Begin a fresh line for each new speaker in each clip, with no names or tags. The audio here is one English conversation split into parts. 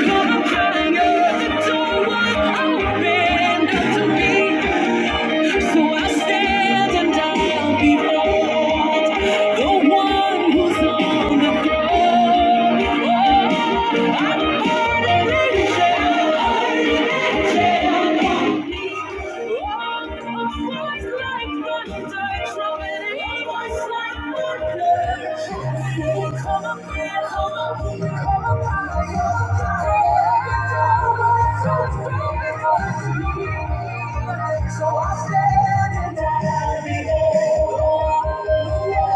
So I stand and I'll be bold. The one who's on the throne. I'm an angel, an angel. Oh, like so I stand in that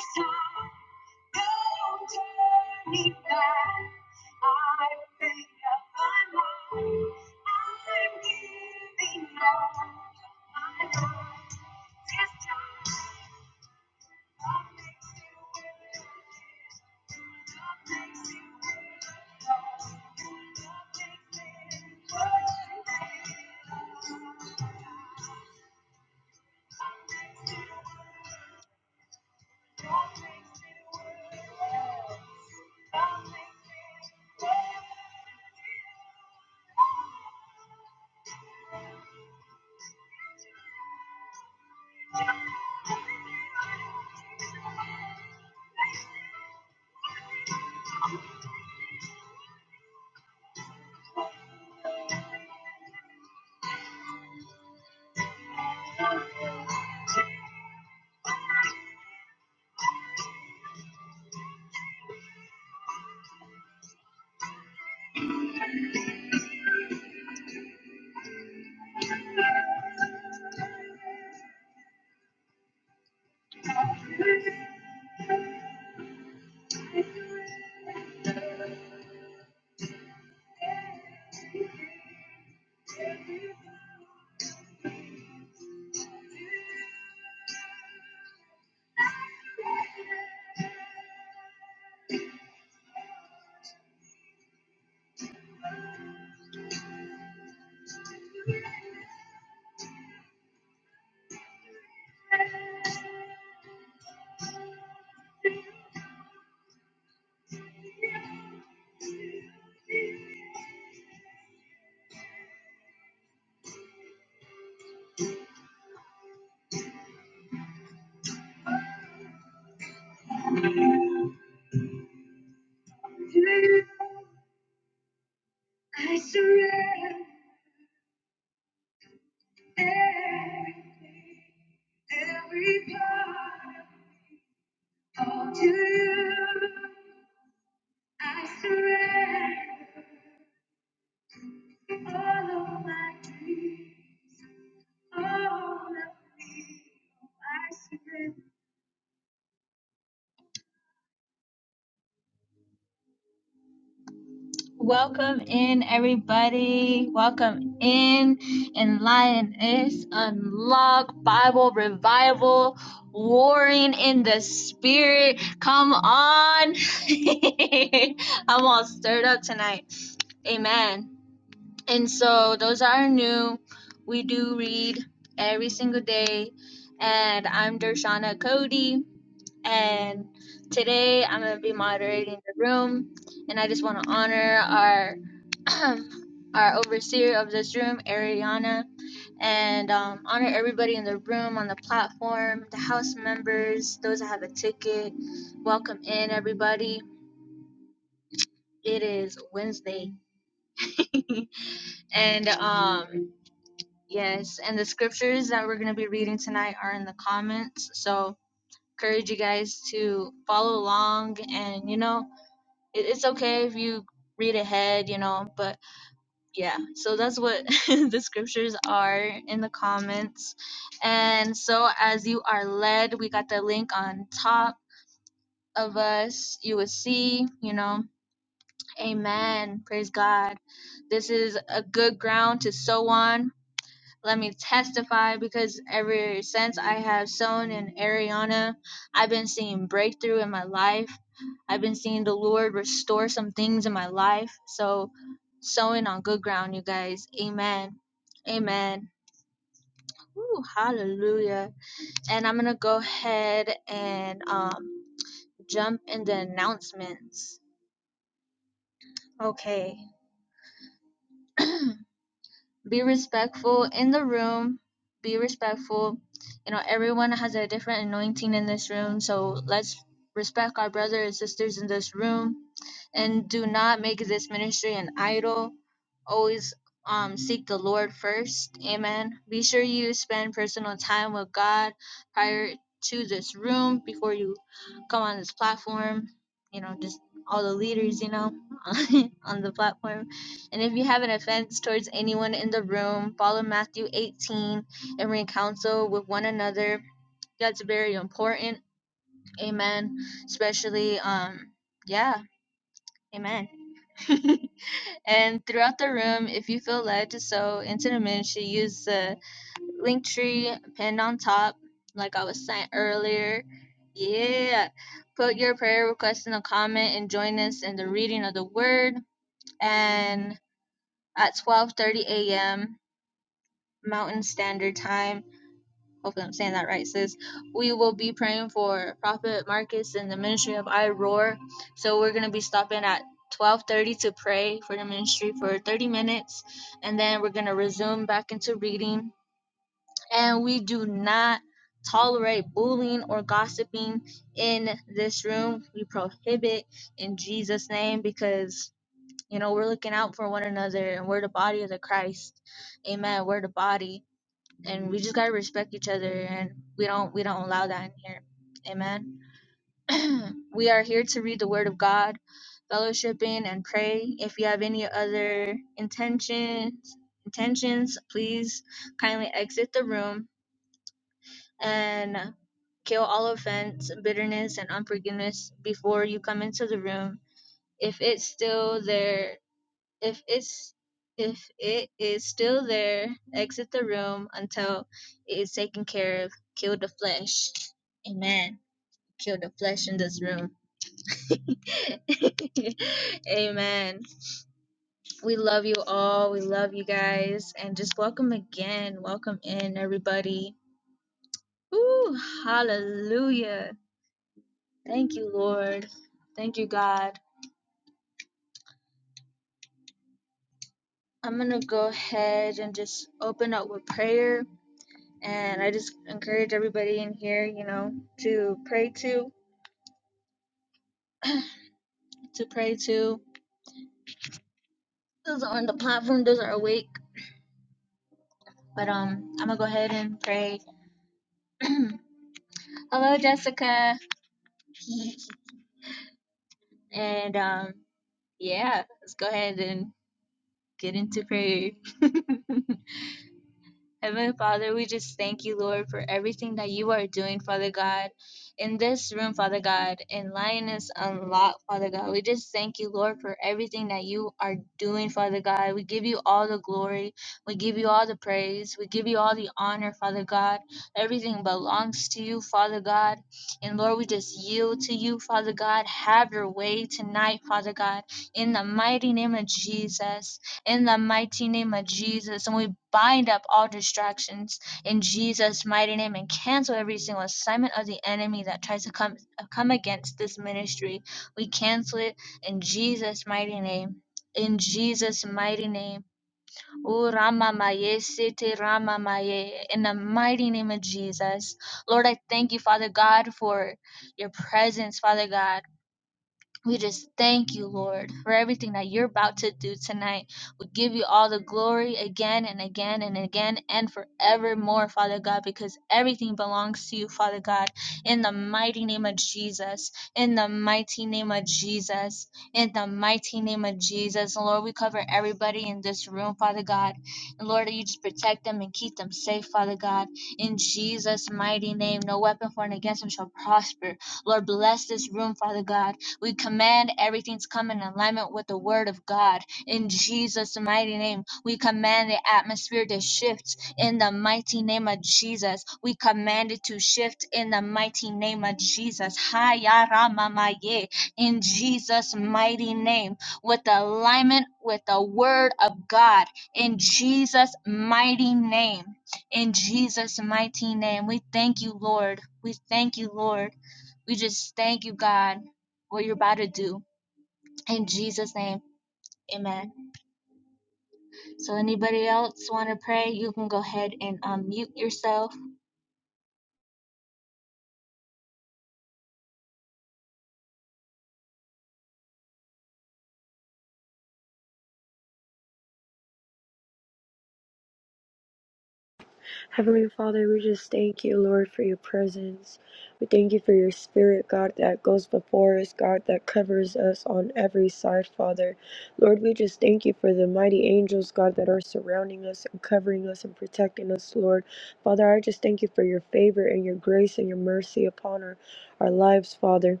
Heavenly Father, we just thank you, Lord, for your presence. We thank you for your spirit, God, that goes before us, God, that covers us on every side, Father. Lord, we just thank you for the mighty angels, God, that are surrounding us and covering us and protecting us, Lord. Father, I just thank you for your favor and your grace and your mercy upon our, our lives, Father.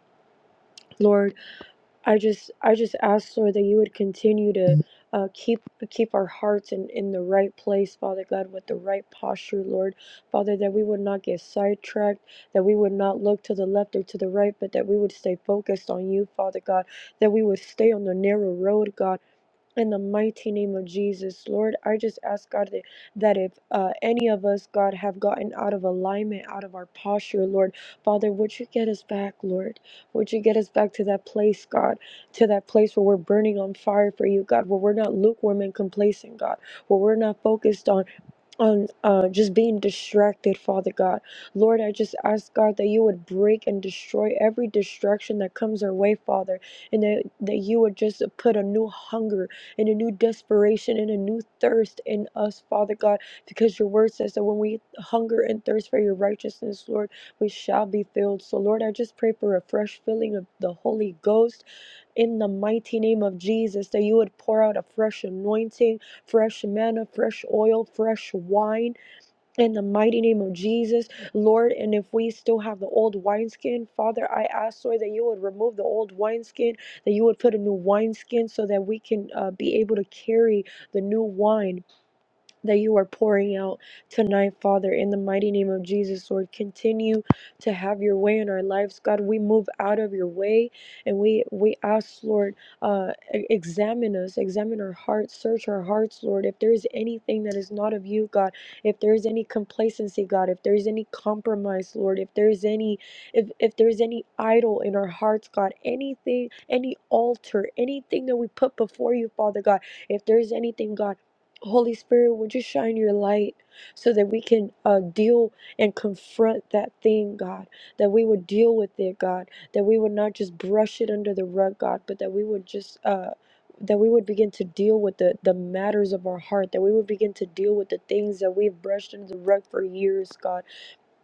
Lord, I just I just ask Lord that you would continue to uh, keep keep our hearts in, in the right place, Father God, with the right posture, Lord. Father, that we would not get sidetracked, that we would not look to the left or to the right, but that we would stay focused on you, Father God, that we would stay on the narrow road, God in the mighty name of Jesus, Lord, I just ask God that, that if uh, any of us, God, have gotten out of alignment, out of our posture, Lord, Father, would you get us back, Lord? Would you get us back to that place, God, to that place where we're burning on fire for you, God, where we're not lukewarm and complacent, God, where we're not focused on on uh, just being distracted, Father God. Lord, I just ask God that you would break and destroy every distraction that comes our way, Father, and that, that you would just put a new hunger and a new desperation and a new thirst in us, Father God, because your word says that when we hunger and thirst for your righteousness, Lord, we shall be filled. So, Lord, I just pray for a fresh filling of the Holy Ghost in the mighty name of Jesus, that you would pour out a fresh anointing, fresh manna, fresh oil, fresh wine in the mighty name of Jesus, Lord, and if we still have the old wineskin, Father, I ask, Lord, that you would remove the old wineskin, that you would put a new wineskin so that we can uh, be able to carry the new wine that you are pouring out tonight, Father, in the mighty name of Jesus, Lord. Continue to have your way in our lives, God. We move out of your way and we we ask, Lord, uh, e- examine us, examine our hearts, search our hearts, Lord. If there is anything that is not of you, God, if there is any complacency, God, if there is any compromise, Lord, if there is any if if there is any idol in our hearts, God, anything, any altar, anything that we put before you, Father God, if there is anything, God. Holy Spirit, would you shine your light so that we can uh, deal and confront that thing, God? That we would deal with it, God. That we would not just brush it under the rug, God, but that we would just. Uh, that we would begin to deal with the, the matters of our heart, that we would begin to deal with the things that we've brushed under the rug for years, God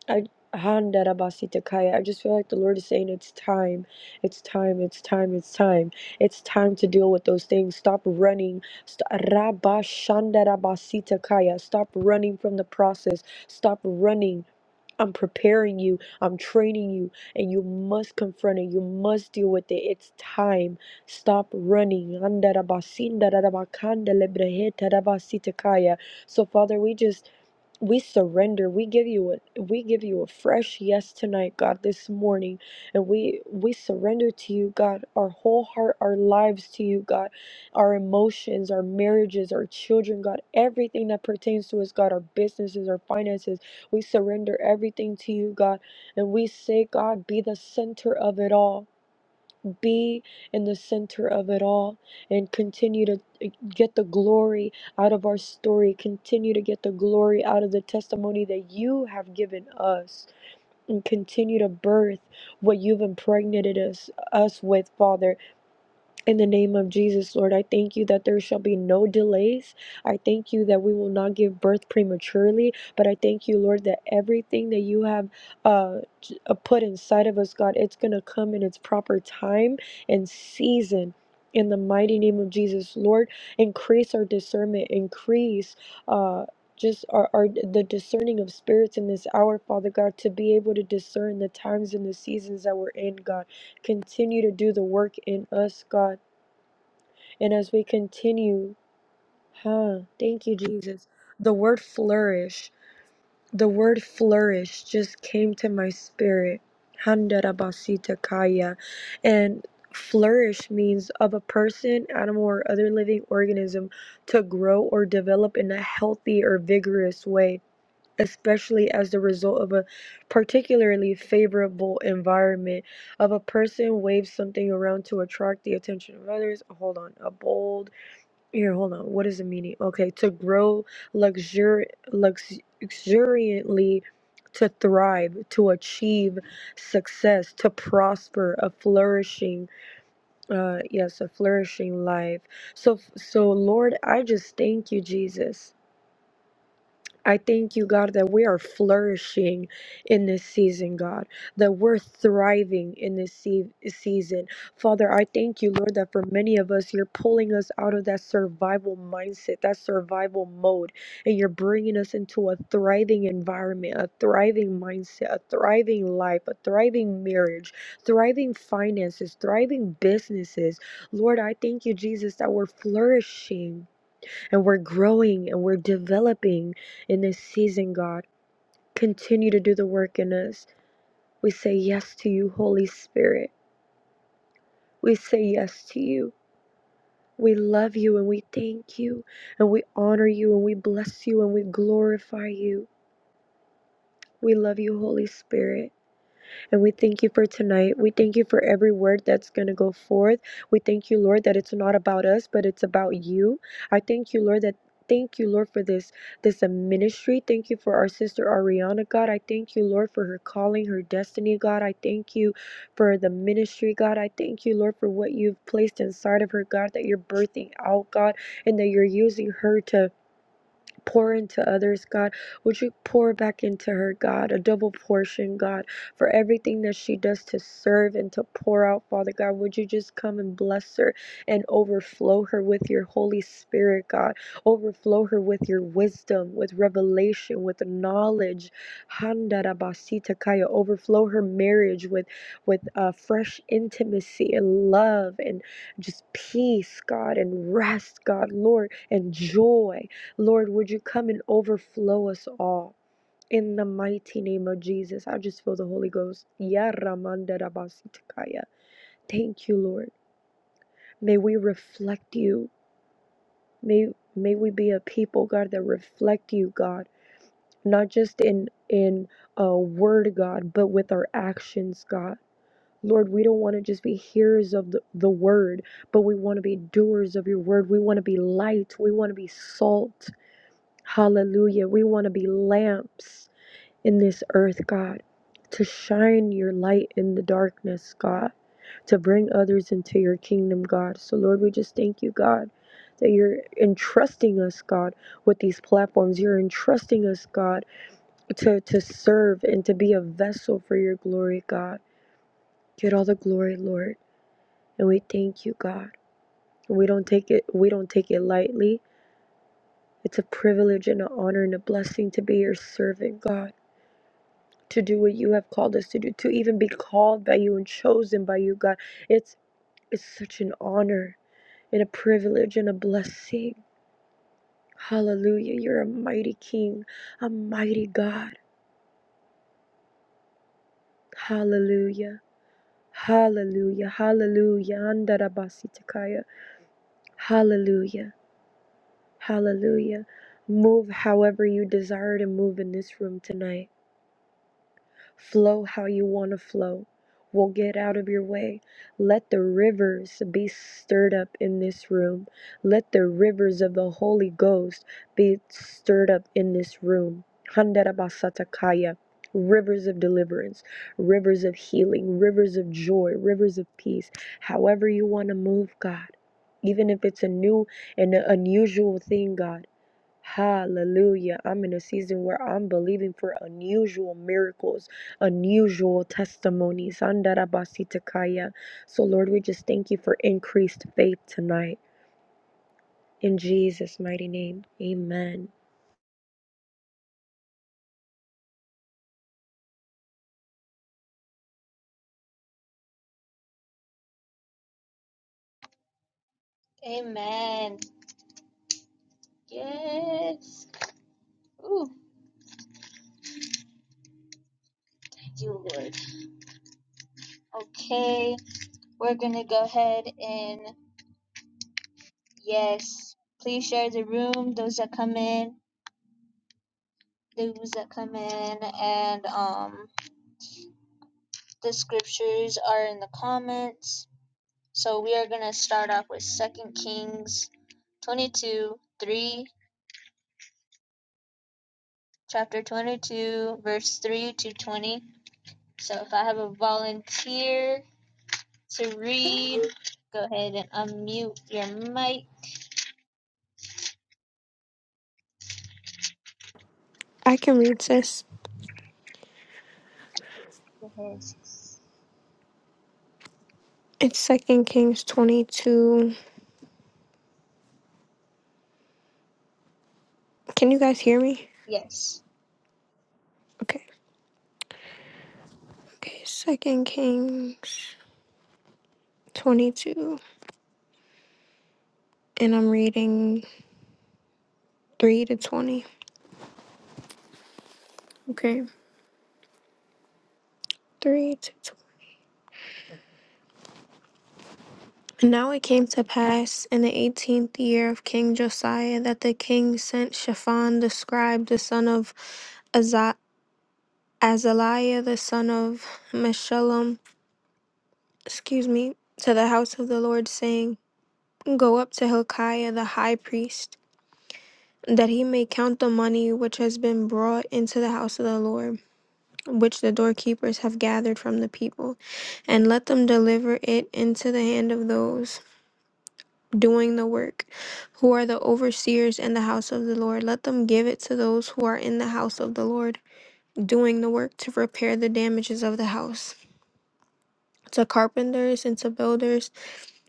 I Handarabasikaya. I just feel like the Lord is saying it's time, it's time, it's time, it's time, it's time to deal with those things. Stop running. St- Rabashandarabasitakaya. Stop running from the process. Stop running. I'm preparing you. I'm training you, and you must confront it. You must deal with it. It's time. Stop running. Andarabasindarabakandalebrehetadabasitakaya. So, Father, we just we surrender we give you a we give you a fresh yes tonight god this morning and we we surrender to you god our whole heart our lives to you god our emotions our marriages our children god everything that pertains to us god our businesses our finances we surrender everything to you god and we say god be the center of it all be in the center of it all and continue to eh, get the glory out of our story, continue to get the glory out of the testimony that you have given us, and continue to birth what you've impregnated us, us with, Father. In the name of Jesus, Lord, I thank you that there shall be no delays. I thank you that we will not give birth prematurely, but I thank you, Lord, that everything that you have uh, j- uh, put inside of us, God, it's going to come in its proper time and season. In the mighty name of Jesus, Lord, increase our discernment, increase uh, just our, our the discerning of spirits in this hour, Father God, to be able to discern the times and the seasons that we're in, God. Continue to do the work in us, God. And as we continue, huh? Thank you, Jesus. The word flourish, the word flourish just came to my spirit. Handarabasita kaya. And flourish means of a person, animal, or other living organism to grow or develop in a healthy or vigorous way, especially as the result of a particularly favorable environment. Of a person waves something around to attract the attention of others. Hold on, a bold here, hold on. What is the meaning? Okay, to grow luxuri- lux- luxuriantly, to thrive, to achieve success, to prosper, a flourishing, uh, yes, a flourishing life. So, so Lord, I just thank you, Jesus. I thank you, God, that we are flourishing in this season, God, that we're thriving in this se- season. Father, I thank you, Lord, that for many of us, you're pulling us out of that survival mindset, that survival mode, and you're bringing us into a thriving environment, a thriving mindset, a thriving life, a thriving marriage, thriving finances, thriving businesses. Lord, I thank you, Jesus, that we're flourishing and we're growing and we're developing in this season, God. Continue to do the work in us. We say yes to you, Holy Spirit. We say yes to you. We love you and we thank you and we honor you and we bless you and we glorify you. We love you, Holy Spirit. And we thank you for tonight. We thank you for every word that's going to go forth. We thank you, Lord, that it's not about us, but it's about you. I thank you, Lord, that. Thank you, Lord, for this this uh, ministry. Thank you for our sister Ariana, God. I thank you, Lord, for her calling, her destiny, God. I thank you for the ministry, God. I thank you, Lord, for what you've placed inside of her, God, that you're birthing out, God, and that you're using her to pour into others, God. Would you pour back into her, God, a double portion, God, for everything that she does to serve and to pour out, Father God. Would you just come and bless her and overflow her with your Holy Spirit, God? Overflow her with your wisdom, with revelation, with knowledge. Handarabacitakaya. Overflow her marriage with with uh, fresh intimacy and love and just peace, God, and rest, God, Lord, and joy. Lord, would you come and overflow us all? In the mighty name of Jesus, I just feel the Holy Ghost. Ya Ramanda Rabasitakaya. Thank you, Lord. May we reflect you. May may we be a people, God, that reflect you, God. Not just in in a word, God, but with our actions, God. Lord, we don't want to just be hearers of the, the word, but we want to be doers of your word. We want to be light. We want to be salt. Hallelujah. We want to be lamps. in this earth, God, to shine your light in the darkness, God, to bring others into your kingdom, God. So, Lord, we just thank you, God, that you're entrusting us, God, with these platforms. You're entrusting us, God, to, to serve and to be a vessel for your glory, God. Get all the glory, Lord. And we thank you, God. We don't take it we don't take it lightly. It's a privilege and an honor and a blessing to be your servant, God. to do what you have called us to do, to even be called by you and chosen by you, God. It's it's such an honor and a privilege and a blessing. Hallelujah. You're a mighty king, a mighty God. Hallelujah. Hallelujah. Hallelujah. Andarabasitakaya. Hallelujah. Hallelujah. Move however you desire to move in this room tonight. Flow how you want to flow. We'll get out of your way. Let the rivers be stirred up in this room. Let the rivers of the Holy Ghost be stirred up in this room. Handarabasatakaya. Rivers of deliverance, rivers of healing, rivers of joy, rivers of peace. However, you want to move, God. Even if it's a new and unusual thing, God. Hallelujah. I'm in a season where I'm believing for unusual miracles, unusual testimonies. Andarabasitakaya. So, Lord, we just thank you for increased faith tonight. In Jesus' mighty name, amen.
I can read this. It's Second Kings 22. Can you guys hear me? Okay. Okay, Second Kings 22. And I'm reading 3 to 20. Okay. 3 to 20. And Now it came to pass in the eighteenth year of King Josiah that the king sent Shaphan the scribe, the son of Aza- Azaliah, the son of Meshullam, excuse me, to the house of the Lord, saying, Go up to Hilkiah the high priest that he may count the money which has been brought into the house of the Lord, which the doorkeepers have gathered from the people, and let them deliver it into the hand of those doing the work, who are the overseers in the house of the Lord. Let them give it to those who are in the house of the Lord, doing the work to repair the damages of the house. To carpenters and to builders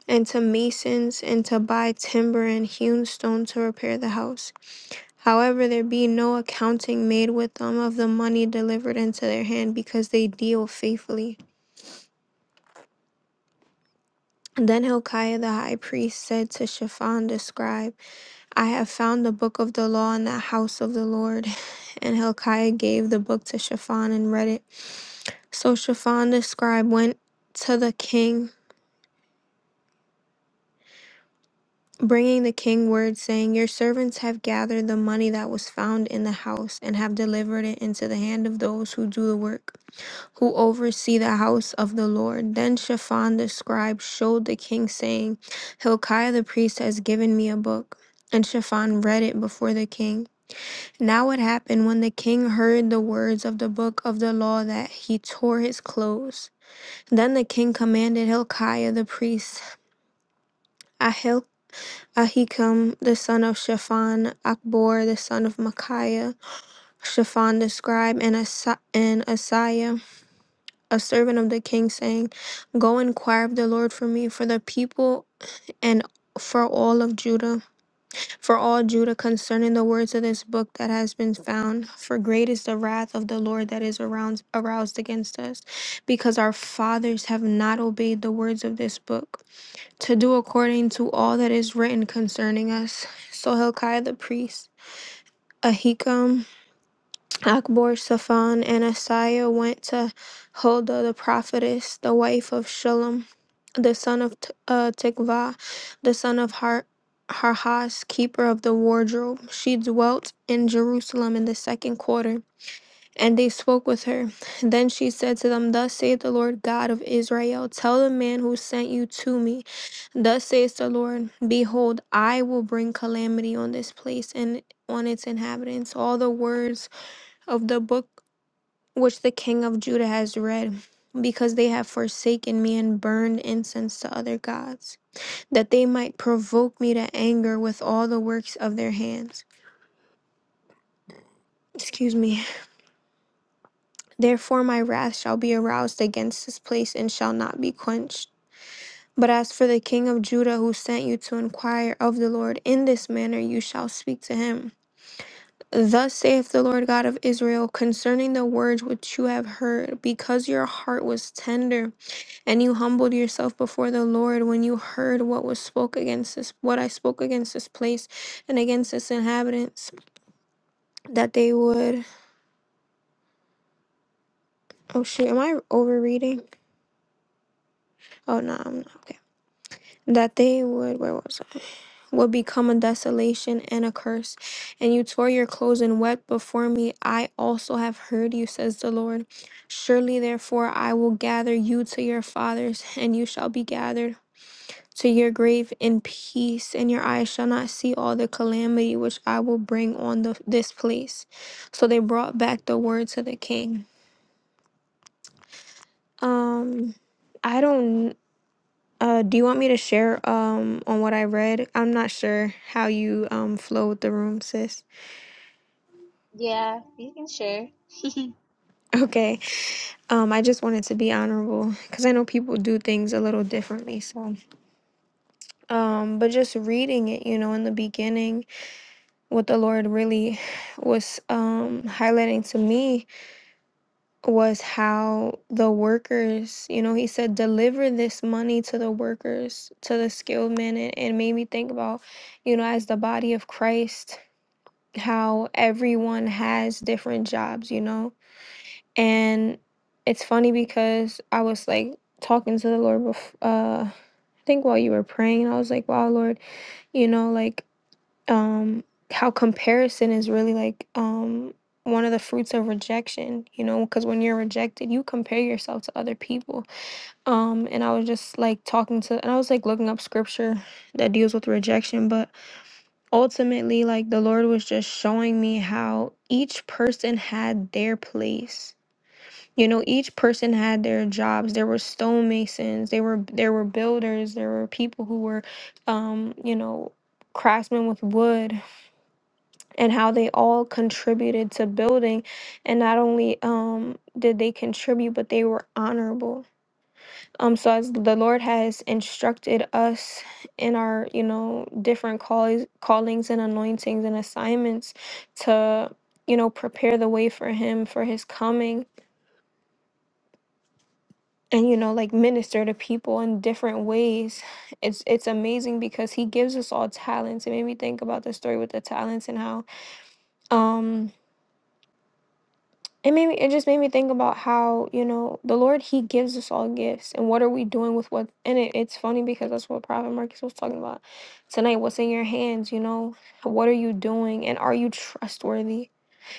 and to masons and to buy timber and hewn stone to repair the house However, there be no accounting made with them of the money delivered into their hand, because they deal faithfully. Then Hilkiah the high priest said to Shaphan the scribe, I have found the book of the law in the house of the Lord. And Hilkiah gave the book to Shaphan and read it. So Shaphan the scribe went to the king, bringing the king word, saying, Your servants have gathered the money that was found in the house, and have delivered it into the hand of those who do the work. who oversee the house of the Lord. Then Shaphan the scribe showed the king, saying, Hilkiah the priest has given me a book. And Shaphan read it before the king. Now it happened when the king heard the words of the book of the law that he tore his clothes. Then the king commanded Hilkiah the priest, Ahil- Ahikam the son of Shaphan, Akbor the son of Micaiah, Shaphan the scribe, and, Asa- and Asaiah a servant of the king, saying, Go inquire of the Lord for me, for the people, and for all of Judah, for all Judah concerning the words of this book that has been found. For great is the wrath of the Lord that is around, aroused against us, because our fathers have not obeyed the words of this book, to do according to all that is written concerning us. So Hilkiah the priest, Ahikam, Akbor, Safan, and Asaiah went to Huldah the prophetess, the wife of Shulam, the son of T- uh, Tikvah, the son of Har- Harhas, keeper of the wardrobe. She dwelt in Jerusalem in the second quarter, and they spoke with her. Then she said to them, Thus saith the Lord God of Israel, Tell the man who sent you to me, Thus says the Lord, Behold, I will bring calamity on this place and on its inhabitants. All the words of the book which the king of Judah has read, because they have forsaken me and burned incense to other gods, that they might provoke me to anger with all the works of their hands. Excuse me. Therefore, my wrath shall be aroused against this place and shall not be quenched. But as for the king of Judah who sent you to inquire of the Lord, in this manner you shall speak to him. Thus saith the Lord God of Israel concerning the words which you have heard, because your heart was tender and you humbled yourself before the Lord when you heard what was spoke against this what I spoke against this place and against its inhabitants that they would oh shit am I overreading oh no I'm not okay that they would where was I would become a desolation and a curse and you tore your clothes and wept before me I also have heard you says the Lord surely therefore I will gather you to your fathers and you shall be gathered to your grave in peace, and your eyes shall not see all the calamity which I will bring on the, this place. So they brought back the word to the king. Um, I don't. Uh, do you want me to share um on what I read? I'm not sure how you um flow with the room, sis. Okay. Um, I just wanted to be honorable because I know people do things a little differently. So, um, but just reading it, you know, in the beginning, what the Lord really was um highlighting to me was how the workers, you know, he said, deliver this money to the workers, to the skilled men. And it made me think about, you know, as the body of Christ, how everyone has different jobs, you know? And it's funny because I was like talking to the Lord, bef- uh, I think while you were praying, and I was like, wow, Lord, you know, like um how comparison is really like um one of the fruits of rejection you know because when you're rejected you compare yourself to other people um and i was just like talking to and i was like looking up scripture that deals with rejection but ultimately like the lord was just showing me how each person had their place you know each person had their jobs there were stonemasons they were there were builders there were people who were um you know craftsmen with wood and how they all contributed to building and not only um did they contribute but they were honorable um so as the lord has instructed us in our you know different calls callings and anointings and assignments to you know prepare the way for him for his coming and you know like minister to people in different ways it's it's amazing because he gives us all talents it made me think about the story with the talents and how um it made me, it just made me think about how you know the lord he gives us all gifts and what are we doing with what and it, it's funny because that's what prophet marcus was talking about tonight what's in your hands you know what are you doing and are you trustworthy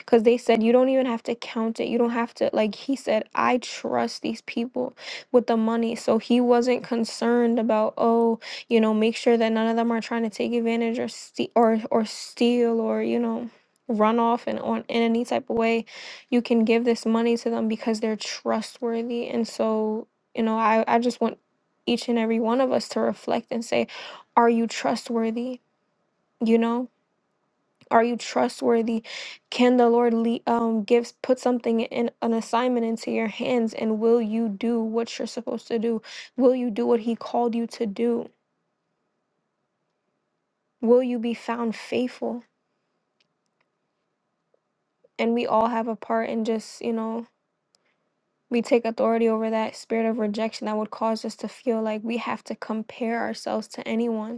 because they said, you don't even have to count it. You don't have to, like, he said, I trust these people with the money. So he wasn't concerned about, oh, you know, make sure that none of them are trying to take advantage or, ste- or, or steal or, you know, run off and on in any type of way. You can give this money to them because they're trustworthy. And so, you know, I, I just want each and every one of us to reflect and say, are you trustworthy? You know? Are you trustworthy? Can the Lord le- um, gives put something in an assignment into your hands, and will you do what you're supposed to do? Will you do what He called you to do? Will you be found faithful? And we all have a part in just you know we take authority over that spirit of rejection that would cause us to feel like we have to compare ourselves to anyone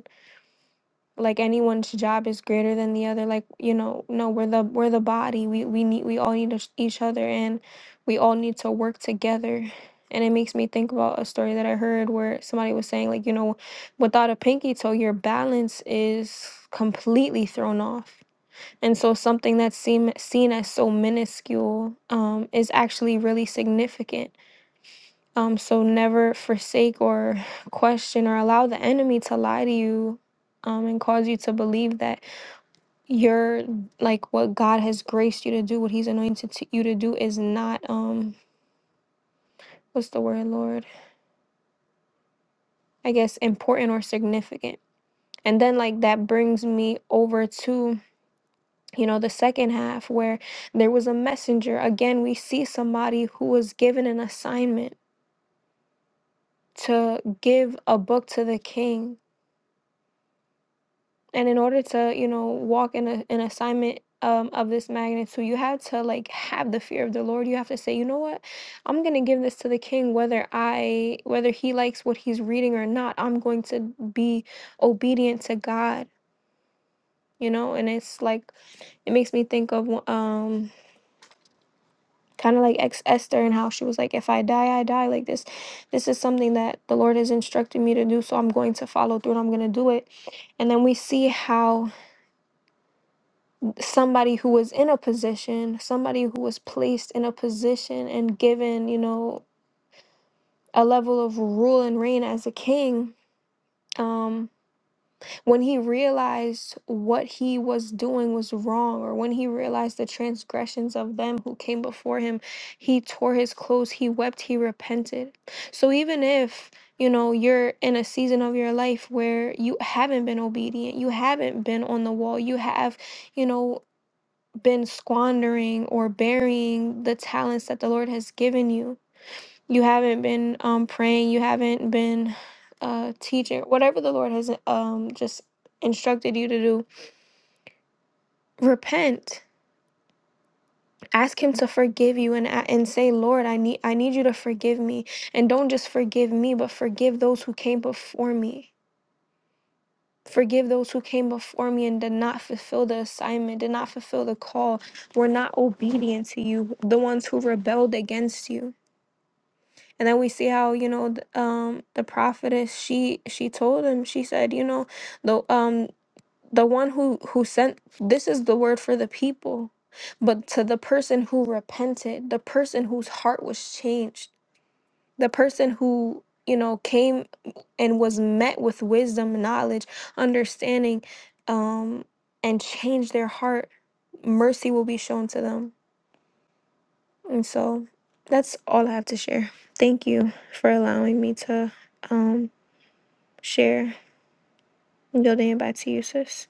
like anyone's job is greater than the other like you know no we're the we're the body we we need we all need each each other and we all need to work together and it makes me think about a story that i heard where somebody was saying like you know without a pinky toe your balance is completely thrown off and so something that's seen seen as so minuscule um, is actually really significant um, so never forsake or question or allow the enemy to lie to you um, and cause you to believe that you're like what God has graced you to do, what He's anointed to you to do is not, um, what's the word, Lord? I guess important or significant. And then, like, that brings me over to, you know, the second half where there was a messenger. Again, we see somebody who was given an assignment to give a book to the king and in order to you know walk in a, an assignment um, of this magnitude you have to like have the fear of the lord you have to say you know what i'm going to give this to the king whether i whether he likes what he's reading or not i'm going to be obedient to god you know and it's like it makes me think of um kind of like ex esther and how she was like if i die i die like this this is something that the lord has instructed me to do so i'm going to follow through and i'm going to do it and then we see how somebody who was in a position, somebody who was placed in a position and given, you know, a level of rule and reign as a king, um, when he realized what he was doing was wrong, or when he realized the transgressions of them who came before him, he tore his clothes, he wept, he repented. So even if you know, you're in a season of your life where you haven't been obedient, you haven't been on the wall, you have you know been squandering or burying the talents that the Lord has given you. You haven't been um, praying, you haven't been uh, teaching, whatever the Lord has um, just instructed you to do. Repent. Ask him to forgive you and a- and say, "Lord, I need I need you to forgive me." And don't just forgive me, but forgive those who came before me. Forgive those who came before me and did not fulfill the assignment, did not fulfill the call, were not obedient to you, the ones who rebelled against you and then we see how you know the, um the prophetess she she told him she said you know the um the one who who sent this is the word for the people but to the person who repented the person whose heart was changed the person who you know came and was met with wisdom knowledge understanding um and changed their heart mercy will be shown to them and so that's all I have to share. Thank you for allowing me to um share. Yielding it back to you, sis.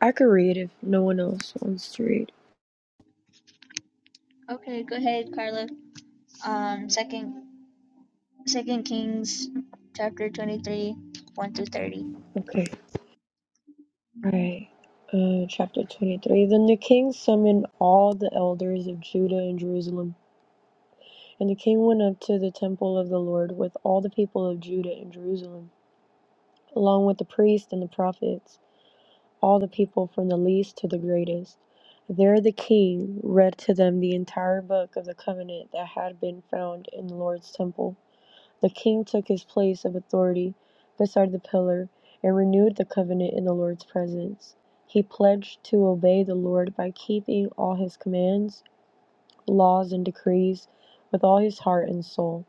I could read if no one else wants to read. Okay. All right. Uh, chapter 23. Then the king summoned all the elders of Judah and Jerusalem. And the king went up to the temple of the Lord with all the people of Judah and Jerusalem. along with the priests and the prophets, all the people from the least to the greatest. There the king read to them the entire book of the covenant that had been found in the Lord's temple. The king took his place of authority beside the pillar and renewed the covenant in the Lord's presence. He pledged to obey the Lord by keeping all his commands laws, and decrees with all his heart and soul.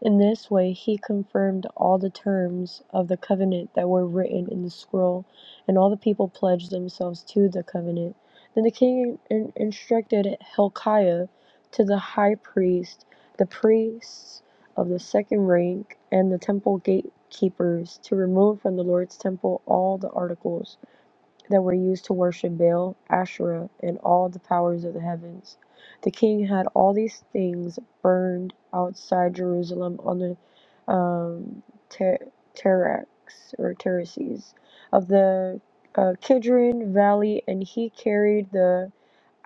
In this way he confirmed all the terms of the covenant that were written in the scroll, and all the people pledged themselves to the covenant. Then the king in- instructed Hilkiah to the high priest, the priests of the second rank, and the temple gatekeepers to remove from the Lord's temple all the articles that were used to worship Baal, Asherah, and all the powers of the heavens. The king had all these things burned outside Jerusalem on the um, ter- terrax or terraces of the uh, Kidron Valley, and he carried the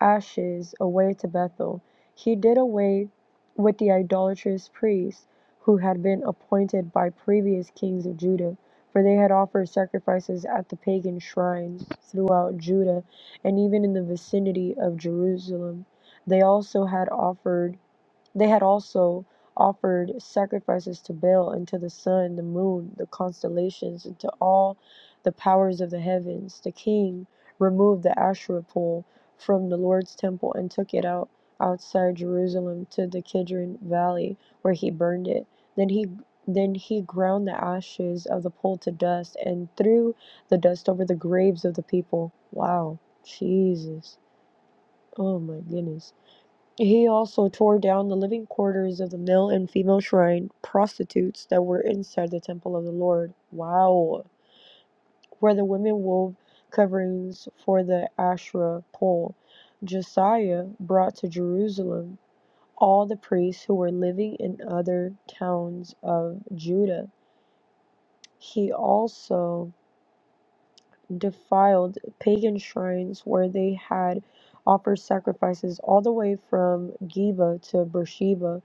ashes away to Bethel, he did away with the idolatrous priests who had been appointed by previous kings of Judah, for they had offered sacrifices at the pagan shrines throughout Judah and even in the vicinity of Jerusalem. They also had offered they had also offered sacrifices to Baal and to the sun, the moon, the constellations, and to all the powers of the heavens. The king removed the Asherah pole from the Lord's temple and took it out outside Jerusalem to the Kidron Valley, where he burned it. Then he then he ground the ashes of the pole to dust and threw the dust over the graves of the people. Wow, Jesus. Oh my goodness he also tore down the living quarters of the male and female shrine prostitutes that were inside the temple of the Lord. Wow. Where the women wove coverings for the Asherah pole. Josiah brought to Jerusalem all the priests who were living in other towns of Judah. He also defiled pagan shrines where they had offered sacrifices all the way from Geba to Beersheba.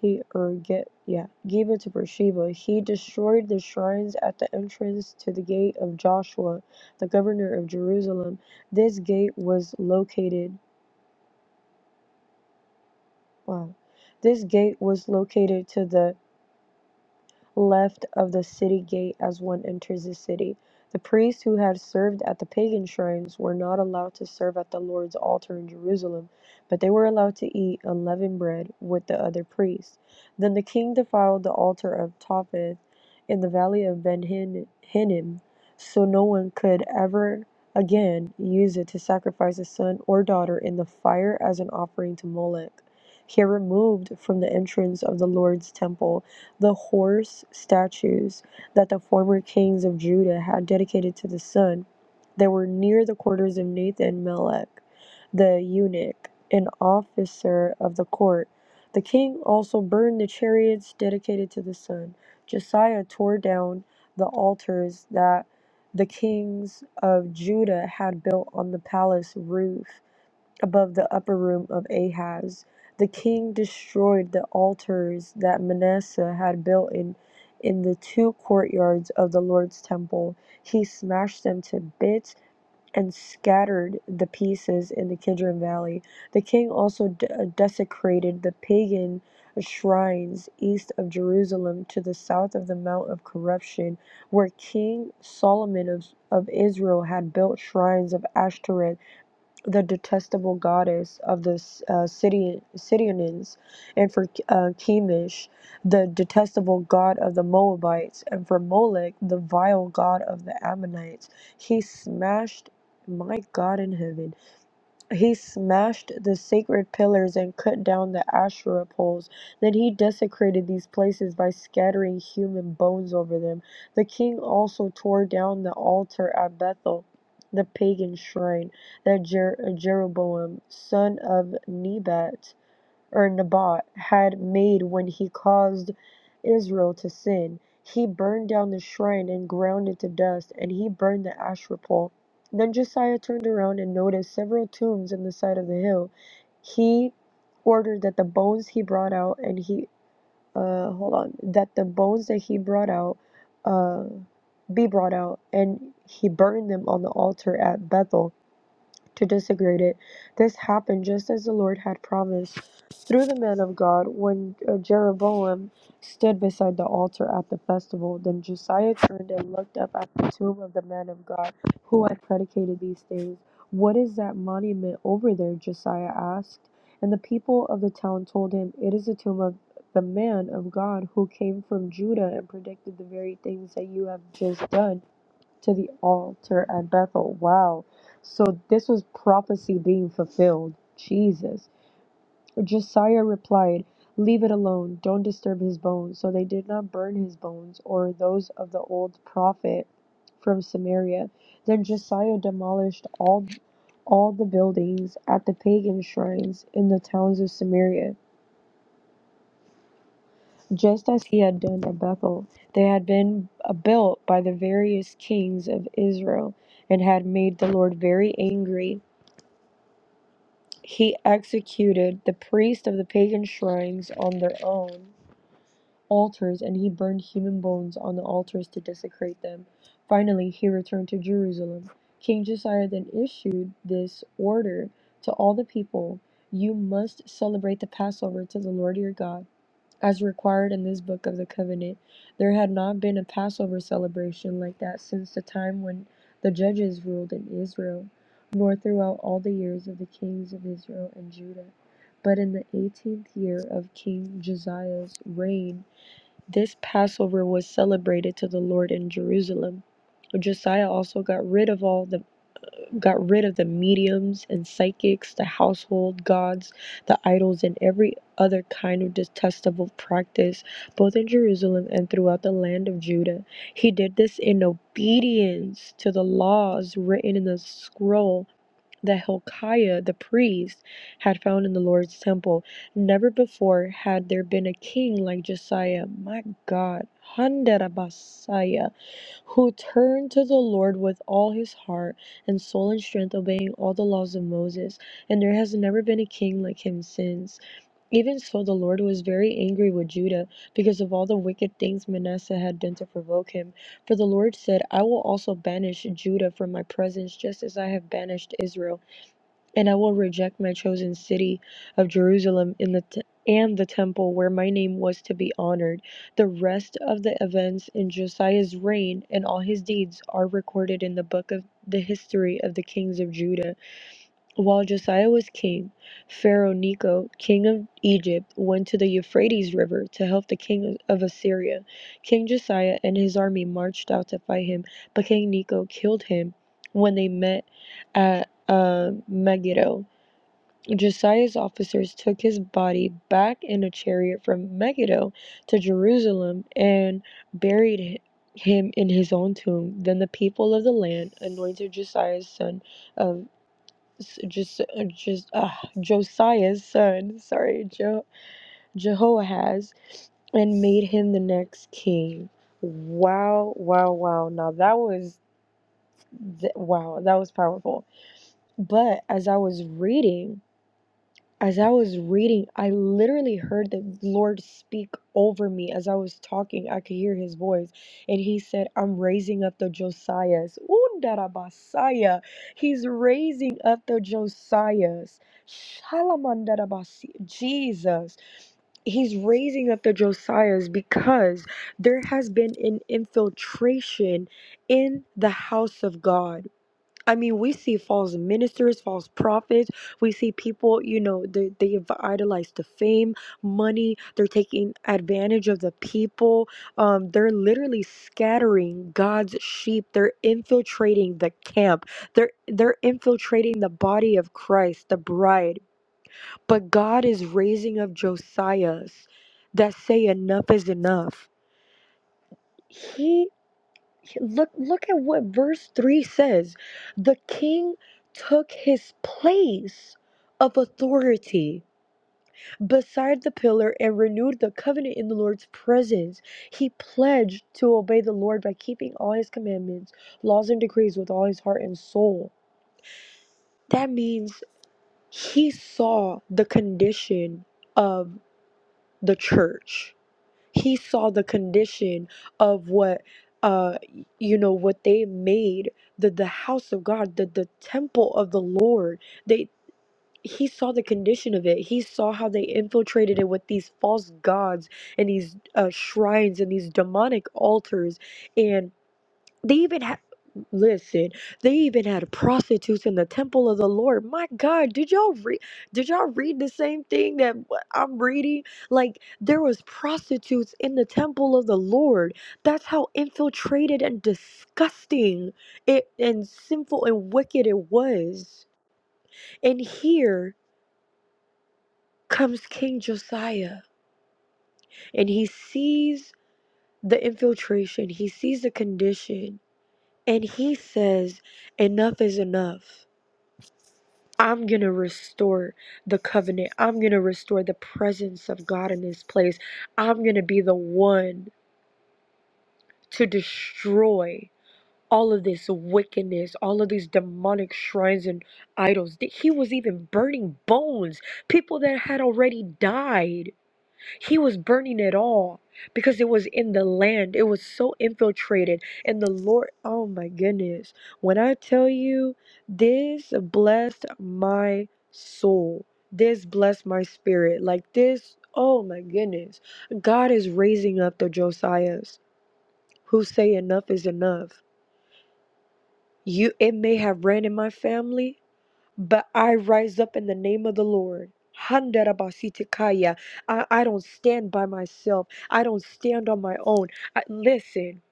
He or get yeah, Geba to Beersheba. He destroyed the shrines at the entrance to the gate of Joshua, the governor of Jerusalem. This gate was located wow. This gate was located to the left of the city gate as one enters the city. The priests who had served at the pagan shrines were not allowed to serve at the Lord's altar in Jerusalem, but they were allowed to eat unleavened bread with the other priests. Then the king defiled the altar of Topheth in the valley of Ben Hinnom, so no one could ever again use it to sacrifice a son or daughter in the fire as an offering to Molech. He removed from the entrance of the Lord's temple the horse statues that the former kings of Judah had dedicated to the sun that were near the quarters of Nathan Melech, the eunuch, an officer of the court. The king also burned the chariots dedicated to the sun. Josiah tore down the altars that the kings of Judah had built on the palace roof above the upper room of Ahaz. The king destroyed the altars that Manasseh had built in, in the two courtyards of the Lord's temple. He smashed them to bits and scattered the pieces in the Kidron Valley. The king also de- uh, desecrated the pagan shrines east of Jerusalem to the south of the Mount of Corruption, where King Solomon of, of Israel had built shrines of Ashtoreth the detestable goddess of the uh, Sidon- Sidonians, and for uh, Chemish, the detestable god of the Moabites, and for Molech, the vile god of the Ammonites. He smashed my God in heaven. He smashed the sacred pillars and cut down the Asherah poles. Then he desecrated these places by scattering human bones over them. The king also tore down the altar at Bethel, the pagan shrine that Jer- Jeroboam, son of Nebat, or Nabat had made when he caused Israel to sin. He burned down the shrine and ground it to dust, and he burned the asherah pole. Then Josiah turned around and noticed several tombs on the side of the hill. He ordered that the bones he brought out and he uh hold on that the bones that he brought out uh be brought out and he burned them on the altar at Bethel to desecrate it. This happened just as the Lord had promised through the man of God when uh, Jeroboam stood beside the altar at the festival. Then Josiah turned and looked up at the tomb of the man of God who had predicated these things. What is that monument over there? Josiah asked. And the people of the town told him, It is the tomb of the man of God who came from Judah and predicted the very things that you have just done to the altar at Bethel. Wow. So this was prophecy being fulfilled. Jesus. Josiah replied, Leave it alone. Don't disturb his bones. So they did not burn his bones or those of the old prophet from Samaria. Then Josiah demolished all all the buildings at the pagan shrines in the towns of Samaria just as he had done at Bethel. They had been built by the various kings of Israel and had made the Lord very angry. He executed the priests of the pagan shrines on their own altars, and he burned human bones on the altars to desecrate them. Finally, he returned to Jerusalem. King Josiah then issued this order to all the people You must celebrate the Passover to the Lord your God as required in this book of the covenant. There had not been a Passover celebration like that since the time when the judges ruled in Israel, nor throughout all the years of the kings of Israel and Judah. But in the eighteenth year of King Josiah's reign, this Passover was celebrated to the Lord in Jerusalem. Josiah also got rid of all the got rid of the mediums and psychics, the household gods, the idols, and every other kind of detestable practice, both in Jerusalem and throughout the land of Judah. He did this in obedience to the laws written in the scroll that Hilkiah the priest had found in the Lord's temple. Never before had there been a king like Josiah. My God. Handarabasaya who turned to the Lord with all his heart and soul and strength, obeying all the laws of Moses. And there has never been a king like him since. Even so, the Lord was very angry with Judah because of all the wicked things Manasseh had done to provoke him. For the Lord said, I will also banish Judah from my presence, just as I have banished Israel and I will reject my chosen city of Jerusalem in the t- and the temple where my name was to be honored. The rest of the events in Josiah's reign and all his deeds are recorded in the book of the history of the kings of Judah. While Josiah was king, Pharaoh Necho, king of Egypt, went to the Euphrates River to help the king of Assyria. King Josiah and his army marched out to fight him, but King Necho killed him when they met at uh, Megiddo. Josiah's officers took his body back in a chariot from Megiddo to Jerusalem and buried him in his own tomb. Then the people of the land anointed Josiah's son of just just uh, Josiah's son, sorry, jo- Jehoahaz, and made him the next king. Wow, wow, wow. Now that was th- wow, that was powerful. But as I was reading As I was reading, I literally heard the Lord speak over me as I was talking. I could hear his voice. And he said, I'm raising up the Josiahs. Undarabasaya. He's raising up the Josiahs. Shalamandarabasi. Jesus. He's raising up the Josiahs because there has been an infiltration in the house of God I mean, we see false ministers, false prophets. We see people, you know, they, they idolize the fame, money. They're taking advantage of the people. Um, they're literally scattering God's sheep. They're infiltrating the camp. They're they're infiltrating the body of Christ, the bride. But God is raising up Josiahs that say enough is enough. He look look at what verse 3 says the king took his place of authority beside the pillar and renewed the covenant in the Lord's presence. He pledged to obey the Lord by keeping all his commandments, laws, and decrees with all his heart and soul. That means he saw the condition of the church he saw the condition of what uh you know what they made the the house of god the the temple of the lord they he saw the condition of it he saw how they infiltrated it with these false gods and these uh, shrines and these demonic altars and. They even had listen, they even had prostitutes in the temple of the Lord. My God, did y'all read did y'all read the same thing that wh- I'm reading? Like there was prostitutes in the temple of the Lord. That's how infiltrated and disgusting it and sinful and wicked it was. And here comes King Josiah and he sees the infiltration, he sees the condition, and he says, Enough is enough. I'm going to restore the covenant. I'm going to restore the presence of God in this place. I'm going to be the one to destroy all of this wickedness, all of these demonic shrines and idols. He was even burning bones, people that had already died. He was burning it all because it was in the land. It was so infiltrated. And the Lord, oh my goodness. When I tell you, this blessed my soul. This blessed my spirit. Like this, oh my goodness. God is raising up the Josiahs who say enough is enough. You it may have ran in my family, but I rise up in the name of the Lord. Handarabasikaya. I, I don't stand by myself. I don't stand on my own. I, listen,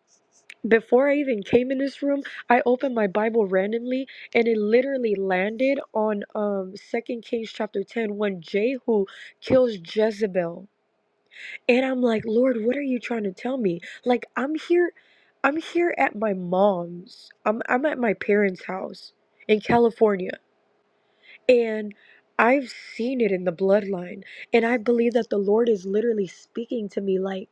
before I even came in this room, I opened my Bible randomly and it literally landed on um Second Kings chapter 10 when Jehu kills Jezebel. And I'm like, Lord, what are you trying to tell me? Like I'm here, I'm here at my mom's. I'm I'm at my parents' house in California and I've seen it in the bloodline. And I believe that the Lord is literally speaking to me like,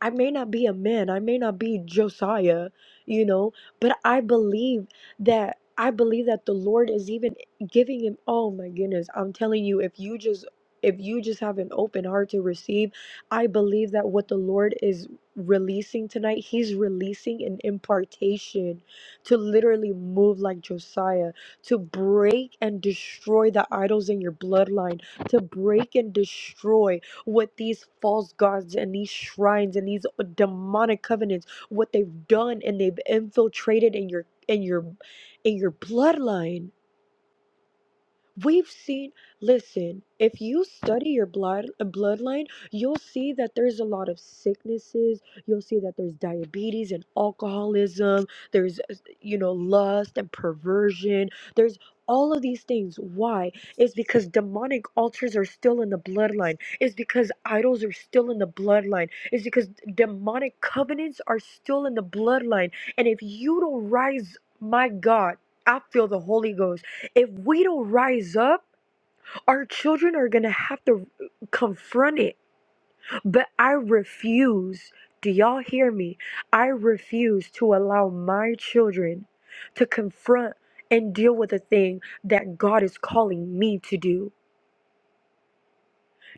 I may not be a man, I may not be Josiah, you know, but I believe that I believe that the Lord is even giving him oh my goodness, I'm telling you if you just if you just have an open heart to receive, I believe that what the Lord is releasing tonight, he's releasing an impartation to literally move like Josiah, to break and destroy the idols in your bloodline, to break and destroy what these false gods and these shrines and these uh, demonic covenants, what they've done and they've infiltrated in your in your in your bloodline We've seen, listen, if you study your blood uh, bloodline, you'll see that there's a lot of sicknesses. You'll see that there's diabetes and alcoholism. There's, uh, you know, lust and perversion. There's all of these things. Why? It's because demonic altars are still in the bloodline. It's because idols are still in the bloodline. It's because demonic covenants are still in the bloodline. And if you don't rise, my God, I feel the Holy Ghost if we don't rise up, our children are going to have to confront it. But I refuse. Do y'all hear me? I refuse to allow my children to confront and deal with the thing that God is calling me to do.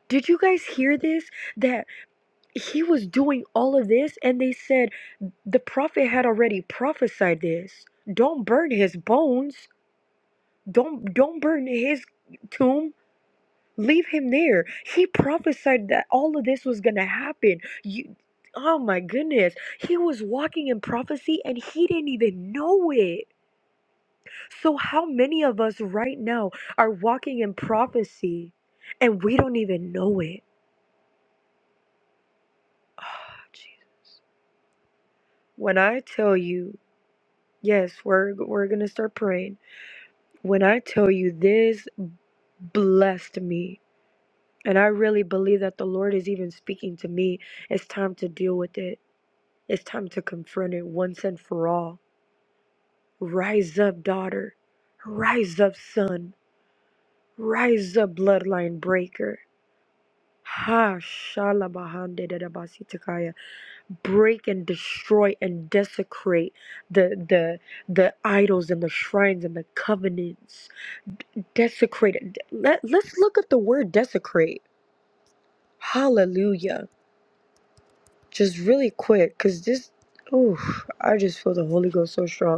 Did you guys hear this? That he was doing all of this, and they said the prophet had already prophesied this. Don't burn his bones. Don't don't burn his tomb Leave him there. He prophesied that all of this was going to happen. You, oh my goodness. He was walking in prophecy and he didn't even know it. So, how many of us right now are walking in prophecy and we don't even know it? Ah, jeez. When I tell you, yes, we're, we're going to start praying. When I tell you this blessed me, and I really believe that the Lord is even speaking to me, it's time to deal with it It's time to confront it once and for all. Rise up, daughter. Rise up, son. Rise up, bloodline breaker. Ha shalabahande dadabasitakaya. Break and destroy and desecrate the the the idols and the shrines and the covenants. Desecrate it. Let, let's look at the word desecrate. Hallelujah. Just really quick, because this ooh, I just feel the Holy Ghost so strong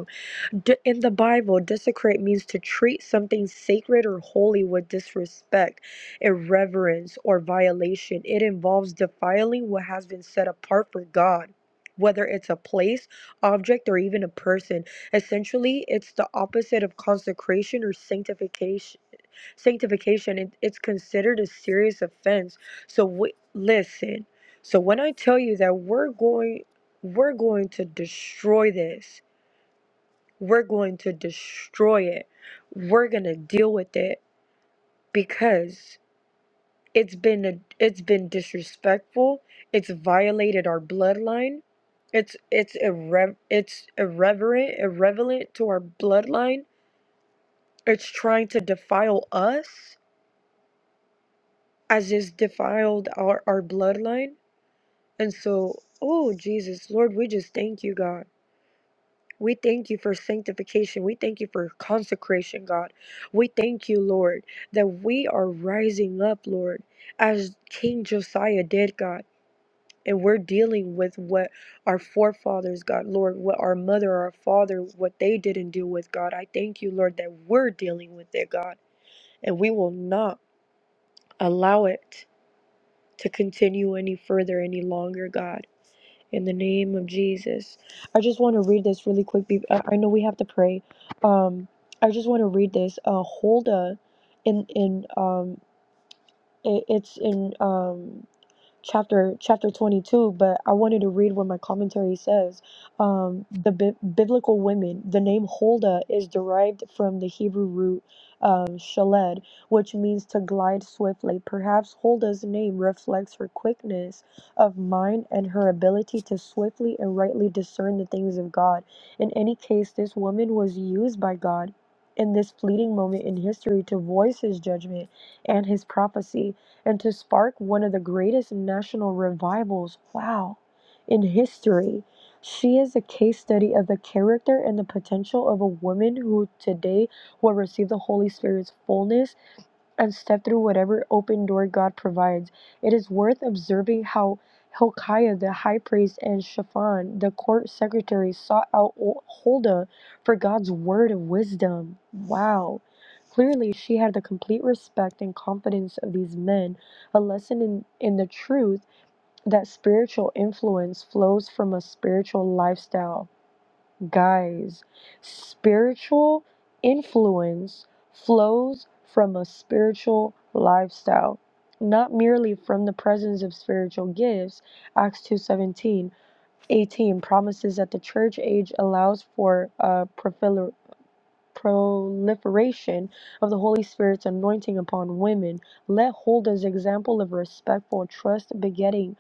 D- in the Bible, desecrate means to treat something sacred or holy with disrespect, irreverence, or violation. It involves defiling what has been set apart for God, whether it's a place, object, or even a person. Essentially, it's the opposite of consecration or sanctification. Sanctification, it- it's considered a serious offense. So w- listen. So when I tell you that we're going we're going to destroy this we're going to destroy it. We're going to deal with it because it's been a, it's been disrespectful. It's violated our bloodline. It's it's irre- it's irreverent, irrelevant to our bloodline. It's trying to defile us as it's defiled our, our bloodline. And so, oh Jesus, Lord, we just thank you, God. We thank you for sanctification. We thank you for consecration, God. We thank you, Lord, that we are rising up, Lord, as King Josiah did, God. And we're dealing with what our forefathers, God, Lord, what our mother, our father, what they didn't deal with, God. I thank you, Lord, that we're dealing with it, God. And we will not allow it to continue any further, any longer, God. In the name of Jesus. I just want to read this really quick. be- I I know we have to pray. Um, I just want to read this. Uh, Huldah, in in um, it, it's in um, chapter chapter 22 but i wanted to read what my commentary says um, the bi- biblical women the name huldah is derived from the hebrew root um, shaled which means to glide swiftly perhaps huldah's name reflects her quickness of mind and her ability to swiftly and rightly discern the things of god in any case this woman was used by god in this fleeting moment in history to voice his judgment and his prophecy and to spark one of the greatest national revivals, wow, in history. She is a case study of the character and the potential of a woman who today will receive the Holy Spirit's fullness and step through whatever open door God provides. It is worth observing how Hilkiah the high priest and Shaphan the court secretary sought out O- Huldah for God's word of wisdom. Wow. Clearly, she had the complete respect and confidence of these men, a lesson in, in the truth that spiritual influence flows from a spiritual lifestyle. Guys, spiritual influence flows from a spiritual lifestyle, not merely from the presence of spiritual gifts. Acts 2 seventeen 18 promises that the church age allows for uh, profil- proliferation of the Holy Spirit's anointing upon women. Let hold as example of respectful trust, begetting,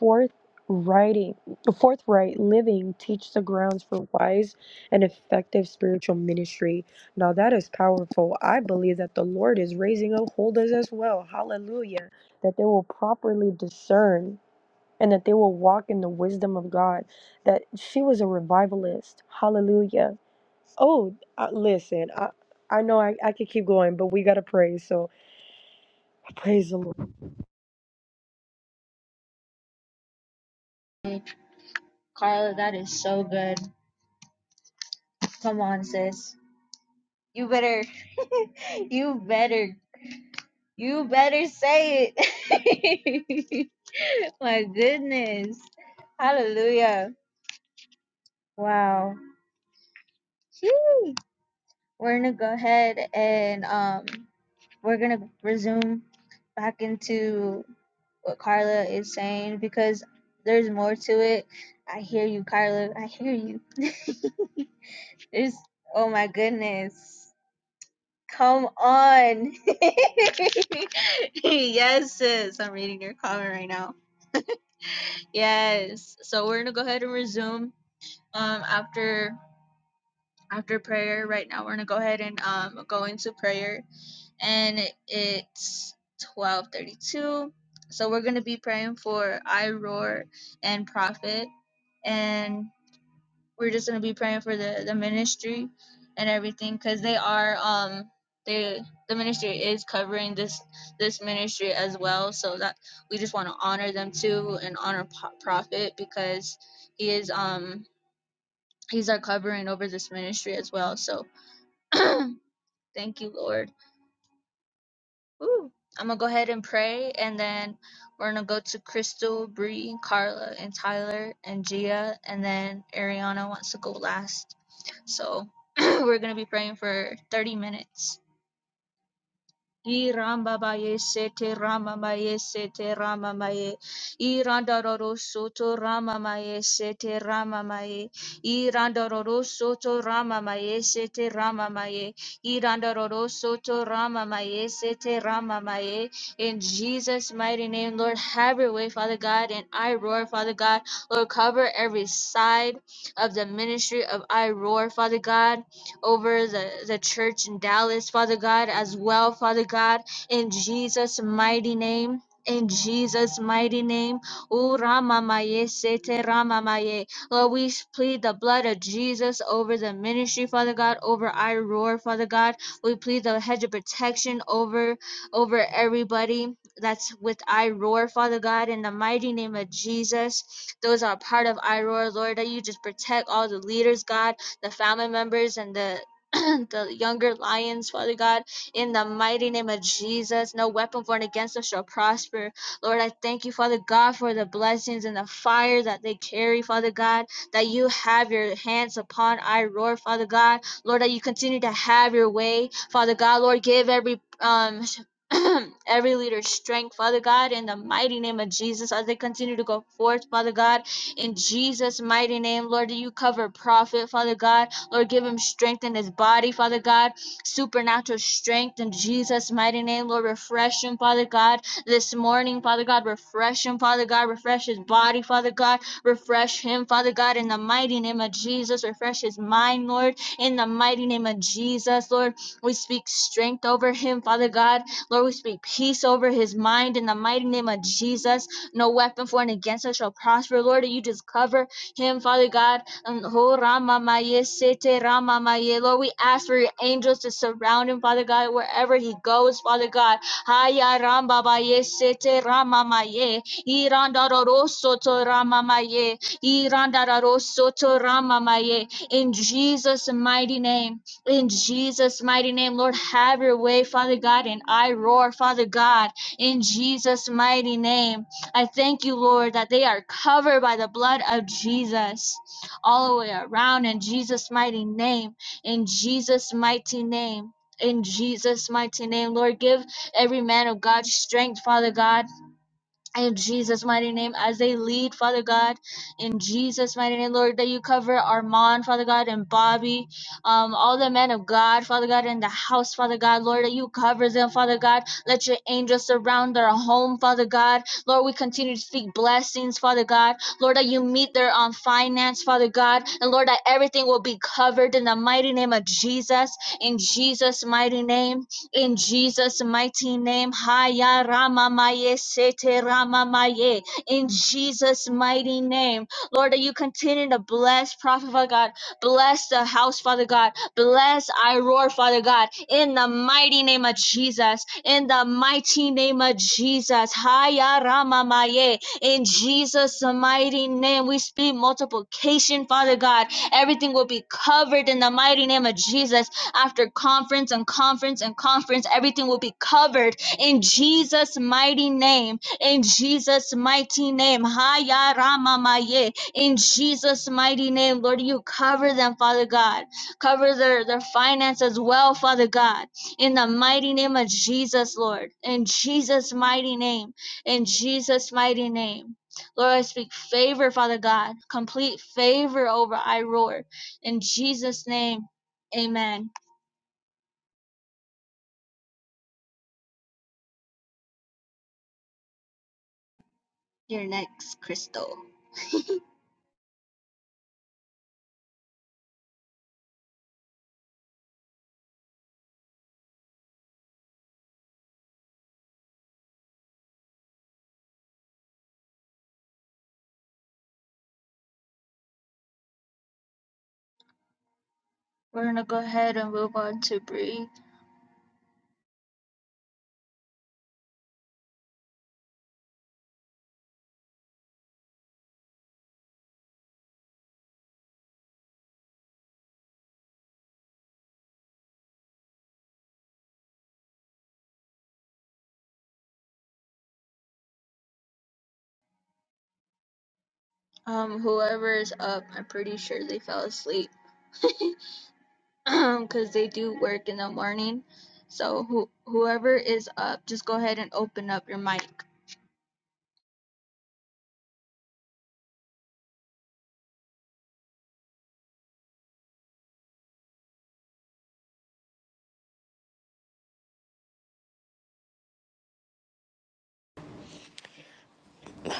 forthrighting, forthright living. Teach the grounds for wise and effective spiritual ministry. Now that is powerful. I believe that the Lord is raising up holders as well. Hallelujah. That they will properly discern. And that they will walk in the wisdom of God. That she was a revivalist. Hallelujah Oh, uh, listen, I, I know I, I could keep going, but we gotta praise, so praise the Lord.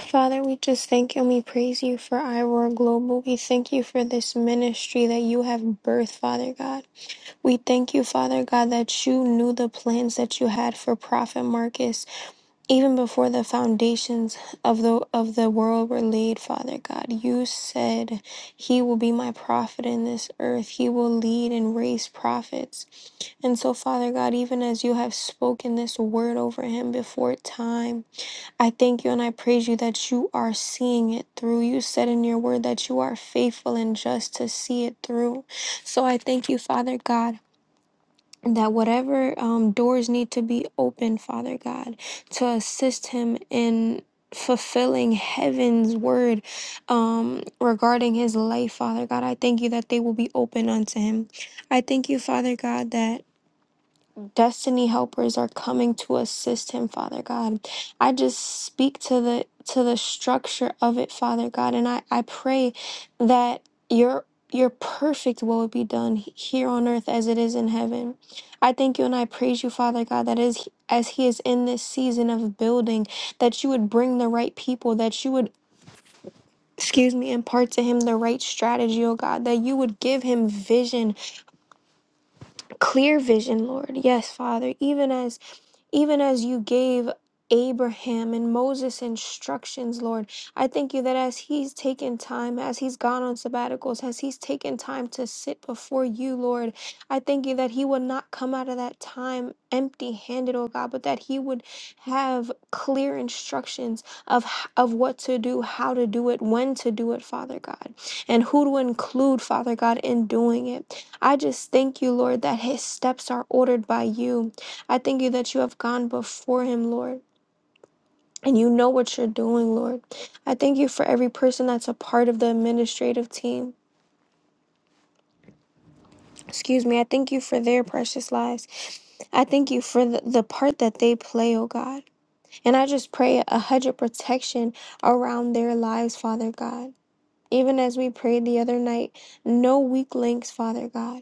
Father, we just thank you and we praise you for iRoar Global. We thank you for this ministry that you have birthed, Father God. We thank you, Father God, that you knew the plans that you had for Prophet Marcus even before the foundations of the of the world were laid father god you said he will be my prophet in this earth he will lead and raise prophets and so father god even as you have spoken this word over him before time I thank you and I praise you that you are seeing it through. You said in your word that you are faithful and just to see it through. So I thank you, Father God. That whatever um, doors need to be opened, Father God, to assist him in fulfilling heaven's word um, regarding his life, Father God, I thank you that they will be open unto him. I thank you, Father God, that destiny helpers are coming to assist him father god i just speak to the to the structure of it father god and i i pray that your your perfect will be done here on earth as it is in heaven i thank you and i praise you father god that is as he is in this season of building that you would bring the right people that you would excuse me impart to him the right strategy oh god that you would give him vision clear vision lord yes father even as even as you gave Abraham and Moses instructions, Lord. I thank you that as he's taken time, as he's gone on sabbaticals, as he's taken time to sit before you, Lord, I thank you that he would not come out of that time empty handed, oh God, but that he would have clear instructions of, h- of what to do, how to do it, when to do it, Father God, and who to include, Father God, in doing it. I just thank you, Lord, that his steps are ordered by you. I thank you that you have gone before him, Lord. And you know what you're doing, Lord. I thank you for every person that's a part of the administrative team. Excuse me. I thank you for their precious lives. I thank you for the, the part that they play, oh God. And I just pray a hedge of protection around their lives, Father God. Even as we prayed the other night, no weak links, Father God.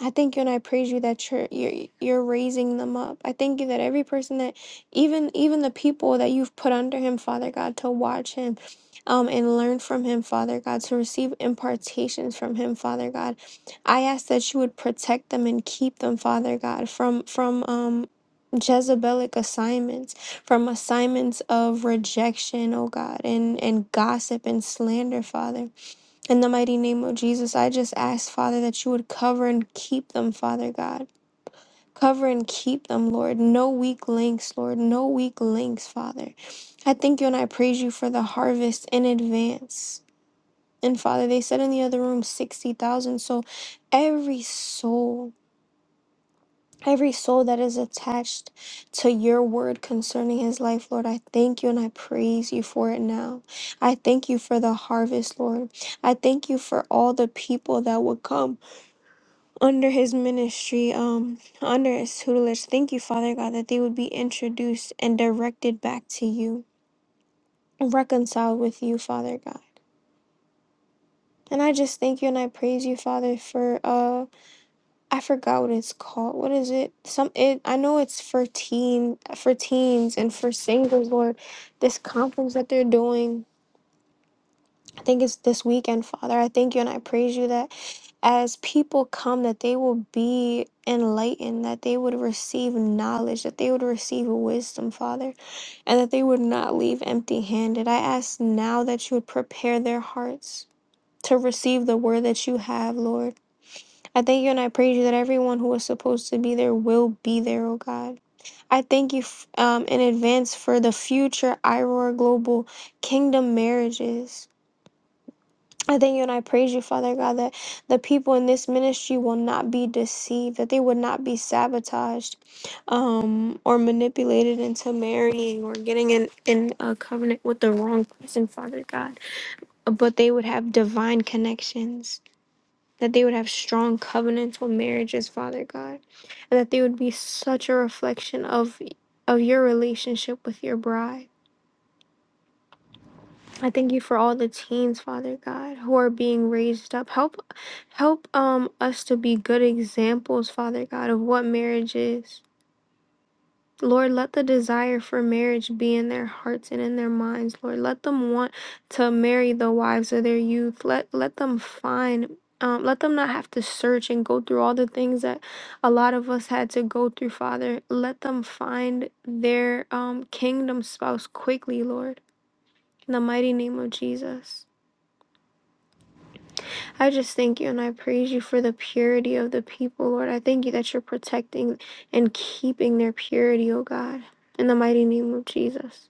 I thank you and I praise you that you're, you're you're raising them up. I thank you that every person that even even the people that you've put under him, Father God, to watch him um and learn from him, Father God, to receive impartations from him, Father God. I ask that you would protect them and keep them, Father God, from from um Jezebelic assignments from assignments of rejection, oh God, and and gossip and slander, Father. In the mighty name of Jesus, I just ask, Father, that you would cover and keep them, Father God. Cover and keep them, Lord. No weak links, Lord. No weak links, Father. I thank you and I praise you for the harvest in advance. And Father, they said in the other room 60,000. So every soul, every soul that is attached to your word concerning his life, Lord, I thank you and I praise you for it now. I thank you for the harvest, Lord. I thank you for all the people that would come under his ministry, um, under his tutelage. Thank you, Father God, that they would be introduced and directed back to you, reconciled with you, Father God. And I just thank you and I praise you, Father, for uh I forgot what it's called. What is it? Some it I know it's for teen for teens and for singles, Lord. This conference that they're doing. I think it's this weekend, Father. I thank you and I praise you that as people come that they will be enlightened, that they would receive knowledge, that they would receive wisdom, Father, and that they would not leave empty handed. I ask now that you would prepare their hearts to receive the word that you have, Lord. I thank you and I praise you that everyone who is supposed to be there will be there, oh God. I thank you f- um, in advance for the future IROAR Global Kingdom marriages. I thank you and I praise you, Father God, that the people in this ministry will not be deceived, that they would not be sabotaged um, or manipulated into marrying or getting in, in a covenant with the wrong person, Father God, but they would have divine connections, that they would have strong covenantal marriages, Father God, and that they would be such a reflection of, of your relationship with your bride. I thank you for all the teens, Father God, who are being raised up. Help help um us to be good examples, Father God, of what marriage is. Lord, let the desire for marriage be in their hearts and in their minds. Lord, let them want to marry the wives of their youth. Let let them find um, let them not have to search and go through all the things that a lot of us had to go through, Father. Let them find their um, kingdom spouse quickly, Lord. In the mighty name of Jesus. I just thank you and I praise you for the purity of the people, Lord. I thank you that you're protecting and keeping their purity, oh God, in the mighty name of Jesus.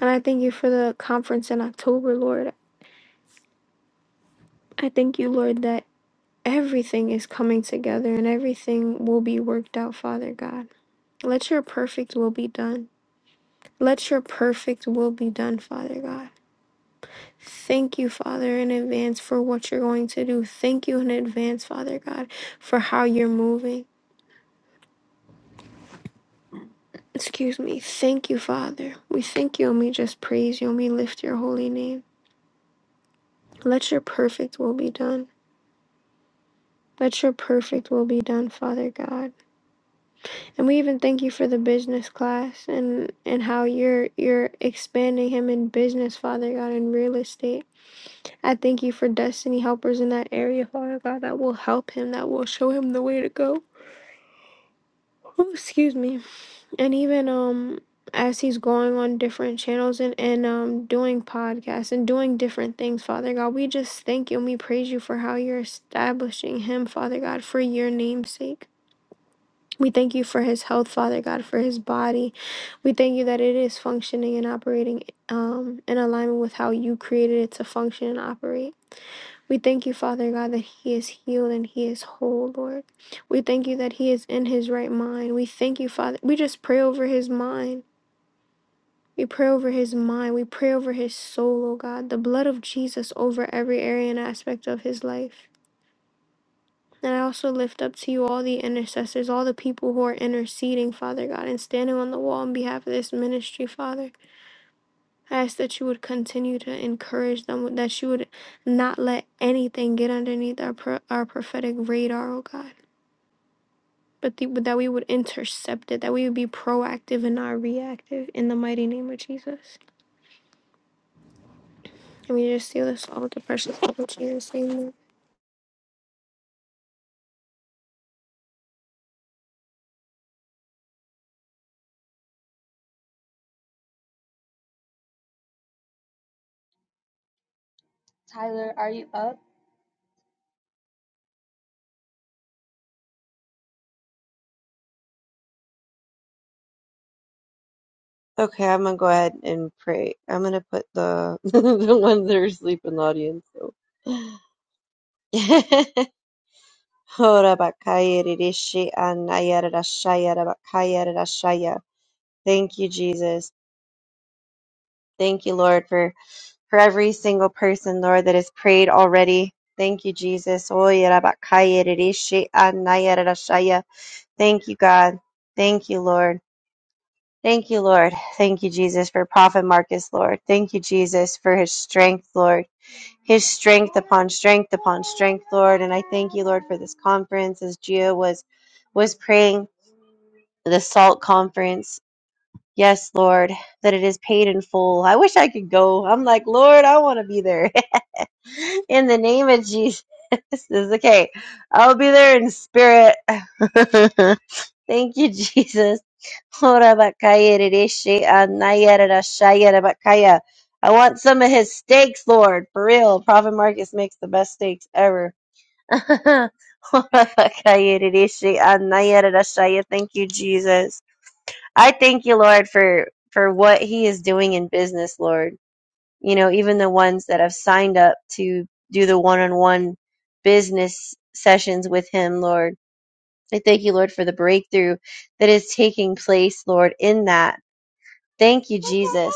And I thank you for the conference in October, Lord. I thank you, Lord, that everything is coming together and everything will be worked out, Father God. Let your perfect will be done. Let your perfect will be done, Father God. Thank you, Father, in advance for what you're going to do. Thank you in advance, Father God, for how you're moving. Excuse me. Thank you, Father. We thank you and we just praise you and we lift your holy name. Let your perfect will be done. Let your perfect will be done, Father God. And we even thank you for the business class and and how you're you're expanding him in business, Father God, in real estate. I thank you for destiny helpers in that area, Father God, that will help him, that will show him the way to go. Oh, excuse me. and even um as he's going on different channels and, and um doing podcasts and doing different things father god we just thank you and we praise you for how you're establishing him father god for your name's sake we thank you for his health father god for his body we thank you that it is functioning and operating um in alignment with how you created it to function and operate we thank you, Father God, that He is healed and He is whole, Lord. We thank you that He is in His right mind. We thank you, Father. We just pray over His mind. We pray over his mind. We pray over his soul, oh God. The blood of Jesus over every area and aspect of his life. And I also lift up to you all the intercessors, all the people who are interceding, Father God, and standing on the wall on behalf of this ministry, Father. I ask that you would continue to encourage them, that you would not let anything get underneath our, pro- our prophetic radar, oh God, but the, that we would intercept it, that we would be proactive and not reactive. In the mighty name of Jesus. Can we just steal this all the precious little Jesus saying that?
Okay, I'm gonna go ahead and pray. I'm gonna put the the ones that are asleep in the audience. So. Ora bakaya rishi anaya rashaya rabakaya rashaya. Thank you, Jesus. Thank you, Lord, for for every single person, Lord, that has prayed already. Thank you, Jesus. Oya rabakaya rishi anaya rashaya. Thank you, God. Thank you, Lord. Thank you, Lord. Thank you, Jesus, for Prophet Marcus, Lord. Thank you, Jesus, for his strength, Lord. his strength upon strength upon strength, Lord. And I thank you, Lord, for this conference as Gio was was praying the salt conference. Yes, Lord, that it is paid in full. I wish I could go. I'm like, Lord, I want to be there. in the name of Jesus. This is okay. I'll be there in spirit. Thank you, Jesus. Ora bakaya rereshe anaya rerashaya rabakaya. I want some of his steaks, Lord. For real. Prophet Marcus makes the best steaks ever. Ora bakaya rereshe anaya rerashaya. Thank you, Jesus. I thank you, Lord, for, for what he is doing in business, Lord. You know, even the ones that have signed up to do the one on one business sessions with him, Lord. I thank you, Lord, for the breakthrough that is taking place, Lord, in that. Thank you, Jesus.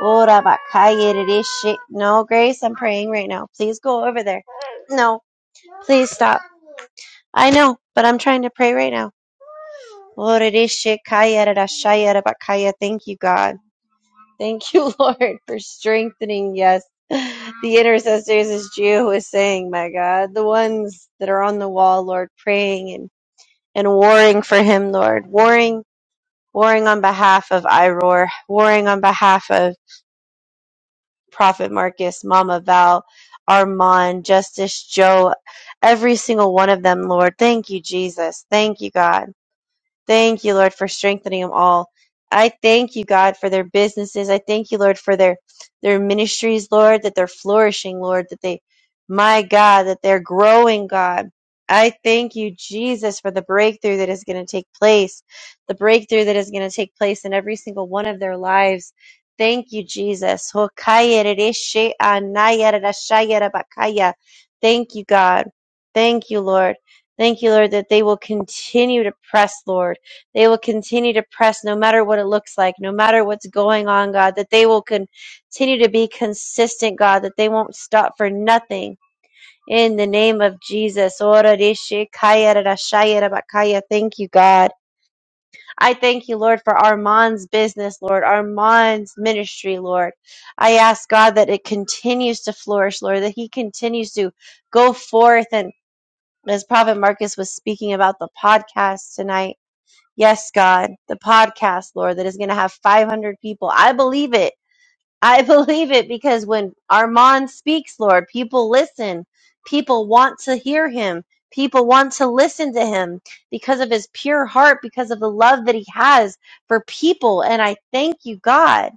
Ora bakaya rishi- No, Grace, I'm praying right now. Please go over there. No, please stop. I know, but I'm trying to pray right now. Ora rishi kaya rarashaya rabakaya. Thank you, God. Thank you, Lord, for strengthening, yes, the intercessors, as Gio was saying, my God, the ones that are on the wall, Lord, praying and and warring for him, Lord, warring, warring on behalf of Iroar, warring on behalf of Prophet Marcus, Mama Val, Armand, Justice Joe, every single one of them, Lord. Thank you, Jesus. Thank you, God. Thank you, Lord, for strengthening them all. I thank you, God, for their businesses. I thank you, Lord, for their their ministries, Lord, that they're flourishing, Lord, that they, my God, that they're growing, God. I thank you, Jesus, for the breakthrough that is going to take place, the breakthrough that is going to take place in every single one of their lives. Thank you, Jesus. Thank you, God. Thank you, Lord. Thank you, Lord, that they will continue to press, Lord. They will continue to press no matter what it looks like, no matter what's going on, God, that they will continue to be consistent, God, that they won't stop for nothing. In the name of Jesus. Ora rishi kaya rara shaya raba kaya. Thank you, God. I thank you, Lord, for Armand's business, Lord, Armand's ministry, Lord. I ask, God, that it continues to flourish, Lord, that he continues to go forth and as Prophet Marcus was speaking about the podcast tonight Yes, God, the podcast, Lord, that is going to have 500 people. I believe it. I believe it because when Armand speaks, Lord, people listen. People want to hear him. People want to listen to him because of his pure heart, because of the love that he has for people. And I thank you, God.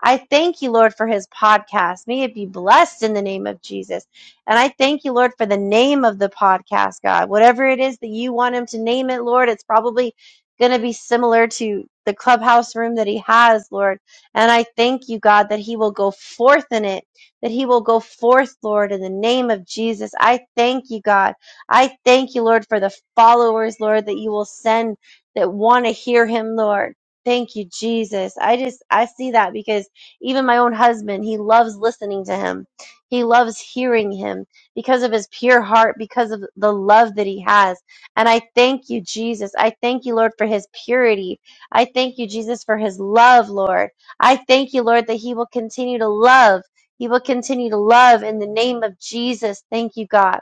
I thank you, Lord, for his podcast. May it be blessed in the name of Jesus. And I thank you, Lord, for the name of the podcast, God. Whatever it is that you want him to name it, Lord, it's probably going to be similar to the clubhouse room that he has, Lord. And I thank you, God, that he will go forth in it, that he will go forth, Lord, in the name of Jesus. I thank you, God. I thank you, Lord, for the followers, Lord, that you will send that want to hear him, Lord. Thank you, Jesus. I just, I see that because even my own husband, he loves listening to him. He loves hearing him because of his pure heart, because of the love that he has. And I thank you, Jesus. I thank you, Lord, for his purity. I thank you, Jesus, for his love, Lord. I thank you, Lord, that he will continue to love. He will continue to love in the name of Jesus. Thank you, God.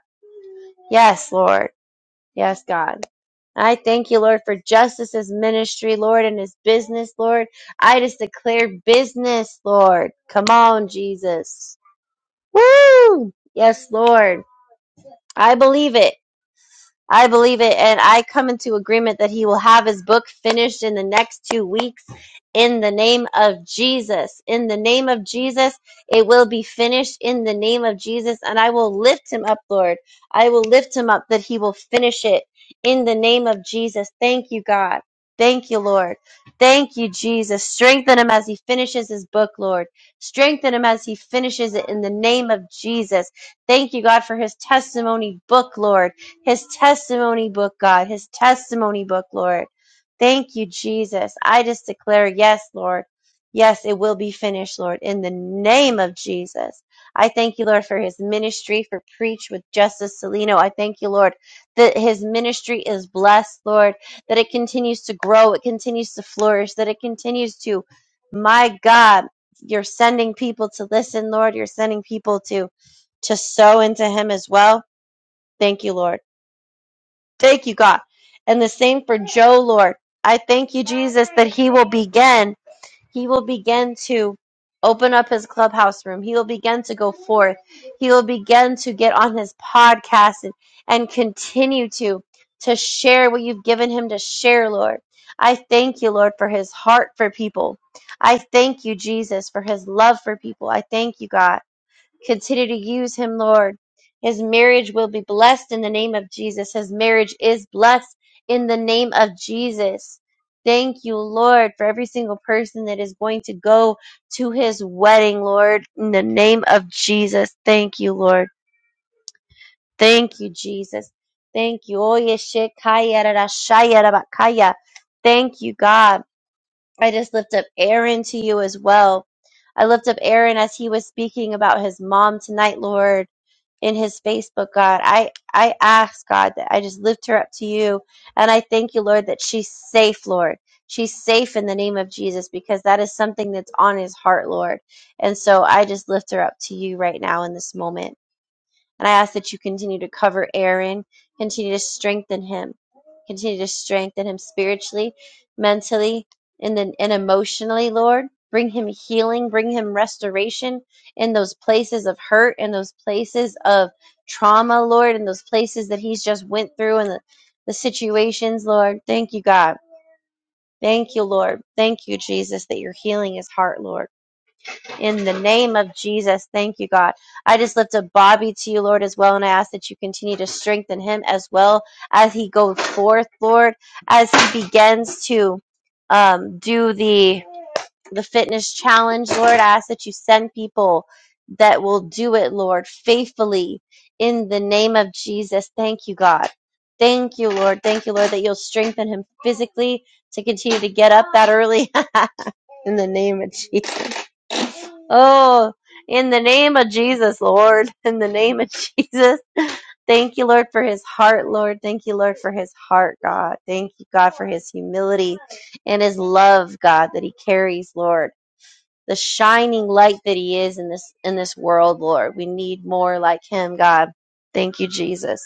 Yes, Lord. Yes, God. I thank you, Lord, for Justice's ministry, Lord, and his business, Lord. I just declare business, Lord. Come on, Jesus. Woo! Yes, Lord. I believe it. I believe it, and I come into agreement that he will have his book finished in the next two weeks in the name of Jesus. In the name of Jesus, it will be finished in the name of Jesus, and I will lift him up, Lord. I will lift him up that he will finish it in the name of Jesus. Thank you, God. Thank you, Lord. Thank you, Jesus. Strengthen him as he finishes his book, Lord. Strengthen him as he finishes it in the name of Jesus. Thank you, God, for his testimony book, Lord. His testimony book, God. His testimony book, Lord. Thank you, Jesus. I just declare, yes, Lord. Yes, it will be finished, Lord, in the name of Jesus. I thank you, Lord, for his ministry, for Preach with Justice Salino. I thank you, Lord, that his ministry is blessed, Lord, that it continues to grow, it continues to flourish, that it continues to, my God, you're sending people to listen, Lord. You're sending people to to sow into him as well. Thank you, Lord. Thank you, God. And the same for Joe, Lord. I thank you, Jesus, that he will begin. He will begin to open up his clubhouse room. He will begin to go forth. He will begin to get on his podcast and, and continue to to share what you've given him to share, Lord. I thank you, Lord, for his heart for people. I thank you, Jesus, for his love for people. I thank you, God. Continue to use him, Lord. His marriage will be blessed in the name of Jesus. His marriage is blessed in the name of Jesus. Thank you, Lord, for every single person that is going to go to his wedding, Lord, in the name of Jesus. Thank you, Lord. Thank you, Jesus. Thank you. Oye, shekaya, rara, shaya, raba, kaya. Thank you, God. I just lift up Aaron to you as well. I lift up Aaron as he was speaking about his mom tonight, Lord in his Facebook, God. I, I ask, God, that I just lift her up to you. And I thank you, Lord, that she's safe, Lord. She's safe in the name of Jesus because that is something that's on his heart, Lord. And so I just lift her up to you right now in this moment. And I ask that you continue to cover Aaron, continue to strengthen him, continue to strengthen him spiritually, mentally, and then and emotionally, Lord. Bring him healing, bring him restoration in those places of hurt, in those places of trauma, Lord, in those places that he's just went through and the, the situations, Lord. Thank you, God. Thank you, Lord. Thank you, Jesus, that you're healing his heart, Lord. In the name of Jesus, thank you, God. I just lift up Bobby to you, Lord, as well, and I ask that you continue to strengthen him as well as he goes forth, Lord, as he begins to um, do the the fitness challenge, Lord. I ask that you send people that will do it, Lord, faithfully. In the name of Jesus, thank you, God. Thank you, Lord. Thank you, Lord, that you'll strengthen him physically to continue to get up that early. In the name of Jesus. Oh, in the name of Jesus, Lord. In the name of Jesus. Thank you, Lord, for his heart, Lord. Thank you, Lord, for his heart, God. Thank you, God, for his humility and his love, God, that he carries, Lord. The shining light that he is in this in this world, Lord. We need more like him, God. Thank you, Jesus.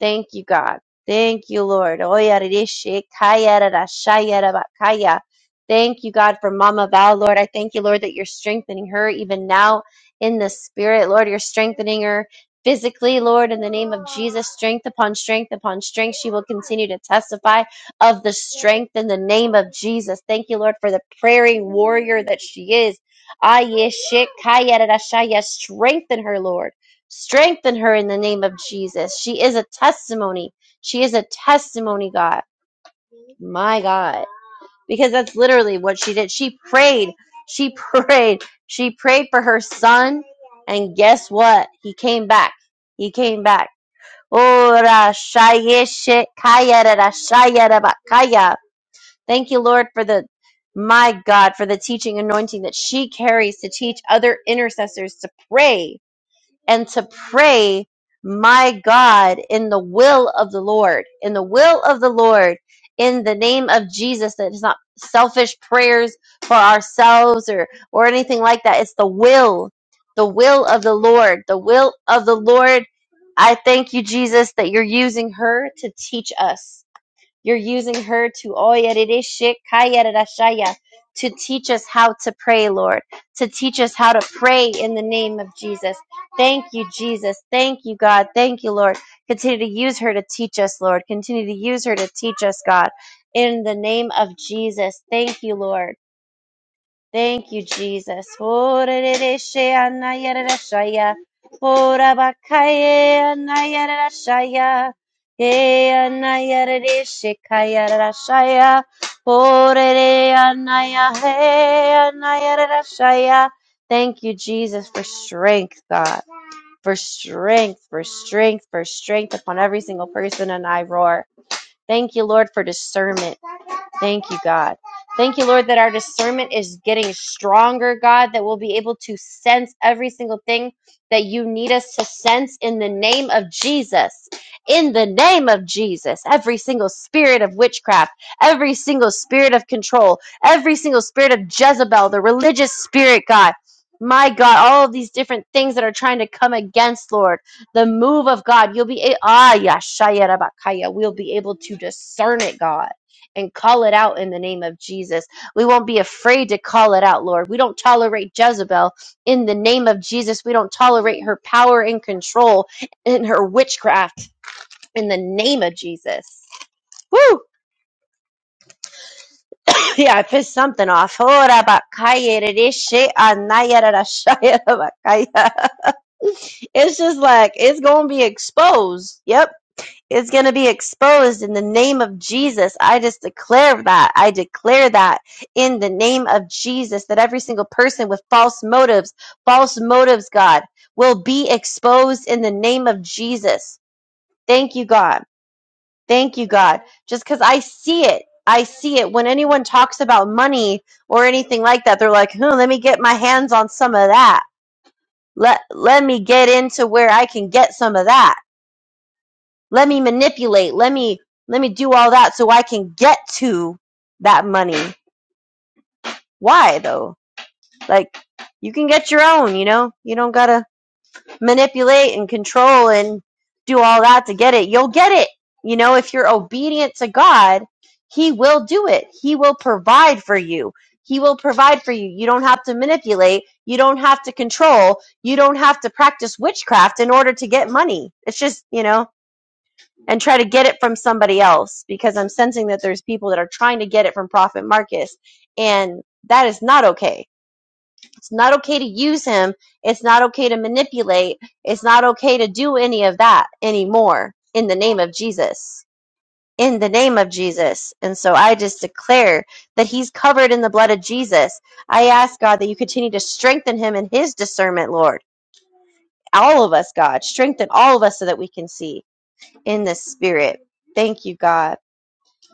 Thank you, God. Thank you, Lord. Oyarishikayarashayarabakaya. Thank you, God, for Mama Val, Lord. I thank you, Lord, that you're strengthening her even now in the spirit. Lord, you're strengthening her physically, Lord, in the name of Jesus. Strength upon strength upon strength. She will continue to testify of the strength in the name of Jesus. Thank you, Lord, for the prairie warrior that she is. Ayeshikayarashaya. Strengthen her, Lord. Strengthen her in the name of Jesus. She is a testimony. She is a testimony, God. My God. Because that's literally what she did. She prayed. She prayed. She prayed for her son. And guess what? He came back. He came back. Oh, rashayeshe kaya da rashaya da Thank you, Lord, for the my God, for the teaching anointing that she carries to teach other intercessors to pray and to pray, my God, in the will of the Lord, in the will of the Lord, in the name of Jesus. That it's not selfish prayers for ourselves or or anything like that. It's the will, the will of the Lord, the will of the Lord. I thank you, Jesus, that you're using her to teach us. You're using her to Oyerereshekayererashaya, to teach us how to pray, Lord, to teach us how to pray in the name of Jesus. Thank you, Jesus. Thank you, God. Thank you, Lord. Continue to use her to teach us, Lord. Continue to use her to teach us, God. In the name of Jesus. Thank you, Lord. Thank you, Jesus. Horereshe anayerereshaya. Horabakaye anayerereshaya. Ye anayerereshe kayerereshaya. Horere anaya- he anayerereshaya. Thank you, Jesus, for strength, God. For strength, for strength, for strength upon every single person. And I roar. Thank you, Lord, for discernment. Thank you, God. Thank you, Lord, that our discernment is getting stronger, God, that we'll be able to sense every single thing that you need us to sense in the name of Jesus. In the name of Jesus, every single spirit of witchcraft, every single spirit of control, every single spirit of Jezebel, the religious spirit, God. My God, all of these different things that are trying to come against, Lord, the move of God, you'll be a- ah, yeah, shaya rabakaya. We'll be able to discern it, God and call it out in the name of Jesus. We won't be afraid to call it out, Lord. We don't tolerate Jezebel in the name of Jesus. We don't tolerate her power and control and her witchcraft in the name of Jesus. Woo! Yeah, I pissed something off. Ora bakaya rereshe anaya rarashaya bakaya. It's just like it's gonna be exposed. Yep is going to be exposed in the name of Jesus. I just declare that. I declare that in the name of Jesus that every single person with false motives, false motives, God, will be exposed in the name of Jesus. Thank you, God. Thank you, God. Just because I see it. I see it. When anyone talks about money or anything like that, they're like, hmm, let me get my hands on some of that. Let, let me get into where I can get some of that let me manipulate. Let me let me do all that so I can get to that money. Why though? Like you can get your own, you know? You don't got to manipulate and control and do all that to get it. You'll get it. You know, if you're obedient to God, he will do it. He will provide for you. He will provide for you. You don't have to manipulate. You don't have to control. You don't have to practice witchcraft in order to get money. It's just, you know, and try to get it from somebody else because I'm sensing that there's people that are trying to get it from Prophet Marcus. And that is not okay. It's not okay to use him. It's not okay to manipulate. It's not okay to do any of that anymore in the name of Jesus. In the name of Jesus. And so I just declare that he's covered in the blood of Jesus. I ask God that you continue to strengthen him in his discernment, Lord. All of us, God, strengthen all of us so that we can see in the spirit. Thank you, God.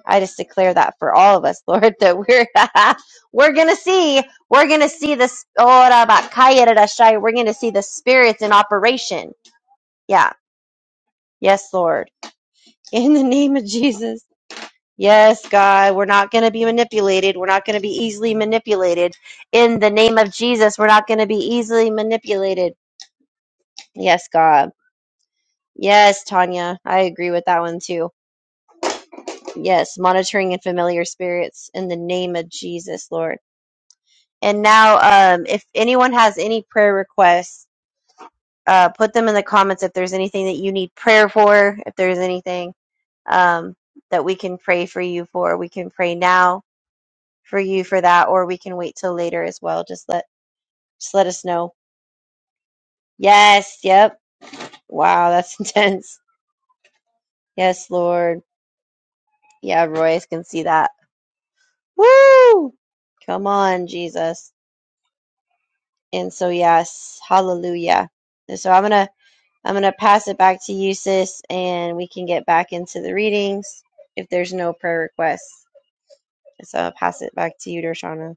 I just declare that for all of us, Lord, that we're we're gonna see, we're gonna see this. Oh, da ba shai, We're gonna see the spirits in operation. Yeah, yes, Lord, in the name of Jesus. Yes, God, we're not going to be manipulated. We're not going to be easily manipulated. In the name of Jesus, we're not going to be easily manipulated. Yes, God. Yes, Tanya. I agree with that one too. Yes, monitoring and familiar spirits in the name of Jesus, Lord. And now, um, if anyone has any prayer requests, uh, put them in the comments if there's anything that you need prayer for, if there's anything um, that we can pray for you for. We can pray now for you for that, or we can wait till later as well. Just let just let us know. Yes, yep. Wow, that's intense. Yes, Lord. Yeah, Royce can see that. Woo! Come on, Jesus. And so yes, hallelujah. And so I'm gonna I'm going to pass it back to you, sis, and we can get back into the readings if there's no prayer requests. So I'll pass it back to you, Dershana.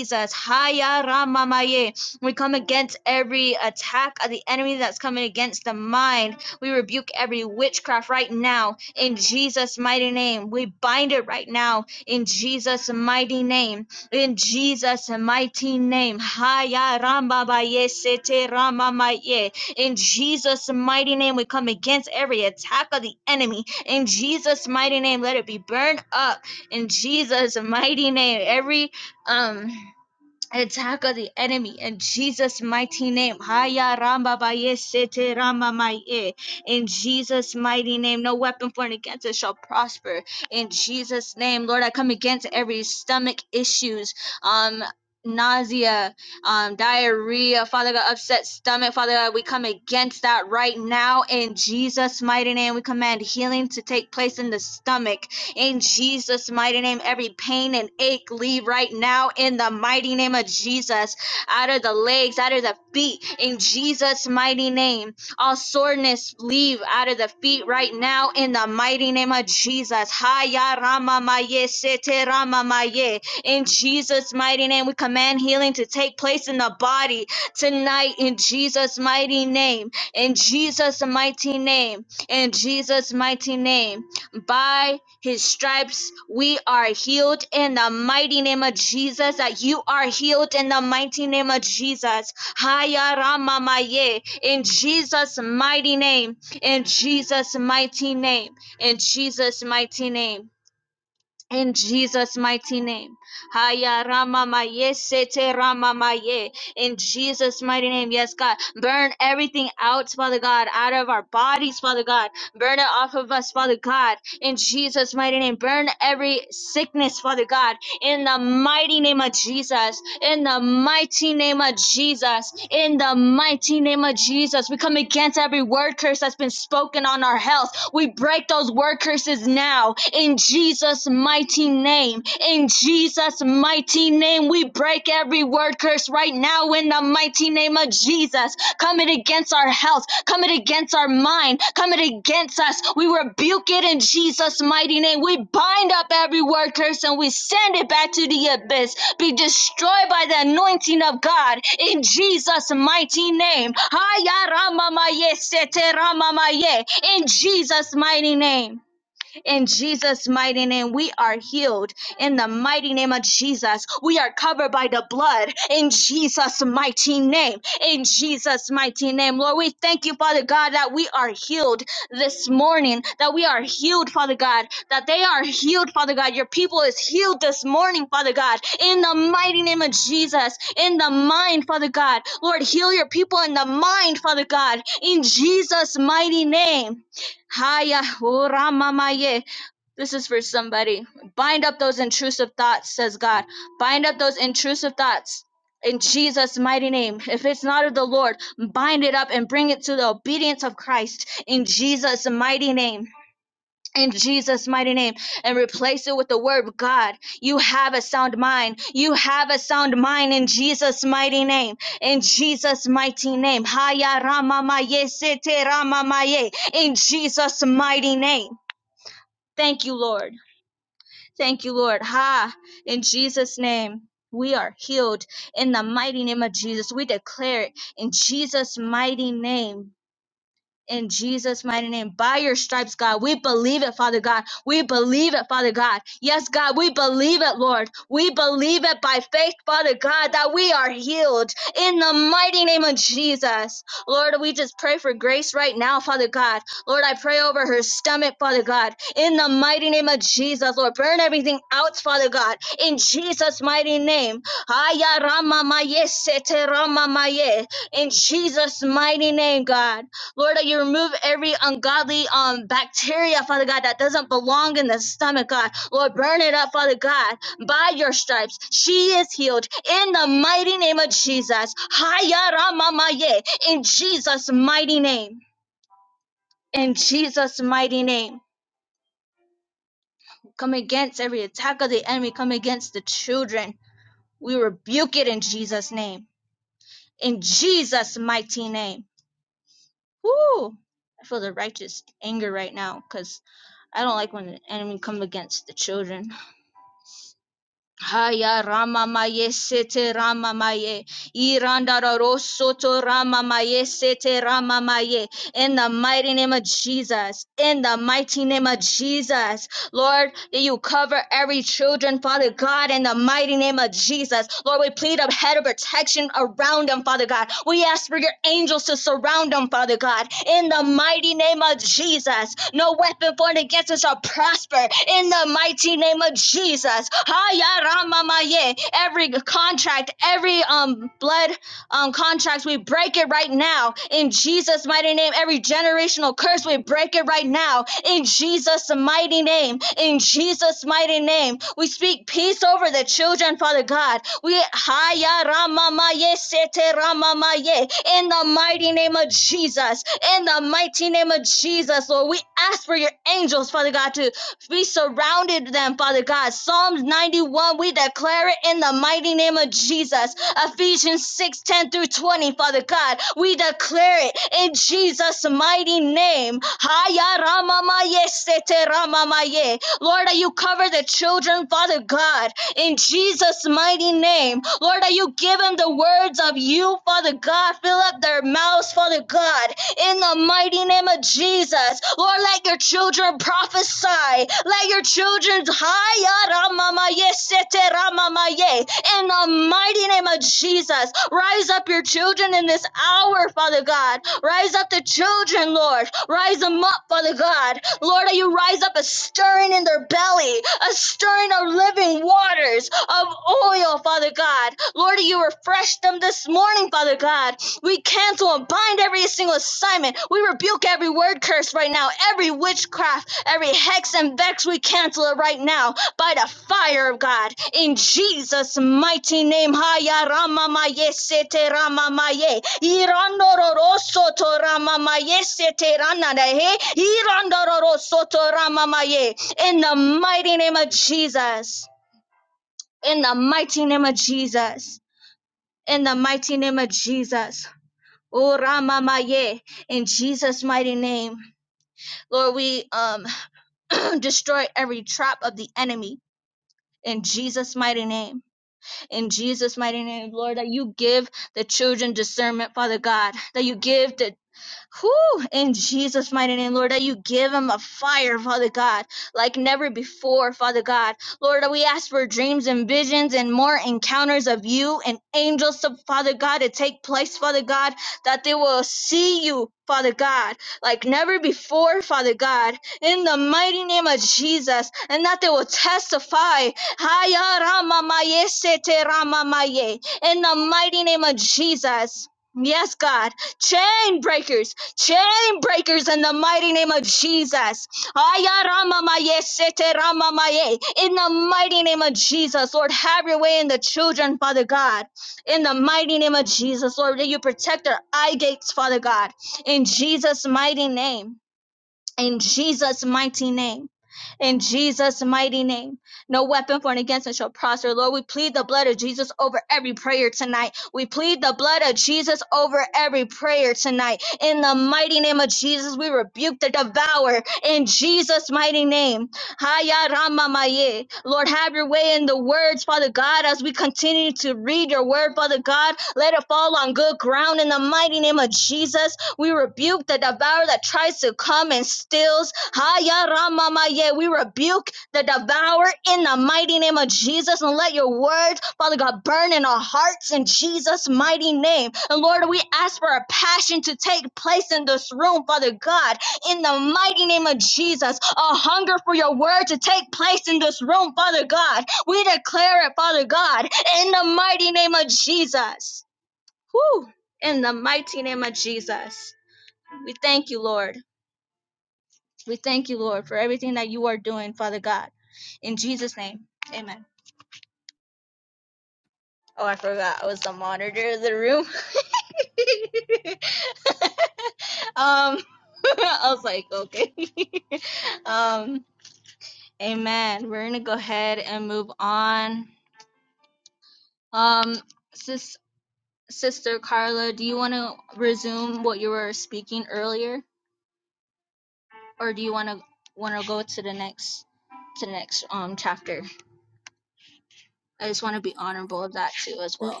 That,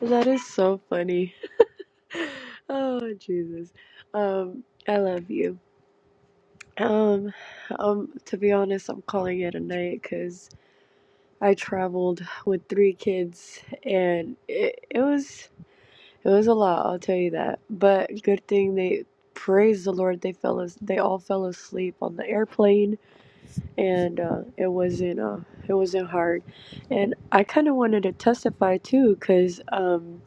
that is so funny. Oh, Jesus. Um, I love you. Um, um, to be honest, I'm calling it a night because I traveled with three kids and it, it was it was a lot, I'll tell you that. But good thing they praise the Lord they fell as they all fell asleep on the airplane and uh, it wasn't uh, it wasn't hard. And I kind of wanted to testify too, cause um,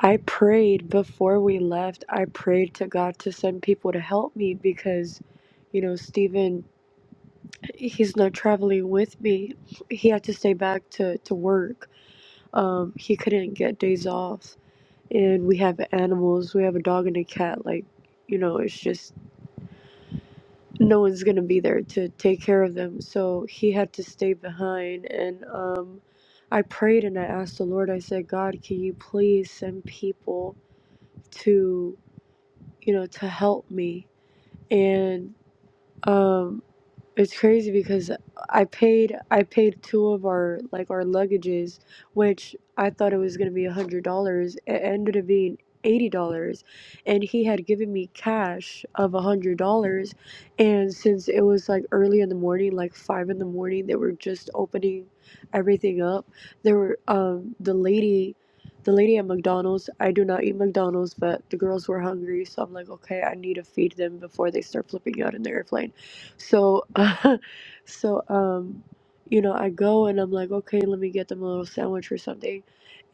I prayed before we left. I prayed to God to send people to help me because, you know, Stephen, he's not traveling with me. He had to stay back to to work. Um, he couldn't get days off, and we have animals. We have a dog and a cat. Like, you know, it's just no one's gonna be there to take care of them. So he had to stay behind, and um, I prayed and I asked the Lord. I said, God, can you please send people to, you know, to help me? And um, it's crazy because I paid I paid two of our like our luggages, which I thought it was gonna be a hundred dollars. It ended up being eighty dollars, and he had given me cash of a hundred dollars, and since it was like early in the morning, like five in the morning, they were just opening everything up. There were um the lady. The lady at McDonald's, I do not eat McDonald's, but the girls were hungry, so I'm like, okay, I need to feed them before they start flipping out in the airplane so, so um, you know, I go and I'm like, okay, let me get them a little sandwich or something,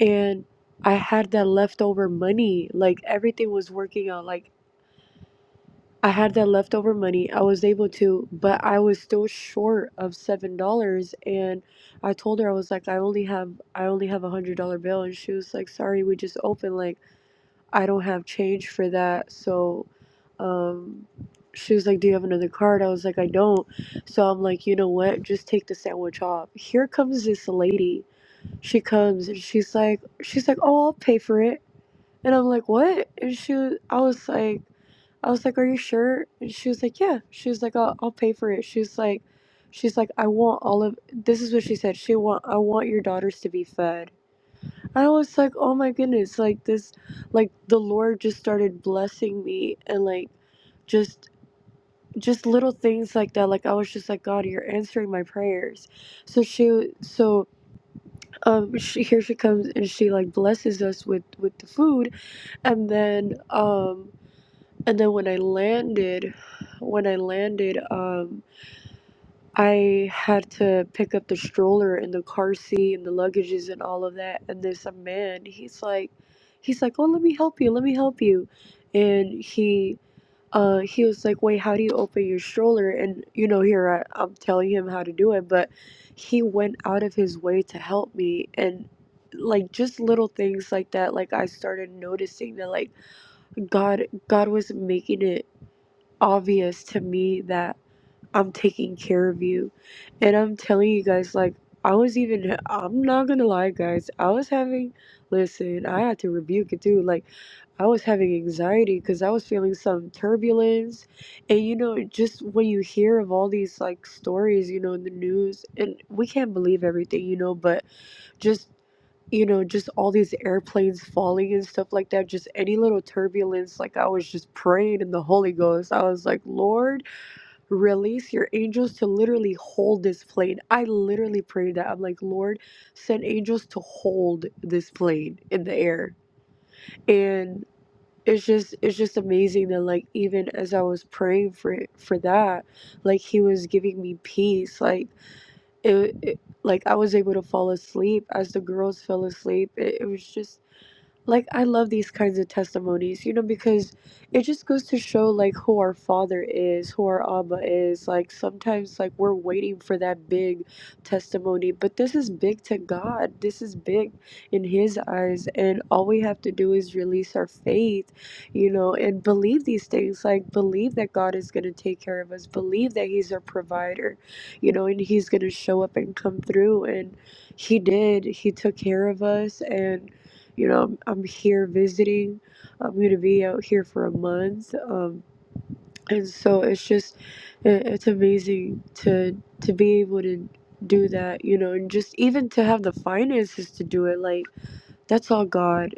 and I had that leftover money. Like everything was working out. Like I had that leftover money. I was able to, but I was still short of seven dollars. And I told her I was like, I only have, I only have a hundred dollar bill, and she was like, sorry, we just opened. Like. I don't have change for that. So um, she was like, Do you have another card? I was like, I don't. So I'm like, You know what? Just take the sandwich off. Here comes this lady. She comes and she's like, She's like, Oh, I'll pay for it. And I'm like, What? And she, was- I was like, I was like, Are you sure? And she was like, Yeah. She was like, I'll, I'll pay for it. She's like, She's like, I want all of this is what she said. She want I want your daughters to be fed. I was like, oh my goodness, like this, like the Lord just started blessing me and like just just little things like that like i was just like god you're answering my prayers so she so um she, here she comes and she like blesses us with with the food and then um and then when i landed when i landed um. I had to pick up the stroller and the car seat and the luggages and all of that. And there's a man, he's like, he's like, oh, let me help you, let me help you. And he, uh, he was like, wait, how do you open your stroller? And you know, here I, I'm telling him how to do it, but he went out of his way to help me. And like just little things like that, like I started noticing that like God, God was making it obvious to me that. I'm taking care of you. And I'm telling you guys, like, I was even, I'm not gonna lie, guys, I was having, listen, I had to rebuke it too. Like, I was having anxiety because I was feeling some turbulence. And, you know, just when you hear of all these, like, stories, you know, in the news, and we can't believe everything, you know, but just, you know, just all these airplanes falling and stuff like that, just any little turbulence, like, I was just praying in the Holy Ghost. I was like, Lord release your angels to literally hold this plane. I literally prayed that. I'm like, Lord, send angels to hold this plane in the air. And it's just it's just amazing that like even as I was praying for it, for that, like he was giving me peace. Like it, it like I was able to fall asleep as the girls fell asleep. It, it was just like, I love these kinds of testimonies, you know, because it just goes to show, like, who our Father is, who our Abba is. Like, sometimes, like, we're waiting for that big testimony, but this is big to God. This is big in His eyes. And all we have to do is release our faith, you know, and believe these things. Like, believe that God is going to take care of us, believe that He's our provider, you know, and He's going to show up and come through. And He did. He took care of us. And you know, I'm, I'm here visiting. I'm going to be out here for a month. Um, and so it's just, it, it's amazing to to be able to do that. You know, and just even to have the finances to do it. Like that's all God.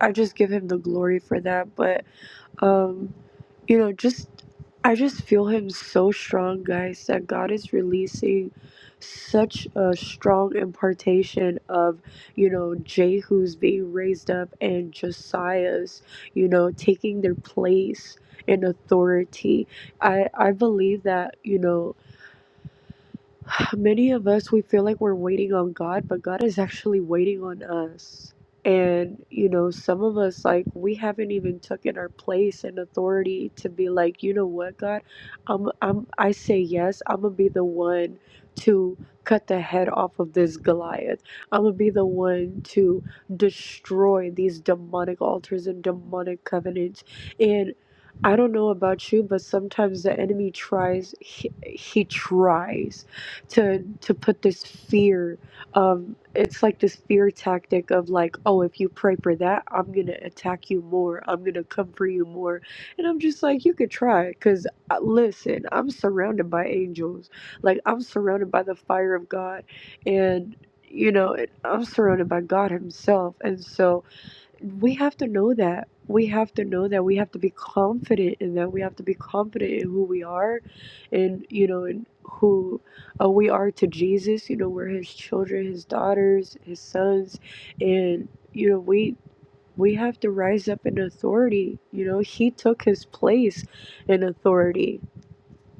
I just give Him the glory for that. But um you know, just I just feel him so strong, guys, that God is releasing such a strong impartation of, you know, Jehu's being raised up and Josiah's, you know, taking their place in authority. I I believe that, you know, many of us we feel like we're waiting on God, but God is actually waiting on us. And you know, some of us like we haven't even taken our place and authority to be like, you know what, God, um, I'm I say yes. I'm gonna be the one to cut the head off of this Goliath. I'm gonna be the one to destroy these demonic altars and demonic covenants. And I don't know about you, but sometimes the enemy tries. He, he tries to to put this fear of it's like this fear tactic of like oh if you pray for that i'm gonna attack you more i'm gonna come for you more and i'm just like you could try because listen i'm surrounded by angels like i'm surrounded by the fire of god and you know and i'm surrounded by god himself and so we have to know that we have to know that we have to be confident in that we have to be confident in who we are and you know in who uh, we are to jesus you know we're his children his daughters his sons and you know we we have to rise up in authority you know he took his place in authority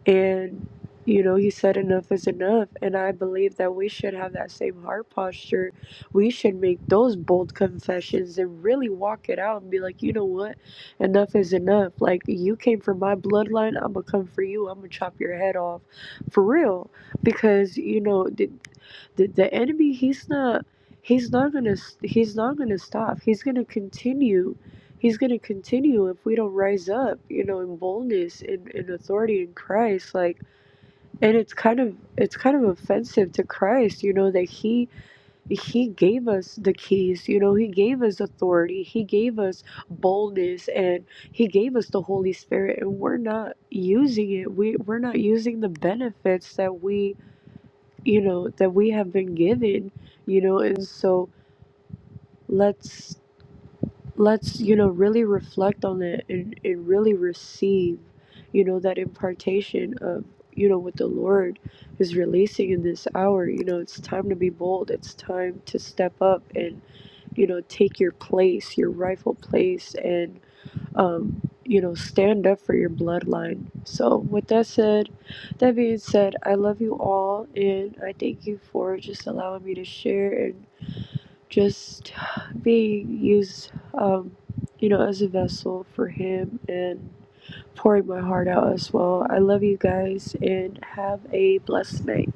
and, you know, he said, enough is enough. And I believe that we should have that same heart posture. We should make those bold confessions and really walk it out and be like, you know what? Enough is enough. Like, you came from my bloodline. I'm going to come for you. I'm going to chop your head off. For real. Because, you know, the, the, the enemy, he's not. He's not gonna. He's not gonna stop. He's gonna continue he's going to continue if we don't rise up you know in boldness and in, in authority in christ like and it's kind of it's kind of offensive to christ you know that he he gave us the keys you know he gave us authority he gave us boldness and he gave us the holy spirit and we're not using it we we're not using the benefits that we you know that we have been given you know and so let's let's you know really reflect on it and, and really receive you know that impartation of you know what the lord is releasing in this hour you know it's time to be bold it's time to step up and you know take your place your rightful place and um you know stand up for your bloodline so with that said that being said i love you all and i thank you for just allowing me to share and just being used, um, you know, as a vessel for Him and pouring my heart out as well. I love you guys and have a blessed night.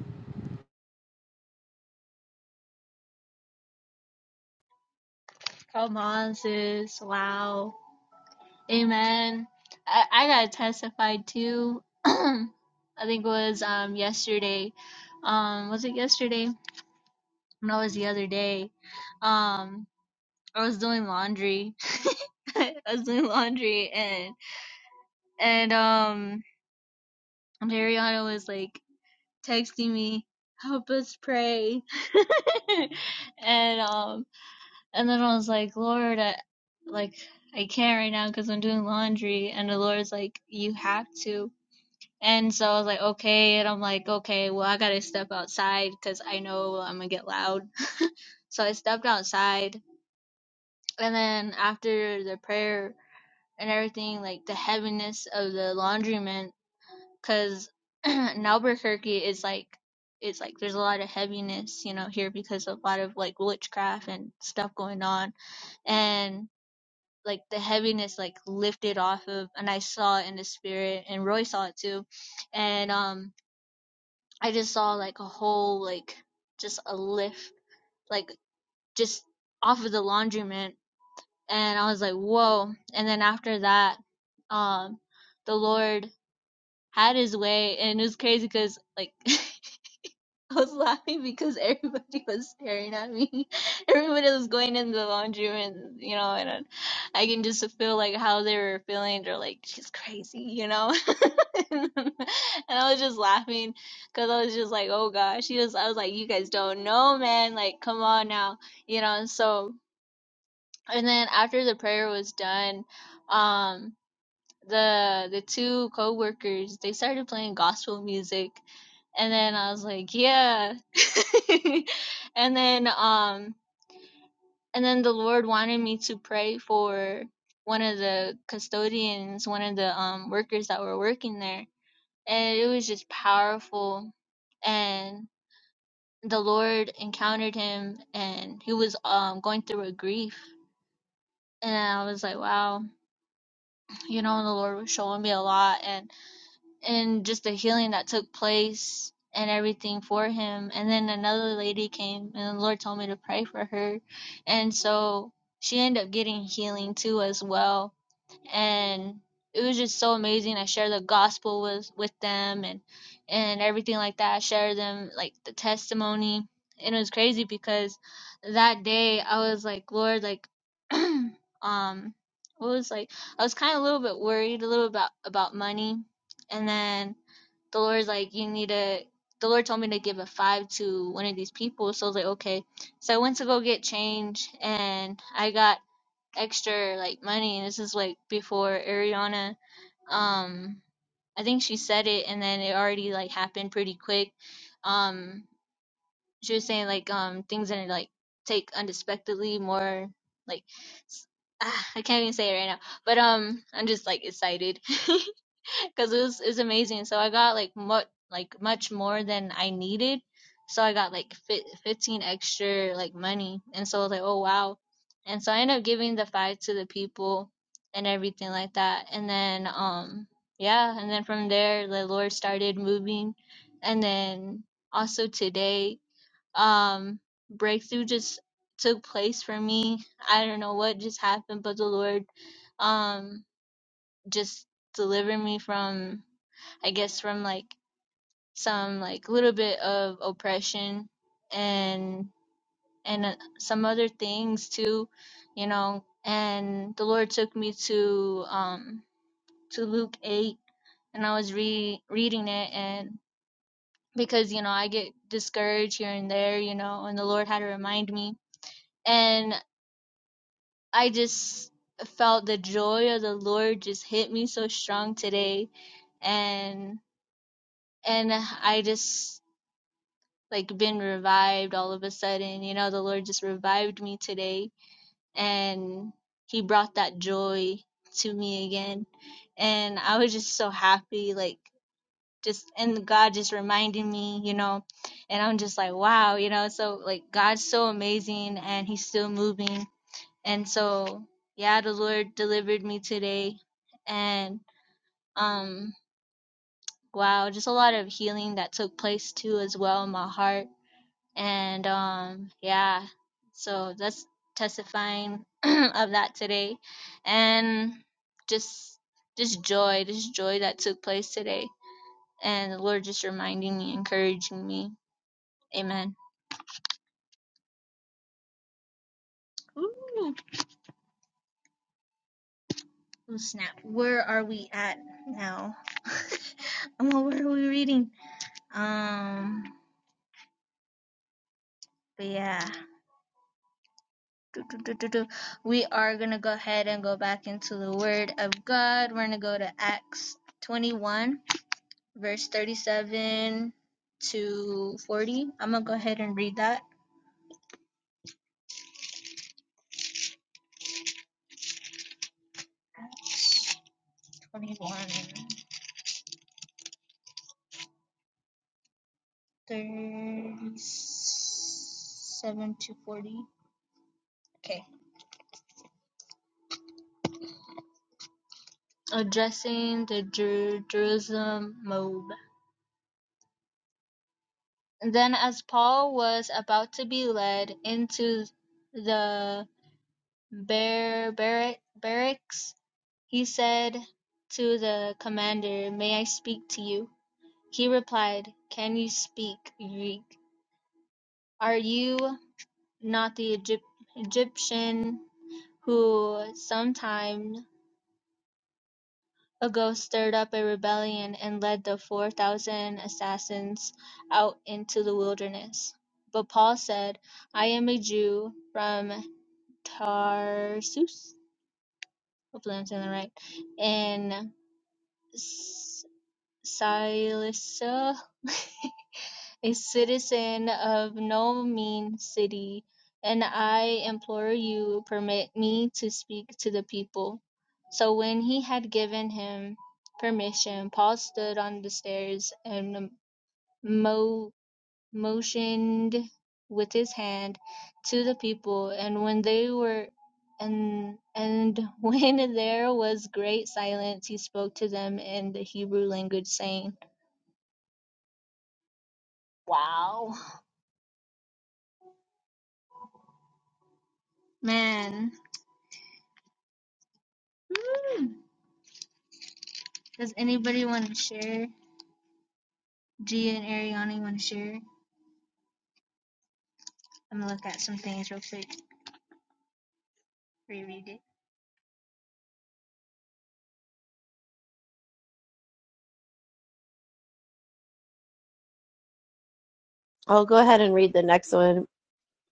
I'll go ahead and read the next one,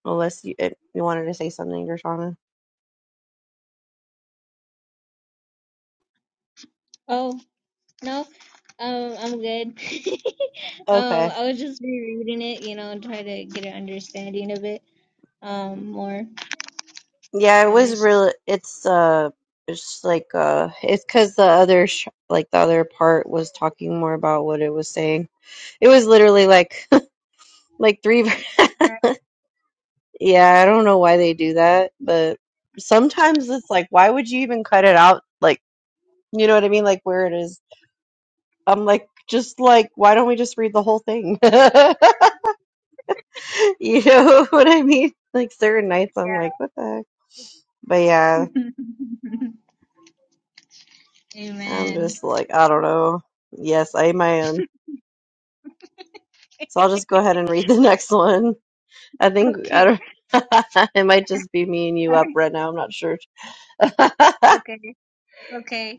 unless you, if you wanted to say something, Dershana. Okay. Yeah, it was really, it's, uh, it's like, uh, it's because the other, sh- like, the other part was talking more about what it was saying. It was literally like, like three, yeah, I don't know why they do that, but sometimes it's like, why would you even cut it out? Like, You know what I mean? Like where it is. I'm like, just like, why don't we just read the whole thing? You know what I mean? Like certain nights, I'm like, what the heck? But yeah, I'm just like, I don't know. Yes, I am my own. So I'll just go ahead and read the next one. I think I don't. It might just be me and you up right now. I'm not sure.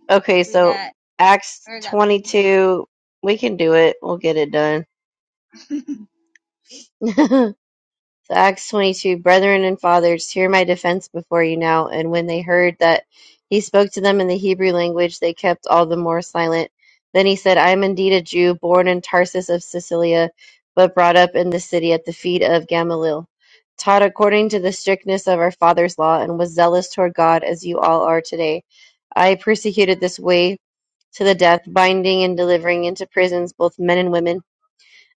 Okay, so Acts 22. We can do it. We'll get it done. So Acts 22, brethren and fathers, hear my defense before you now. And when they heard that he spoke to them in the Hebrew language, they kept all the more silent. Then he said, I am indeed a Jew, born in Tarsus of Cilicia, but brought up in this city at the feet of Gamaliel, taught according to the strictness of our fathers' law, and was zealous toward God as you all are today. I persecuted this way to the death, binding and delivering into prisons both men and women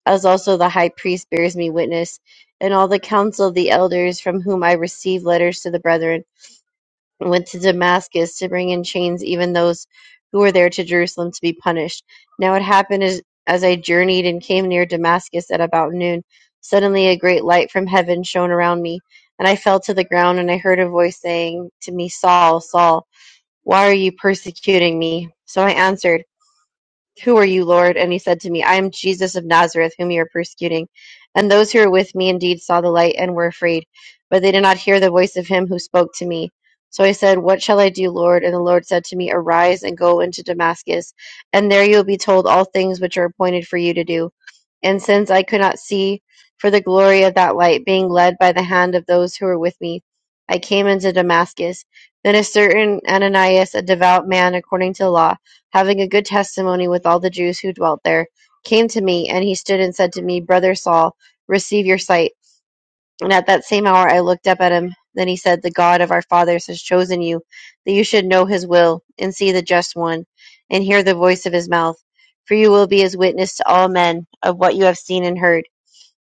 as also the high priest bears me witness, and all the council of the elders from whom I received letters to the brethren, went to Damascus to bring in chains even those who were there to Jerusalem to be punished. Now it happened as, as I journeyed and came near Damascus at about noon, suddenly a great light from heaven shone around me, and I fell to the ground, and I heard a voice saying to me, Saul, Saul, why are you persecuting me? So I answered, who are you, Lord? And he said to me, I am Jesus of Nazareth, whom you are persecuting. And those who were with me indeed saw the light and were afraid, but they did not hear the voice of him who spoke to me. So I said, What shall I do, Lord? And the Lord said to me, Arise and go into Damascus, and there you will be told all things which are appointed for you to do. And since I could not see for the glory of that light, being led by the hand of those who were with me, I came into Damascus. Then a certain Ananias, a devout man according to the law, having a good testimony with all the Jews who dwelt there, came to me, and he stood and said to me, Brother Saul, receive your sight. And at that same hour I looked up at him. Then he said, The God of our fathers has chosen you, that you should know his will, and see the just one, and hear the voice of his mouth. For you will be his witness to all men of what you have seen and heard.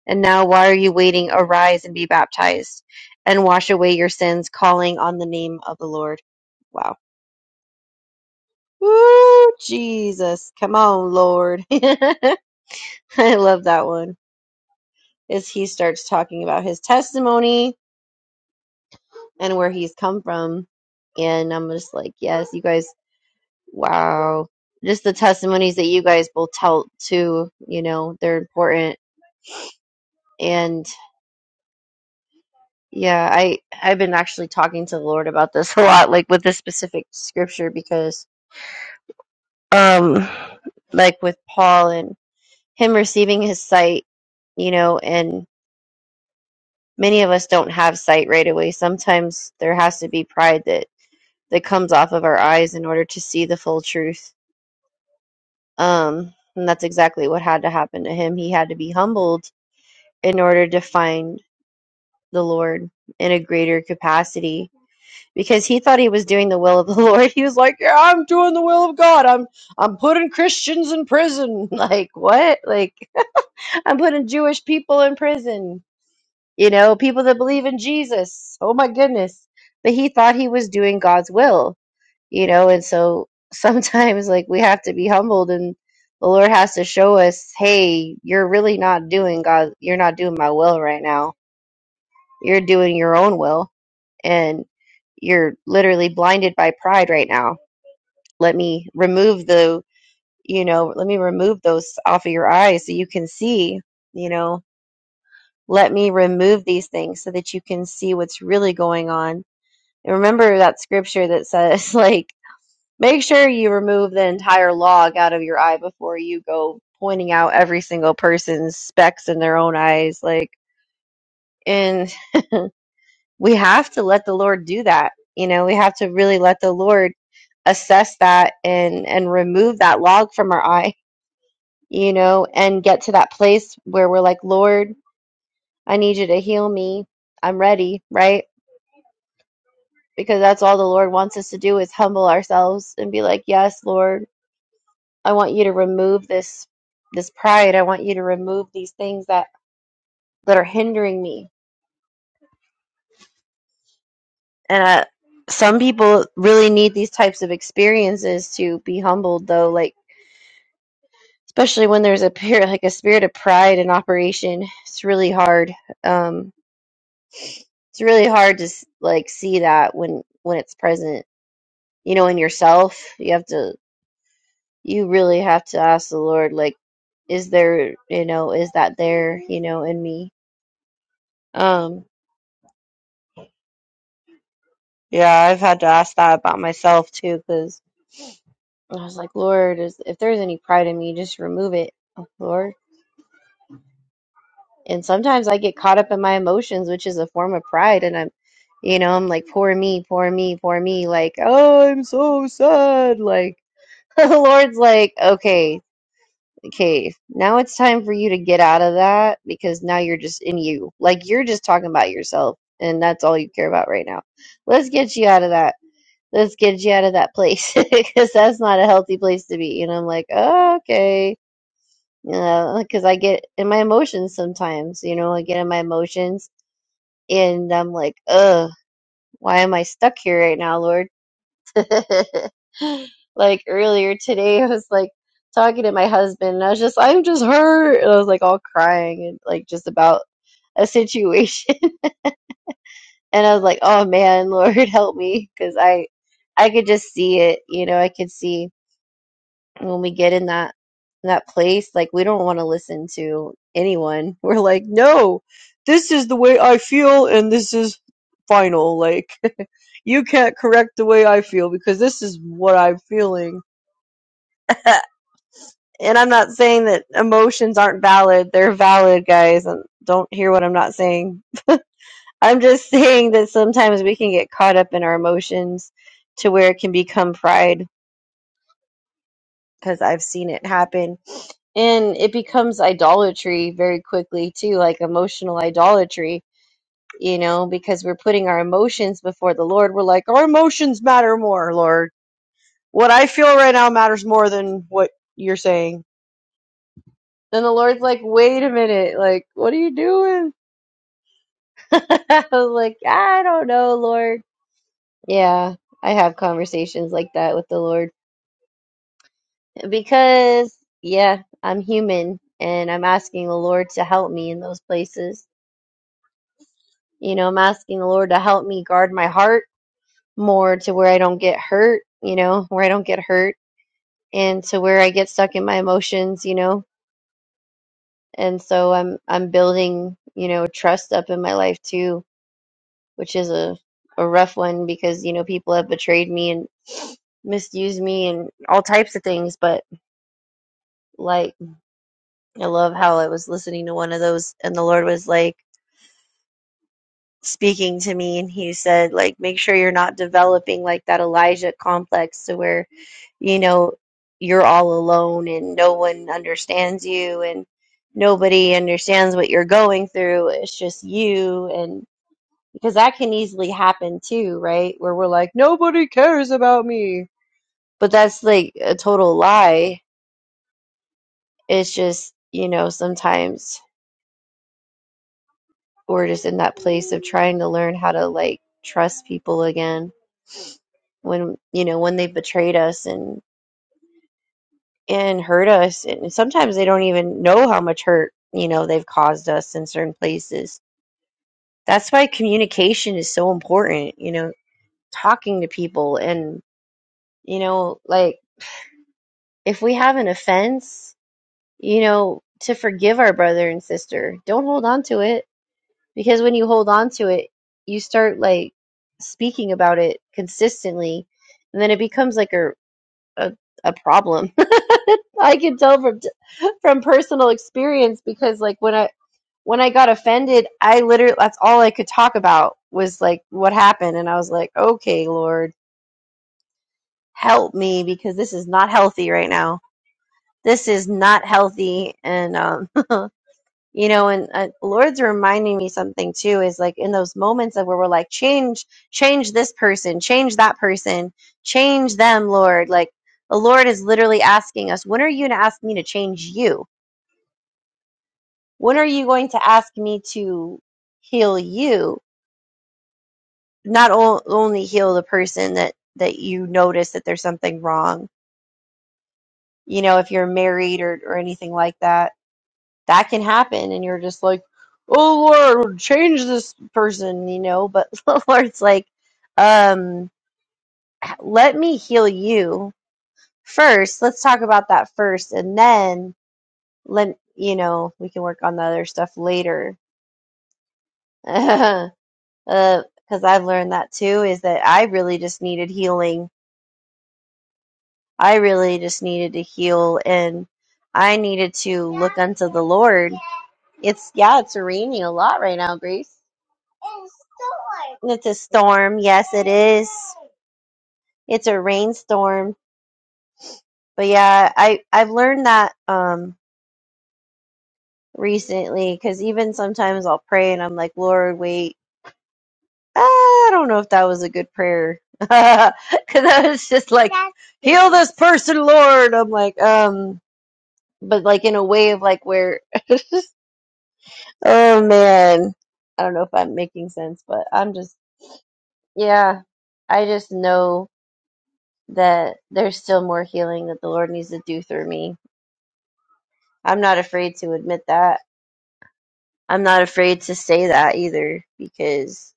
And now why are you waiting? Arise and be baptized, and wash away your sins, calling on the name of the Lord. Wow. Woo, Jesus. Come on, Lord. I love that one. As he starts talking about his testimony and where he's come from. And I'm just like, yes, you guys, wow. Just the testimonies that you guys both tell too, you know, they're important. And yeah, I I've been actually talking to the Lord about this a lot, like with this specific scripture because um like with Paul and him receiving his sight, you know, and many of us don't have sight right away. Sometimes there has to be pride that that comes off of our eyes in order to see the full truth. Um, and that's exactly what had to happen to him. He had to be humbled in order to find the Lord in a greater capacity because he thought he was doing the will of the Lord. He was like, "Yeah, I'm doing the will of God. I'm I'm putting Christians in prison. Like what? Like I'm putting Jewish people in prison." you know, people that believe in Jesus. Oh my goodness. But he thought he was doing God's will, you know, and so sometimes like we have to be humbled and the Lord has to show us, hey, you're really not doing God, you're not doing my will right now. You're doing your own will and you're literally blinded by pride right now. Let me remove the, you know, let me remove those off of your eyes so you can see, you know, let me remove these things so that you can see what's really going on. And remember that scripture that says, like, make sure you remove the entire log out of your eye before you go pointing out every single person's specks in their own eyes. Like, and we have to let the Lord do that. You know, we have to really let the Lord assess that and and remove that log from our eye, you know, and get to that place where we're like, Lord, I need you to heal me. I'm ready, right? because that's all the Lord wants us to do is humble ourselves and be like, "Yes, Lord, I want you to remove this this pride. I want you to remove these things that that are hindering me." And I, some people really need these types of experiences to be humbled, though. Like especially when there's a pure, like a spirit of pride in operation, it's really hard. Um, it's really hard to s- like see that when when it's present. You know, in yourself, you have to. you really have to ask the Lord, like, is there, you know, is that there, you know, in me? Um, yeah, I've had to ask that about myself too, because I was like, Lord, is if there's any pride in me, just remove it, oh, Lord. And sometimes I get caught up in my emotions, which is a form of pride, and I'm, you know, I'm like, poor me, poor me, poor me, like, oh, I'm so sad, like. The Lord's like, okay, Okay, now it's time for you to get out of that because now you're just in you. Like you're just talking about yourself and that's all you care about right now. Let's get you out of that. Let's get you out of that place because that's not a healthy place to be. And I'm like, oh, okay. You know, Because I get in my emotions sometimes, you know, I get in my emotions and I'm like, ugh, why am I stuck here right now, Lord? like earlier today, I was like talking to my husband, and I was just, I'm just hurt. And I was like all crying and like just about a situation. And I was like, oh man, Lord, help me. Because I, I could just see it. You know, I could see when we get in that, in that place, like we don't want to listen to anyone. We're like, no, this is the way I feel, and this is final. Like, you can't correct the way I feel because this is what I'm feeling Uh, and I'm not saying that emotions aren't valid. They're valid, guys. And don't hear what I'm not saying. I'm just saying that sometimes we can get caught up in our emotions to where it can become pride because I've seen it happen. And it becomes idolatry very quickly, too, like emotional idolatry, you know, because we're putting our emotions before the Lord. We're like, our emotions matter more. What? what? And the Lord's like, wait a minute. Like, what are you doing? I was like, I don't know, Lord. Yeah, I have conversations like that with the Lord because, yeah, I'm human and I'm asking the Lord to help me in those places. You know, I'm asking the Lord to help me guard my heart more to where I don't get hurt, you know, where I don't get hurt and to where I get stuck in my emotions, you know. And so I'm I'm building, you know, trust up in my life too which is a, a rough one because, you know, people have betrayed me and misused me and all types of things. But like, I love how I was listening to one of those and the Lord was like speaking to me and he said, like, make sure you're not developing like that Elijah complex to where, you know, you're all alone and no one understands you and nobody understands what you're going through. It's just you. and. because that can easily happen too, right? Where we're like, nobody cares about me. But that's like a total lie. It's just, you know, sometimes we're just in that place of trying to learn how to like trust people again when, you know, when they've betrayed us and and hurt us and sometimes they don't even know how much hurt, you know, they've caused us in certain places. That's why communication is so important, you know, talking to people and you know, like if we have an offense, you know, to forgive our brother and sister. Don't hold on to it because when you hold on to it, you start like speaking about it consistently, and then it becomes like a a, a problem. I can tell from from personal experience because like when I when I got offended, I literally that's all I could talk about was like what happened and I was like, "Okay, Lord, help me because this is not healthy right now." this is not healthy and um you know and uh, lord's reminding me something too is like in those moments of where we're like change change this person change that person change them lord like the lord is literally asking us when are you going to ask me to change you when are you going to ask me to heal you not o- only heal the person that that you notice that there's something wrong you know if you're married or or anything like that that can happen and you're just like oh lord change this person you know but the lord's like um let me heal you first let's talk about that first and then let you know we can work on the other stuff later uh, because i've learned that too is that i really just needed healing i really just needed to heal and i needed to look unto the lord it's yeah it's raining a lot right now grace It's a storm. Yes, it is. It's a rainstorm. But yeah, I I've learned that um recently because even sometimes I'll pray and I'm like, Lord, wait. Ah, I don't know if that was a good prayer because I was just like, heal this person, Lord. I'm like, um, but like in a way of like where, oh man, I don't know if I'm making sense, but I'm just, yeah, I just know that there's still more healing that the Lord needs to do through me I'm not afraid to admit that. I'm not afraid to say that either because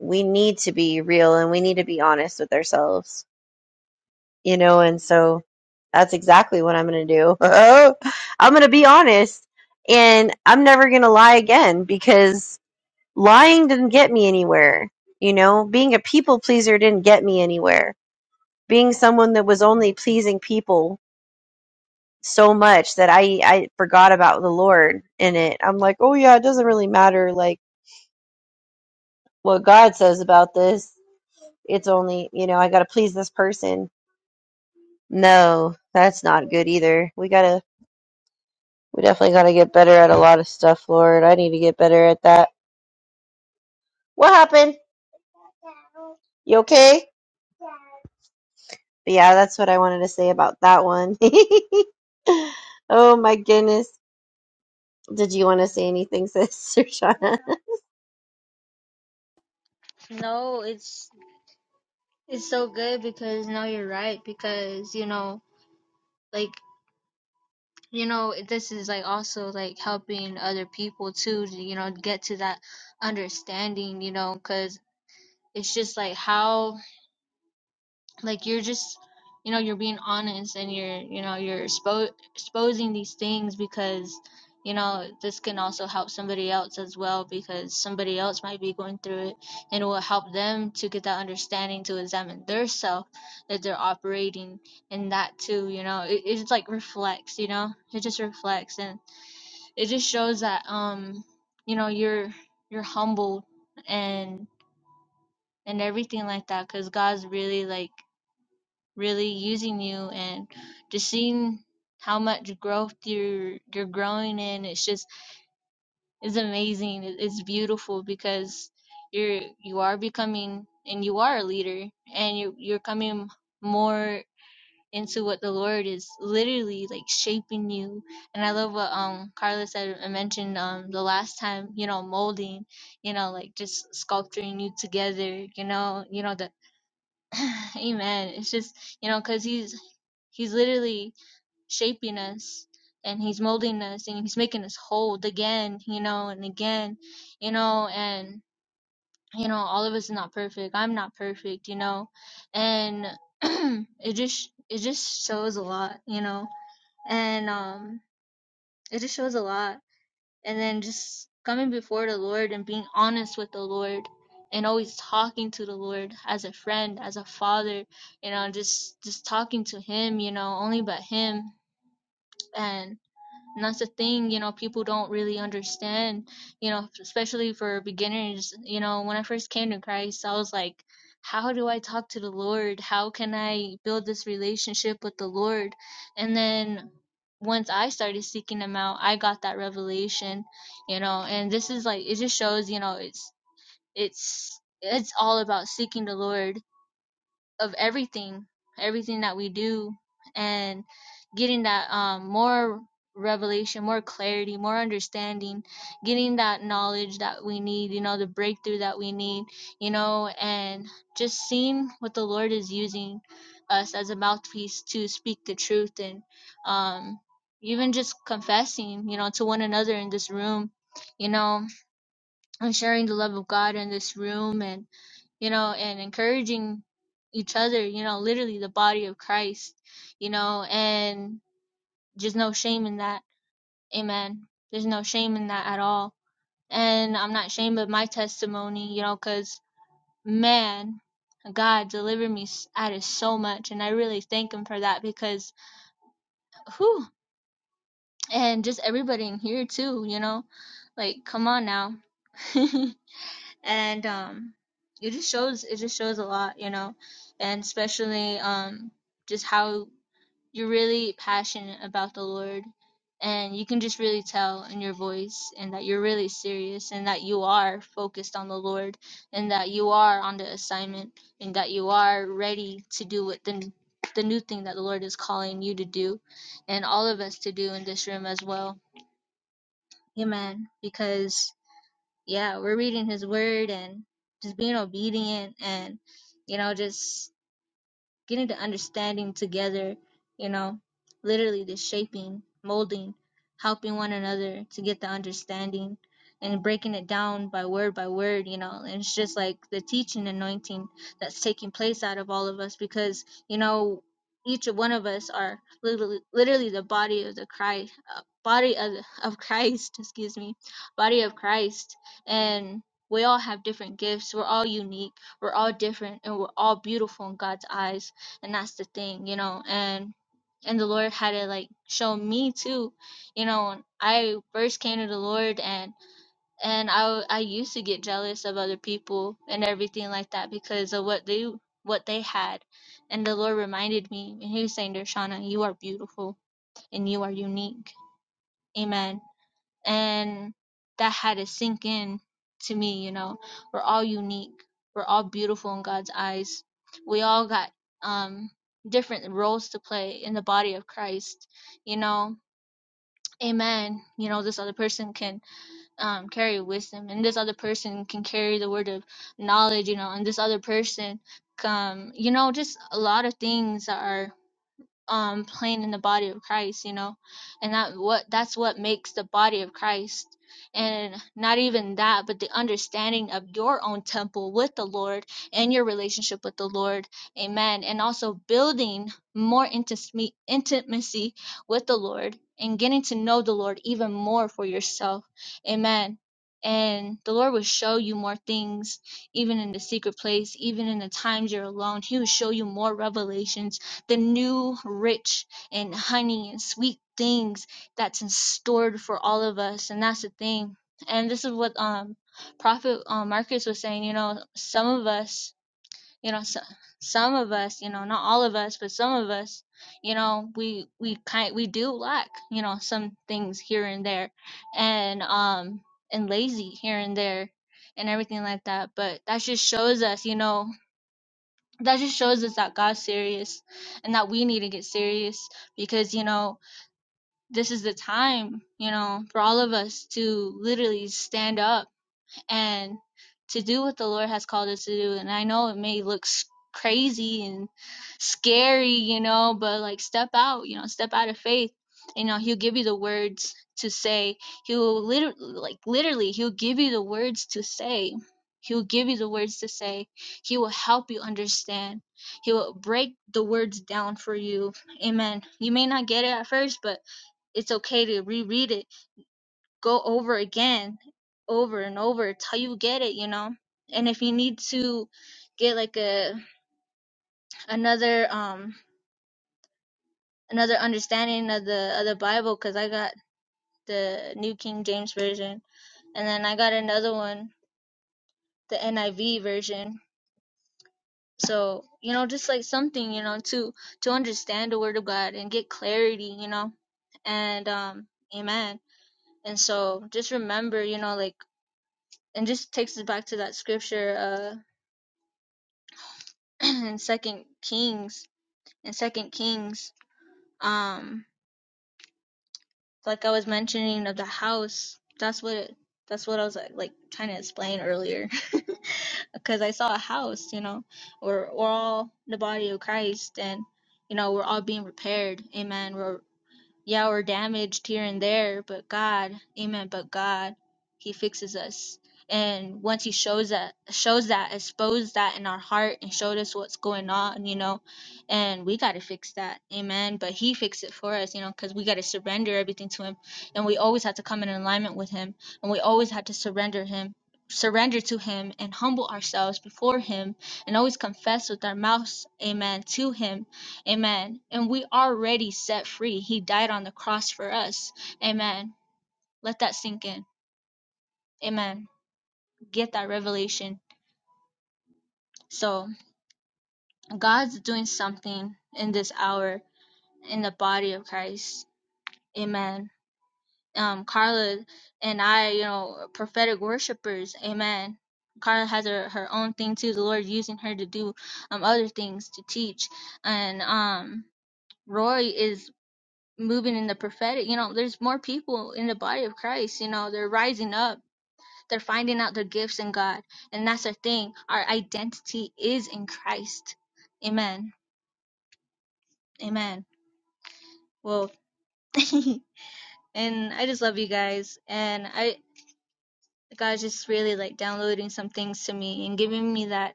we need to be real and we need to be honest with ourselves, you know, and so that's exactly what I'm going to do. I'm going to be honest and I'm never going to lie again because lying didn't get me anywhere, you know, being a people pleaser didn't get me anywhere. Being someone that was only pleasing people so much that I I forgot about the Lord in it. I'm like, oh yeah, it doesn't really matter like what God says about this. It's only you know I gotta please this person. No, that's not good either. We gotta we definitely gotta get better at a lot of stuff, Lord. I need to get better at that. What happened? You okay? But yeah, that's what I wanted to say about that one. oh my goodness. Did you want to say anything, Sister Shauna?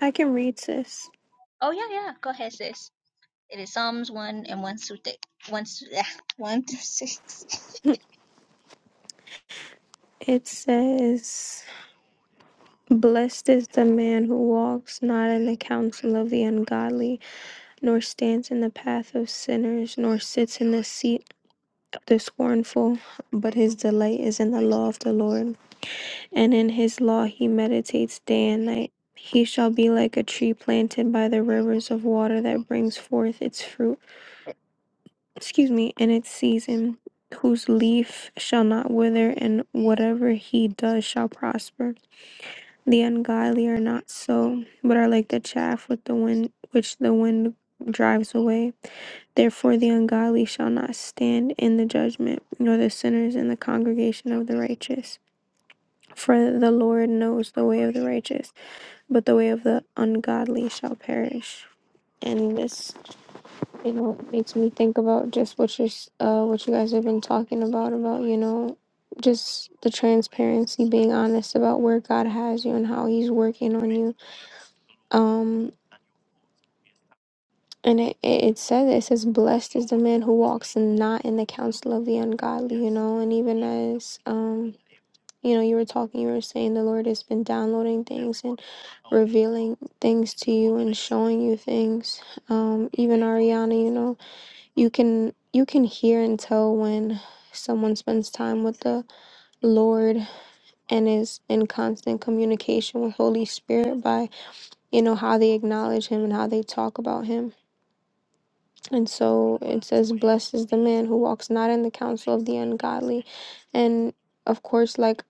I can read this. It says, Blessed is the man who walks not in the counsel of the ungodly, nor stands in the path of sinners, nor sits in the seat of the scornful, but his delight is in the law of the Lord, and in his law he meditates day and night. He shall be like a tree planted by the rivers of water that brings forth its fruit excuse me, in its season, whose leaf shall not wither, and whatever he does shall prosper. The ungodly are not so, but are like the chaff with the wind which the wind drives away. Therefore the ungodly shall not stand in the judgment, nor the sinners in the congregation of the righteous. For the Lord knows the way of the righteous, but the way of the ungodly shall perish. And this you know, it makes me think about just what you're, s- uh, what you guys have been talking about, about, you know, just the transparency, being honest about where God has you and how He's working on you. Um, and it, it, it says, it says, blessed is the man who walks and not in the counsel of the ungodly, you know, and even as, um, you know, you were talking, you were saying the Lord has been downloading things and revealing things to you and showing you things. Um, even Ariana, you know, you can you can hear and tell when someone spends time with the lord and is in constant communication with holy spirit by you know how they acknowledge him and how they talk about him and so it says blessed is the man who walks not in the counsel of the ungodly and of course like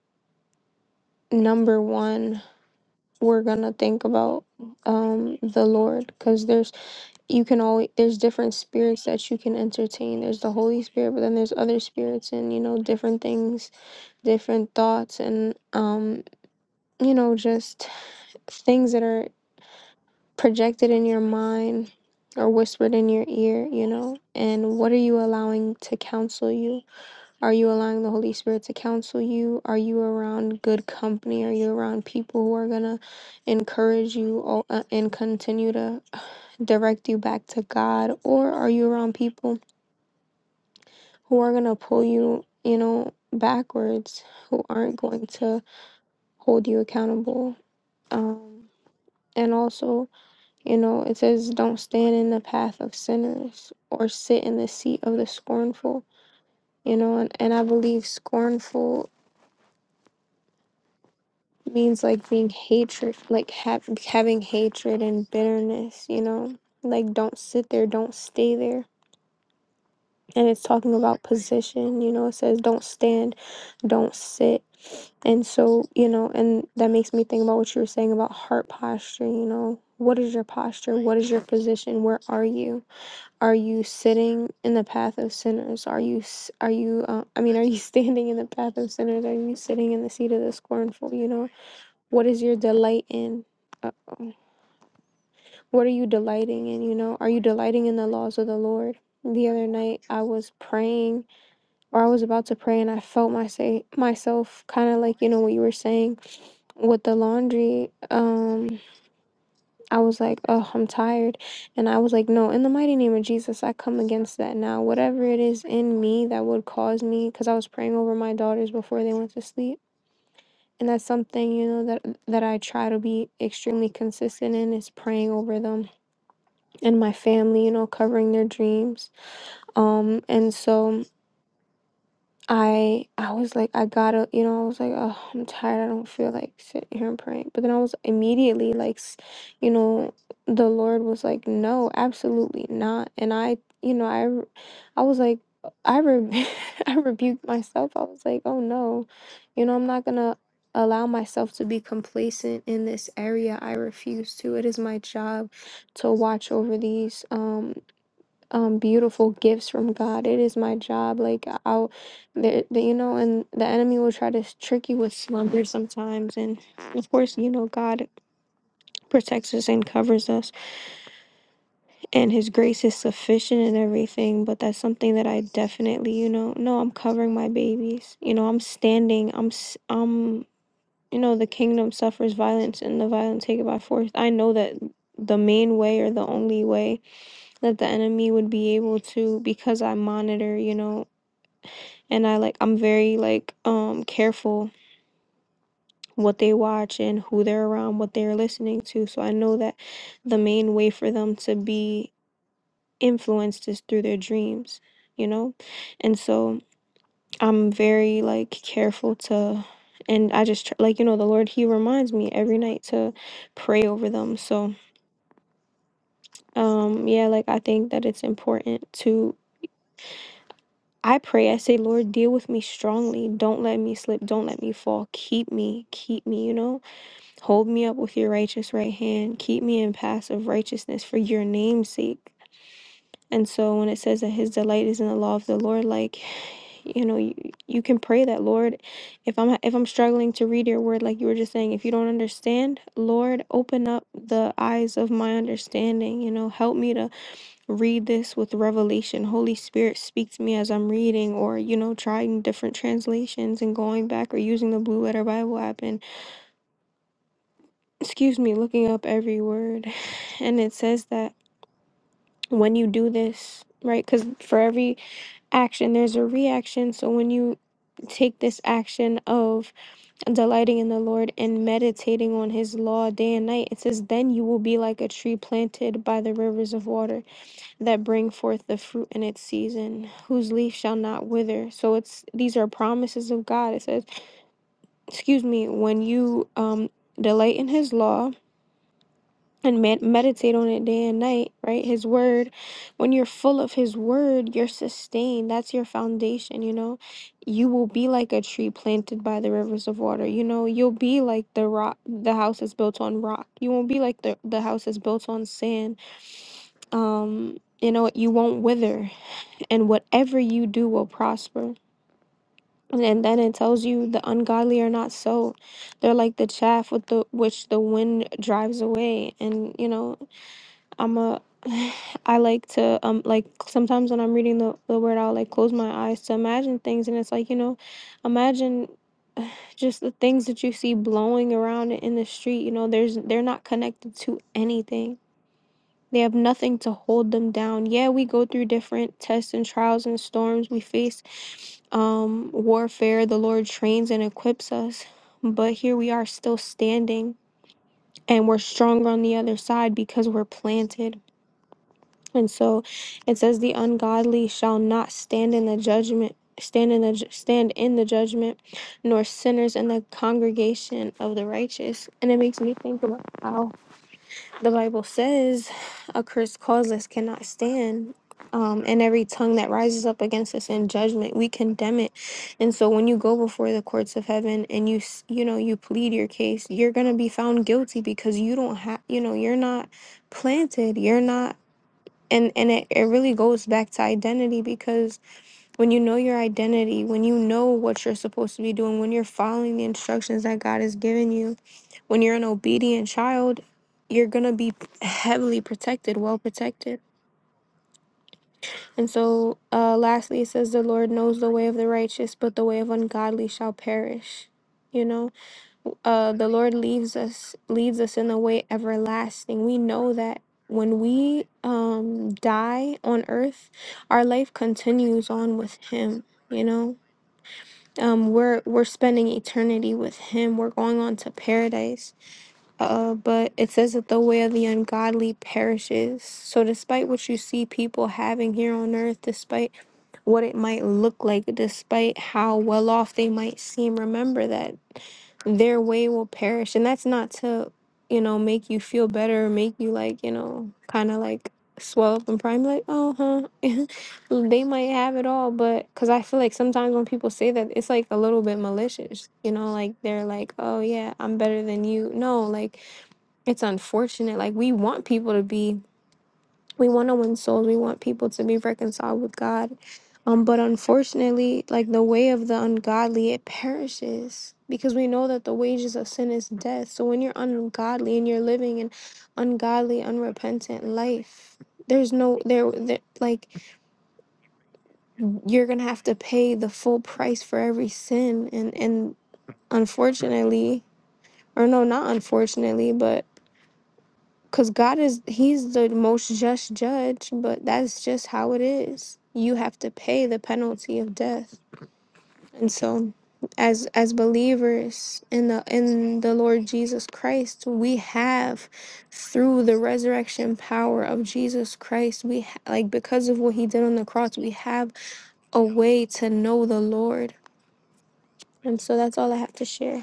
number one we're gonna think about um the lord because there's you can always there's different spirits that you can entertain there's the holy spirit but then there's other spirits and you know different things different thoughts and um you know just things that are projected in your mind or whispered in your ear you know and what are you allowing to counsel you are you allowing the holy spirit to counsel you are you around good company are you around people who are going to encourage you or, uh, and continue to direct you back to god or are you around people who are going to pull you, you know, backwards, who aren't going to hold you accountable. Um, and also, you know, it says, don't stand in the path of sinners or sit in the seat of the scornful, you know, and, and I believe scornful means like being hatred, like ha- having hatred and bitterness, you know, like don't sit there, don't stay there. And it's talking about position, you know, it says, don't stand don't sit. And so, you know, and that makes me think about what you were saying about heart posture, you know. What is your posture? What is your position? Where are you? Are you sitting in the path of sinners? Are you s- are you uh, I mean, are you standing in the path of sinners? Are you sitting in the seat of the scornful, you know? What is your delight in? Uh, what are you delighting in, you know? Are you delighting in the laws of the Lord? The other night I was praying or I was about to pray and I felt my say, myself kind of like, you know, what you were saying with the laundry. Um, I was like, oh, I'm tired. And I was like, no, in the mighty name of Jesus, I come against that now. Whatever it is in me that would cause me, because I was praying over my daughters before they went to sleep. And that's something, you know, that that I try to be extremely consistent in is praying over them and my family, you know, covering their dreams. Um, and so I I was like, I gotta, you know, I was like, oh, I'm tired. I don't feel like sitting here and praying. But then I was immediately like, s- you know, the Lord was like, no, absolutely not. And I, you know, I, re- I was like, I re- I rebuked myself. I was like, oh no, you know, I'm not gonna allow myself to be complacent in this area. I refuse to. It is my job to watch over these. Um, um beautiful gifts from God. It is my job. Like I'll, the, the you know, and the enemy will try to s- trick you with slumber sometimes. And of course, you know, God protects us and covers us, and His grace is sufficient and everything. But that's something that I definitely, you know, no, I'm covering my babies. You know, I'm standing. I'm s- I'm. You know, the kingdom suffers violence, and the violence take it by force. I know that the main way or the only way that the enemy would be able to because I monitor, you know, and I like I'm very like um careful what they watch and who they're around, what they're listening to. So I know that the main way for them to be influenced is through their dreams, you know? And so I'm very like careful to and I just tr- like you know the Lord he reminds me every night to pray over them. So um yeah, like I think that it's important to I pray, I say, Lord, deal with me strongly. Don't let me slip. Don't let me fall. Keep me, keep me, you know? Hold me up with your righteous right hand. Keep me in paths of righteousness for your name's sake. And so when it says that his delight is in the law of the Lord, like, you know, you, you can pray that, Lord, if I'm if I'm struggling to read your word, like you were just saying, if you don't understand, Lord, open up the eyes of my understanding, you know, help me to read this with revelation. Holy Spirit speak to me as I'm reading or, you know, trying different translations and going back or using the blue letter Bible app and. excuse me, looking up every word. And it says that when you do this, right? Because for every action, there's a reaction. So when you take this action of delighting in the Lord and meditating on his law day and night, it says, then you will be like a tree planted by the rivers of water that bring forth the fruit in its season, whose leaf shall not wither. So it's these are promises of God. It says, excuse me, when you um delight in his law and med- meditate on it day and night, right? His word. When you're full of his word, you're sustained. That's your foundation, you know? You will be like a tree planted by the rivers of water. You know, you'll be like the rock the house is built on rock. You won't be like the the house is built on sand. Um, you know, you won't wither and whatever you do will prosper. And then then it tells you the ungodly are not so. They're like the chaff with the which the wind drives away. And you know, I'm a I like to um like sometimes when I'm reading the, the word I'll like close my eyes to imagine things and it's like, you know, imagine just the things that you see blowing around in the street, you know, there's they're not connected to anything. They have nothing to hold them down. Yeah, we go through different tests and trials and storms. We face um warfare. The Lord trains and equips us. But here we are still standing and we're stronger on the other side because we're planted and so it says the ungodly shall not stand in the judgment stand in the ju- stand in the judgment nor sinners in the congregation of the righteous and it makes me think about how the bible says a curse causeless cannot stand um, and every tongue that rises up against us in judgment we condemn it and so when you go before the courts of heaven and you s- you know you plead your case you're gonna be found guilty because you don't have you know you're not planted you're not and and it, it really goes back to identity because when you know your identity when you know what you're supposed to be doing when you're following the instructions that god has given you when you're an obedient child you're gonna be heavily protected well protected and so uh lastly it says the lord knows the way of the righteous but the way of ungodly shall perish you know uh, the Lord leaves us leads us in the way everlasting. We know that when we um, die on earth, our life continues on with Him. You know, um, we're we're spending eternity with Him. We're going on to paradise uh, but it says that the way of the ungodly perishes. So, despite what you see people having here on earth, despite what it might look like, despite how well off they might seem, remember that their way will perish. And that's not to, you know, make you feel better or make you like, you know, kind of like swell up and prime, like, oh, huh, they might have it all. But because I feel like sometimes when people say that, it's like a little bit malicious, you know, like they're like, oh, yeah, I'm better than you. No, like, it's unfortunate. Like we want people to be, we want to win souls. We want people to be reconciled with God. Um, but unfortunately, like the way of the ungodly, it perishes because we know that the wages of sin is death. So when you're ungodly and you're living an ungodly, unrepentant life, there's no there, there like you're gonna have to pay the full price for every sin, and and unfortunately, or no, not unfortunately, but Because God is, He's the most just judge, but that's just how it is. You have to pay the penalty of death. And so, as as believers in the in the Lord Jesus Christ, we have through the resurrection power of Jesus Christ, we ha- like because of what he did on the cross, we have a way to know the Lord. And so that's all I have to share.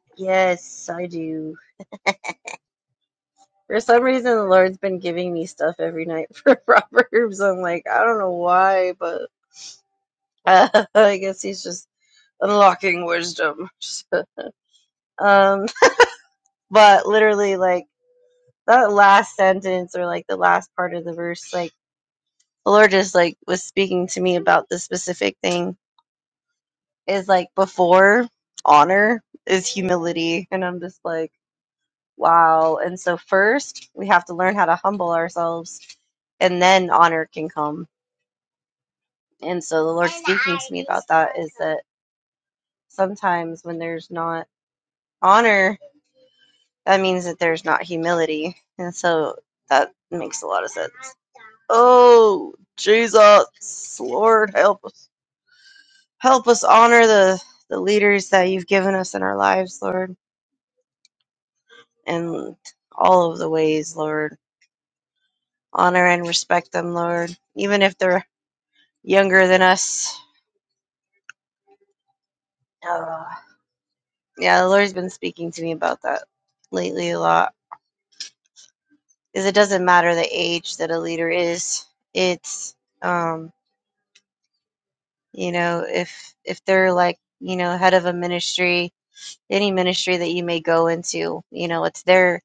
yes, I do. For some reason, the Lord's been giving me stuff every night for Proverbs. I'm like, I don't know why, but uh, I guess he's just unlocking wisdom. Um, but literally, like that last sentence or like the last part of the verse, like the Lord just like was speaking to me about this specific thing is like before honor is humility, and I'm just like, wow. And so first, we have to learn how to humble ourselves, and then honor can come And so the Lord speaking to me about that is that sometimes when there's not honor, that means that there's not humility. And so that makes a lot of sense. Oh, Jesus, Lord, help us. Help us honor the, the leaders that you've given us in our lives, Lord, and all of the ways, Lord. Honor and respect them, Lord, even if they're younger than us. Uh, yeah, the Lord's been speaking to me about that lately a lot. is it doesn't matter the age that a leader is. It's um, you know, if if they're like, you know, head of a ministry, any ministry that you may go into, you know, it's their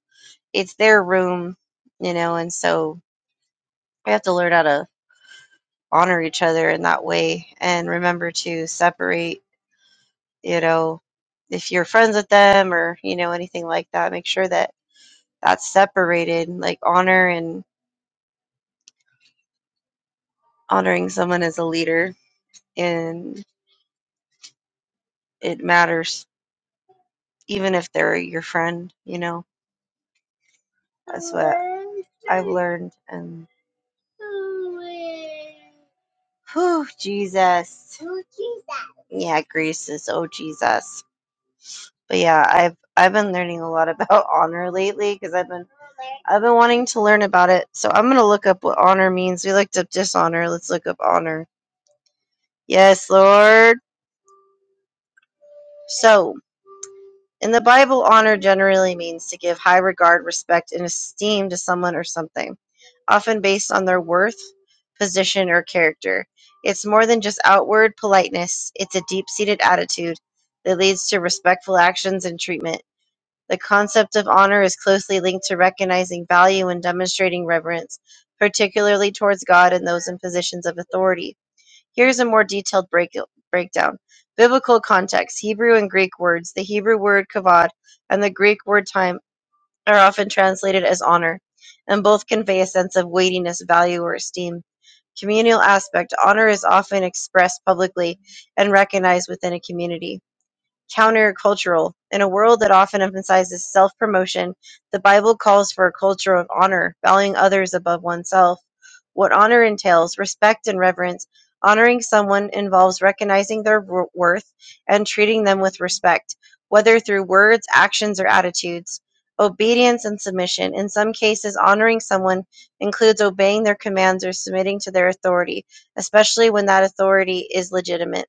it's their room, you know, and so we have to learn how to honor each other in that way and remember to separate, you know, if you're friends with them or, you know, anything like that, make sure that that's separated, like honor and honoring someone as a leader and it matters even if they're your friend, you know. That's what I've learned. And whew, Jesus. Oh, Jesus! Yeah, Greece is oh Jesus. But yeah, I've I've been learning a lot about honor lately because I've been I've been wanting to learn about it. So I'm gonna look up what honor means. We looked up dishonor. Let's look up honor. Yes, Lord. So. In the Bible, honor generally means to give high regard, respect, and esteem to someone or something, often based on their worth, position, or character. It's more than just outward politeness, it's a deep seated attitude that leads to respectful actions and treatment. The concept of honor is closely linked to recognizing value and demonstrating reverence, particularly towards God and those in positions of authority. Here is a more detailed break, breakdown: Biblical context: Hebrew and Greek words. The Hebrew word "kavod" and the Greek word "time" are often translated as honor, and both convey a sense of weightiness, value, or esteem. Communal aspect: Honor is often expressed publicly and recognized within a community countercultural. In a world that often emphasizes self-promotion, the Bible calls for a culture of honor, valuing others above oneself. What honor entails, respect and reverence. Honoring someone involves recognizing their worth and treating them with respect, whether through words, actions, or attitudes. Obedience and submission. In some cases, honoring someone includes obeying their commands or submitting to their authority, especially when that authority is legitimate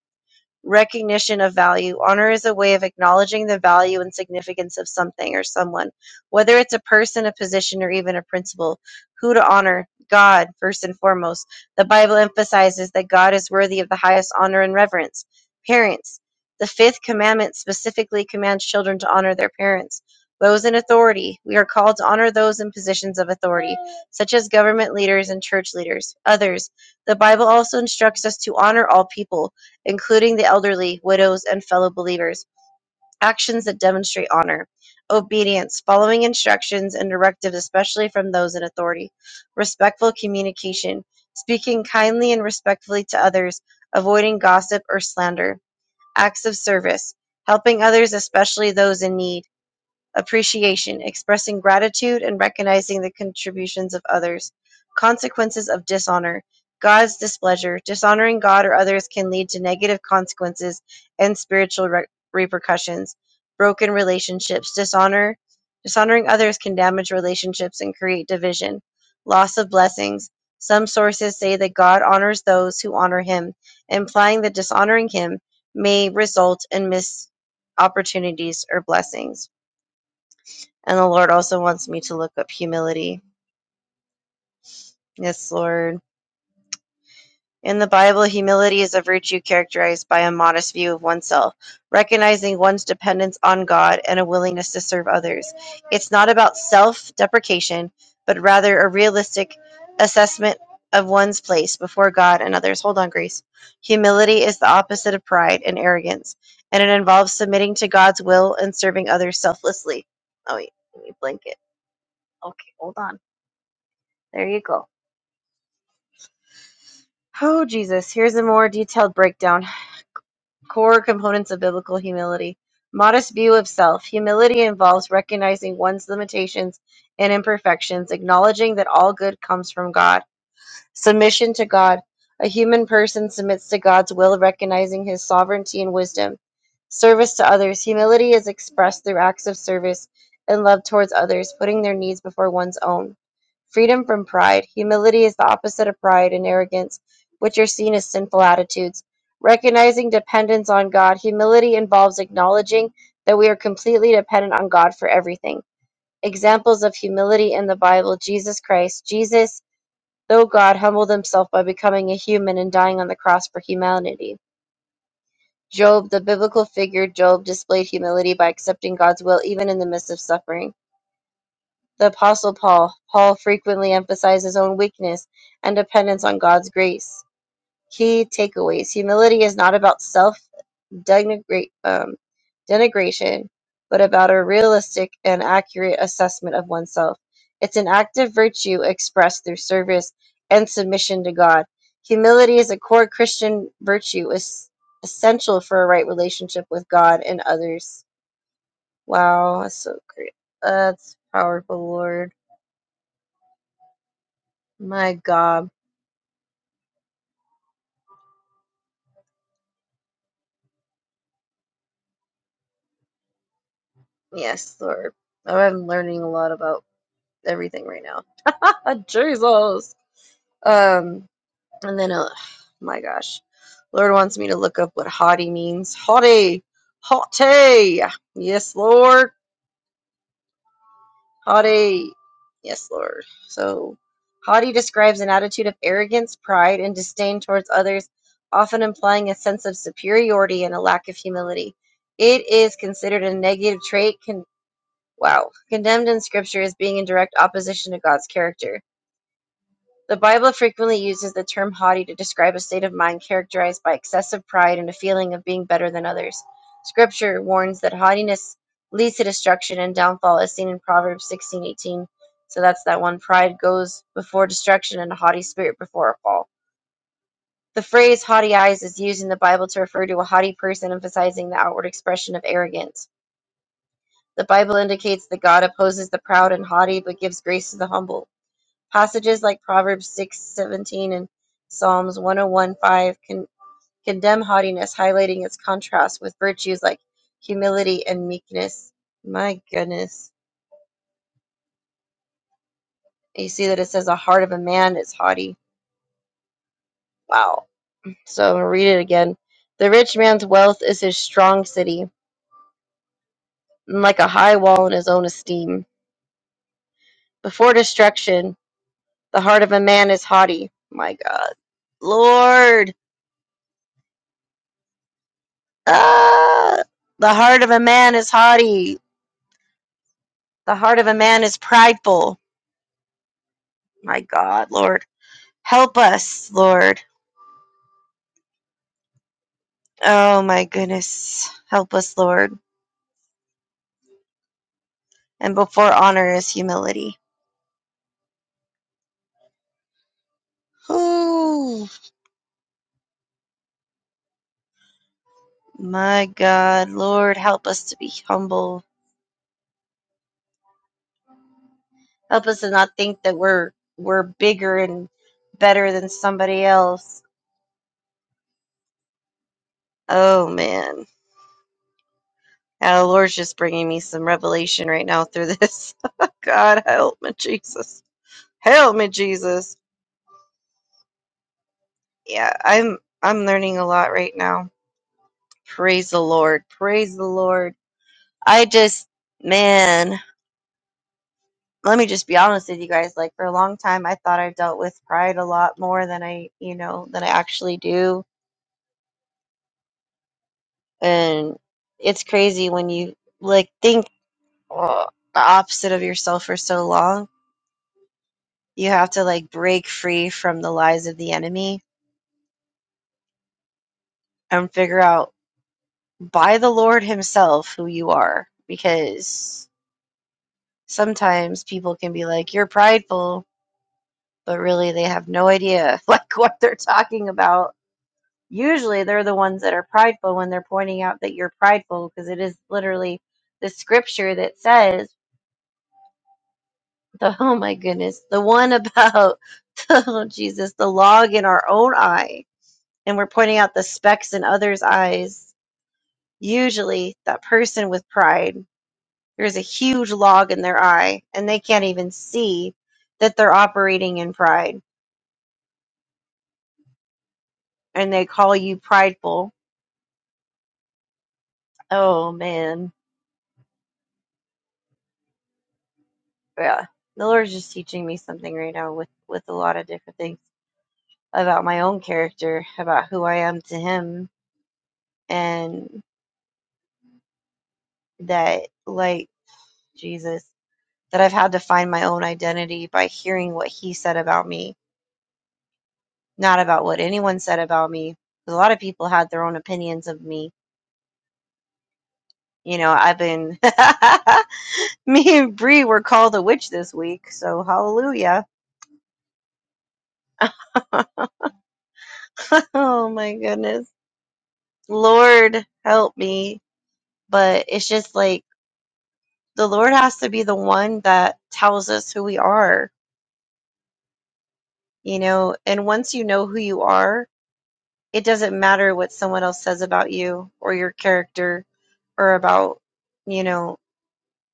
recognition of value. Honor is a way of acknowledging the value and significance of something or someone, whether it's a person, a position, or even a principle. Who to honor? God, first and foremost. The Bible emphasizes that God is worthy of the highest honor and reverence. Parents. The fifth commandment specifically commands children to honor their parents. Those in authority. We are called to honor those in positions of authority, such as government leaders and church leaders. Others. The Bible also instructs us to honor all people including the elderly, widows, and fellow believers. Actions that demonstrate honor, obedience, following instructions and directives, especially from those in authority, respectful communication, speaking kindly and respectfully to others, avoiding gossip or slander, acts of service, helping others, especially those in need appreciation, expressing gratitude and recognizing the contributions of others. Consequences of dishonor. God's displeasure. Dishonoring God or others can lead to negative consequences and spiritual re- repercussions. Broken relationships. Dishonor. Dishonoring others can damage relationships and create division. Loss of blessings. Some sources say that God honors those who honor him, implying that dishonoring him may result in missed opportunities or blessings and the Lord also wants me to look up humility. Yes, Lord. In the Bible, humility is a virtue characterized by a modest view of oneself, recognizing one's dependence on God and a willingness to serve others. It's not about self deprecation, but rather a realistic assessment of one's place before God and others. Hold on, Grace. Humility is the opposite of pride and arrogance, and it involves submitting to God's will and serving others selfless. Oh, wait, let me blink it. Okay, hold on. There you go. Oh, Jesus. Here's a more detailed breakdown. Core components of biblical humility. Modest view of self. Humility involves recognizing one's limitations and imperfections, acknowledging that all good comes from God. Submission to God. A human person submits to God's will, recognizing his sovereignty and wisdom. Service to others. Humility is expressed through acts of service and love towards others, putting their needs before one's own. Freedom from pride. Humility is the opposite of pride and arrogance, which are seen as sinful attitudes. Recognizing dependence on God. Humility involves acknowledging that we are completely dependent on God for everything. Examples of humility in the Bible Jesus Christ. Jesus though God humbled himself by becoming a human and dying on the cross for humanity. Job, the biblical figure Job, displayed humility by accepting God's will even in the midst of suffering. The Apostle Paul, Paul frequently emphasized his own weakness and dependence on God's grace. Key takeaways Humility is not about self denigra- um, denigration, but about a realistic and accurate assessment of oneself. It's an active virtue expressed through service and submission to God. Humility is a core Christian virtue, is essential for a right relationship with God and others. Wow, that's so great. That's powerful, Lord. My God. Yes, Lord. I'm learning a lot about everything right now. Jesus. Um, And then, uh, my gosh, Lord wants me to look up what haughty means. Haughty, haughty. Yes, Lord, haughty. Yes, Lord. So, haughty describes an attitude of arrogance, pride, and disdain towards others, often implying a sense of superiority and a lack of humility. It is considered a negative trait. Con- wow, condemned in Scripture as being in direct opposition to God's character. The Bible frequently uses the term haughty to describe a state of mind characterized by excessive pride and a feeling of being better than others. Scripture warns that haughtiness leads to destruction and downfall, as seen in Proverbs 16:18. So that's that one pride goes before destruction and a haughty spirit before a fall. The phrase haughty eyes is used in the Bible to refer to a haughty person, emphasizing the outward expression of arrogance. The Bible indicates that God opposes the proud and haughty but gives grace to the humble. Passages like Proverbs 6 17 and Psalms one o one 5 con- condemn haughtiness, highlighting its contrast with virtues like humility and meekness. My goodness. You see that it says a heart of a man is haughty. Wow. So I'm going to read it again. The rich man's wealth is his strong city, and like a high wall in his own esteem. Before destruction, the heart of a man is haughty. My God. Lord. Ah! The heart of a man is haughty. The heart of a man is prideful. My God, Lord. Help us, Lord. Oh, my goodness. Help us, Lord. And before honor is humility. Ooh, my God, Lord, help us to be humble. Help us to not think that we're we're bigger and better than somebody else. Oh man, oh, Lord's just bringing me some revelation right now through this. God, help me, Jesus. Help me, Jesus. yeah i'm i'm learning a lot right now praise the lord praise the lord i just man let me just be honest with you guys like for a long time i thought i dealt with pride a lot more than i you know than i actually do and it's crazy when you like think uh, the opposite of yourself for so long you have to like break free from the lies of the enemy and figure out by the lord himself who you are because sometimes people can be like, you're prideful, but really they have no idea like what they're talking about. Usually they're the ones that are prideful when they're pointing out that you're prideful because it is literally the scripture that says the oh my goodness, the one about oh Jesus, the log in our own eye and we're pointing out the specks in others' eyes. Usually that person with pride, there's a huge log in their eye and they can't even see that they're operating in pride and they call you prideful. Oh man, yeah. The Lord's just teaching me something right now with with a lot of different things about my own character, about who I am to Him, and that like Jesus, that I've had to find my own identity by hearing what He said about me, not about what anyone said about me. 'Cause A lot of people had their own opinions of me. You know, I've been me and Bree were called a witch this week, so hallelujah. oh my goodness Lord help me. But it's just like the Lord has to be the one that tells us who we are, you know. And once you know who you are, it doesn't matter what someone else says about you or your character or about, you know,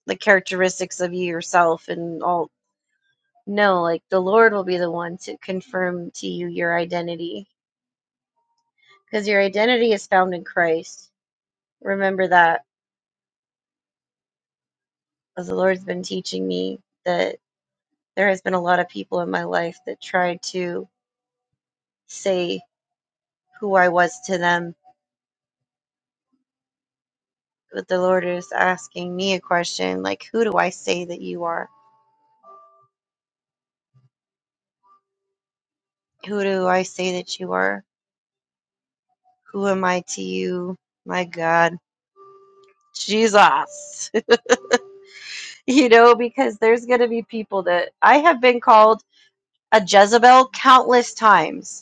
the characteristics of you yourself and all. No, like the Lord will be the one to confirm to you your identity because your identity is found in Christ. Remember that as the Lord's been teaching me that there has been a lot of people in my life that tried to say who I was to them, but the Lord is asking me a question like, who do I say that you are? Who do I say that you are? Who am I to you? My God, Jesus. you know, because there's going to be people that I have been called a Jezebel countless times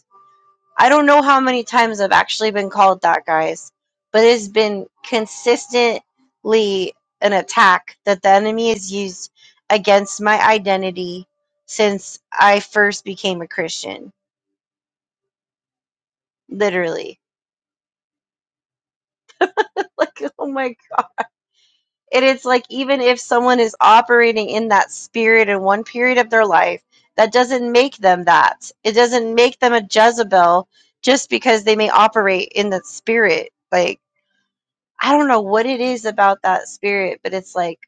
I don't know how many times I've actually been called that, guys, but it's been consistently an attack that the enemy has used against my identity since I first became a Christian. Literally. Like, oh my God. And it's like, even if someone is operating in that spirit in one period of their life, that doesn't make them that. It doesn't make them a Jezebel just because they may operate in that spirit. Like, I don't know what it is about that spirit, but it's like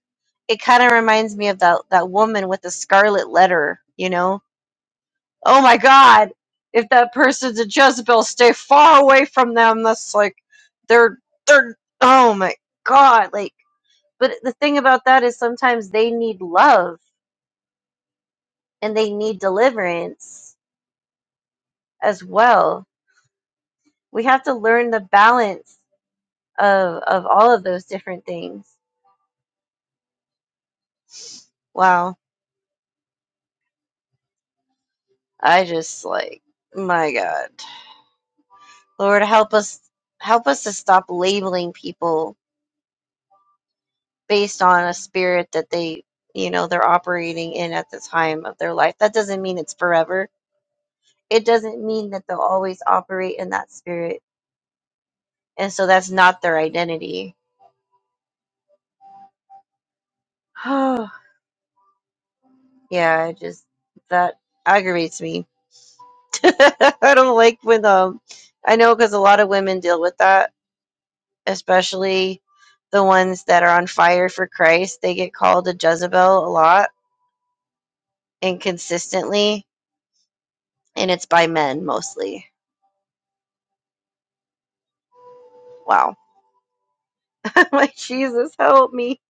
it kind of reminds me of that that woman with the scarlet letter, you know? Oh my god. If that person's a Jezebel, stay far away from them. That's like they're they're oh my god, like but the thing about that is sometimes they need love and they need deliverance as well. We have to learn the balance of of all of those different things. Wow. I just like my god. Lord, help us help us to stop labeling people based on a spirit that they, you know, they're operating in at the time of their life. That doesn't mean it's forever. It doesn't mean that they'll always operate in that spirit. And so that's not their identity. Oh, yeah, I just that aggravates me. I don't like when um I know cuz a lot of women deal with that, especially the ones that are on fire for Christ. They get called a Jezebel a lot inconsistently, and it's by men mostly. Wow. I'm like, Jesus, help me.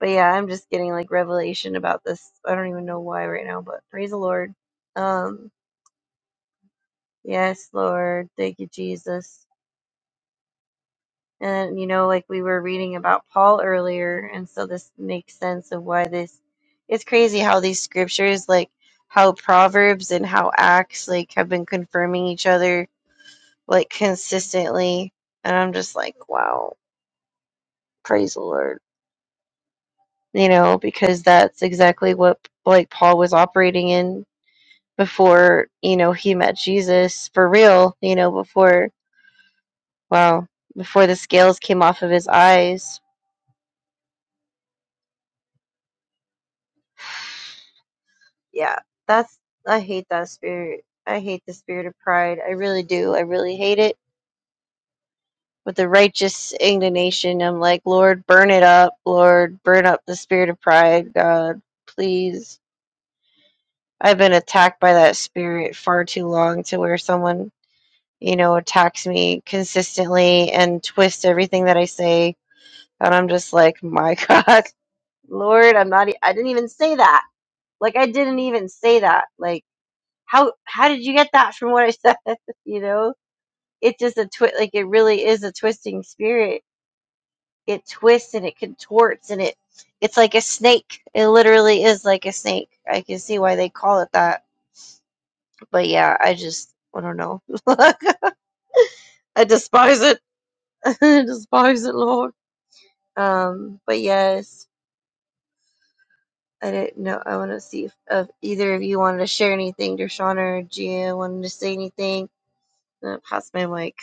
But yeah, I'm just getting like revelation about this. I don't even know why right now, but praise the Lord. Um, yes, Lord. Thank you, Jesus. And you know, like we were reading about Paul earlier, and so this makes sense of why this it's crazy how these scriptures, like how Proverbs and how Acts, like have been confirming each other like consistently. And I'm just like, wow, praise the Lord you know, because that's exactly what like Paul was operating in before, you know, he met Jesus for real, you know, before wow, before the scales came off of his eyes. Yeah, that's I hate that spirit. I hate the spirit of pride. I really do. I really hate it. With the righteous indignation, I'm like, Lord, burn it up. Lord, burn up the spirit of pride. God, please. I've been attacked by that spirit far too long to where someone you know, attacks me consistently and twists everything that I say. And I'm just like, my God, Lord, I'm not, e- I didn't even say that. Like, I didn't even say that. Like, how, how did you get that from what I said? you know, it's just a twist, like, it really is a twisting spirit. It twists and it contorts and it, it's like a snake. It literally is like a snake. I can see why they call it that. But yeah, I just, I don't know. I despise it. I despise it, Lord. Um, but yes, I didn't know. I want to see if, if either of you wanted to share anything. Dershawn or Gia wanted to say anything. Uh, pass my mic.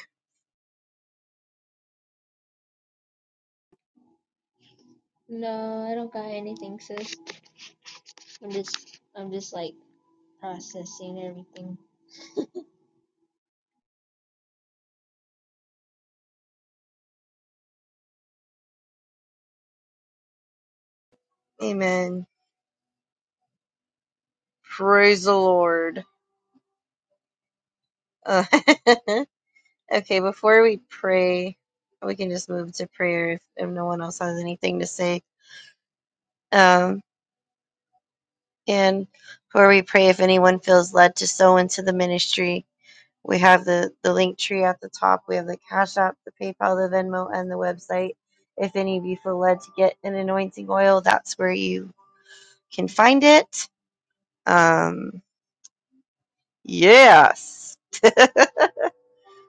Amen. Praise the Lord. Uh, okay, before we pray, we can just move to prayer if, if no one else has anything to say. Um, and before we pray, if anyone feels led to sow into the ministry, We have the, the link tree at the top. We have the Cash App, the PayPal, the Venmo, and the website. If any of you feel led to get an anointing oil, that's where you can find it. Um, yes.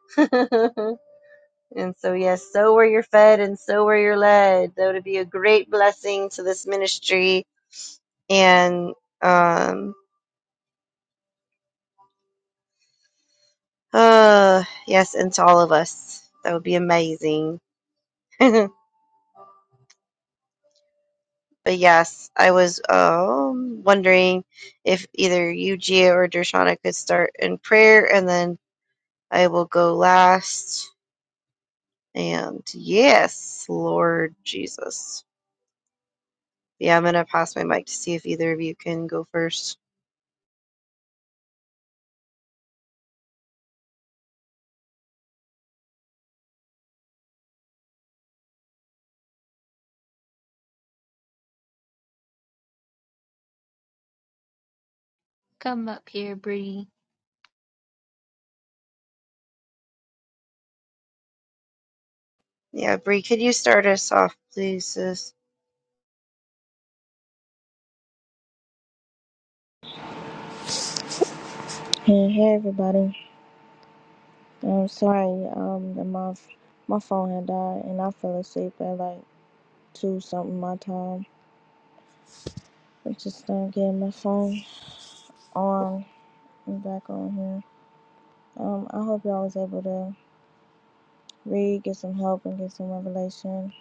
and so, yes, so where you're fed and so where you're led. that would be a great blessing to this ministry and, um, uh, yes, and to all of us. That would be amazing. But yes, I was um, wondering if either you, Gia, or Dershana could start in prayer, and then I will go last. And yes, Lord Jesus. Yeah, I'm going to pass my mic to see if either of you can go first. Yeah, Bree, could you start us off, please, sis?
Hey, hey everybody. I'm sorry, um, that my my phone had died and I fell asleep at like two something my time. I just uh, getting my phone on and back on here. Um, I hope y'all was able to read, get some help, and get some revelation.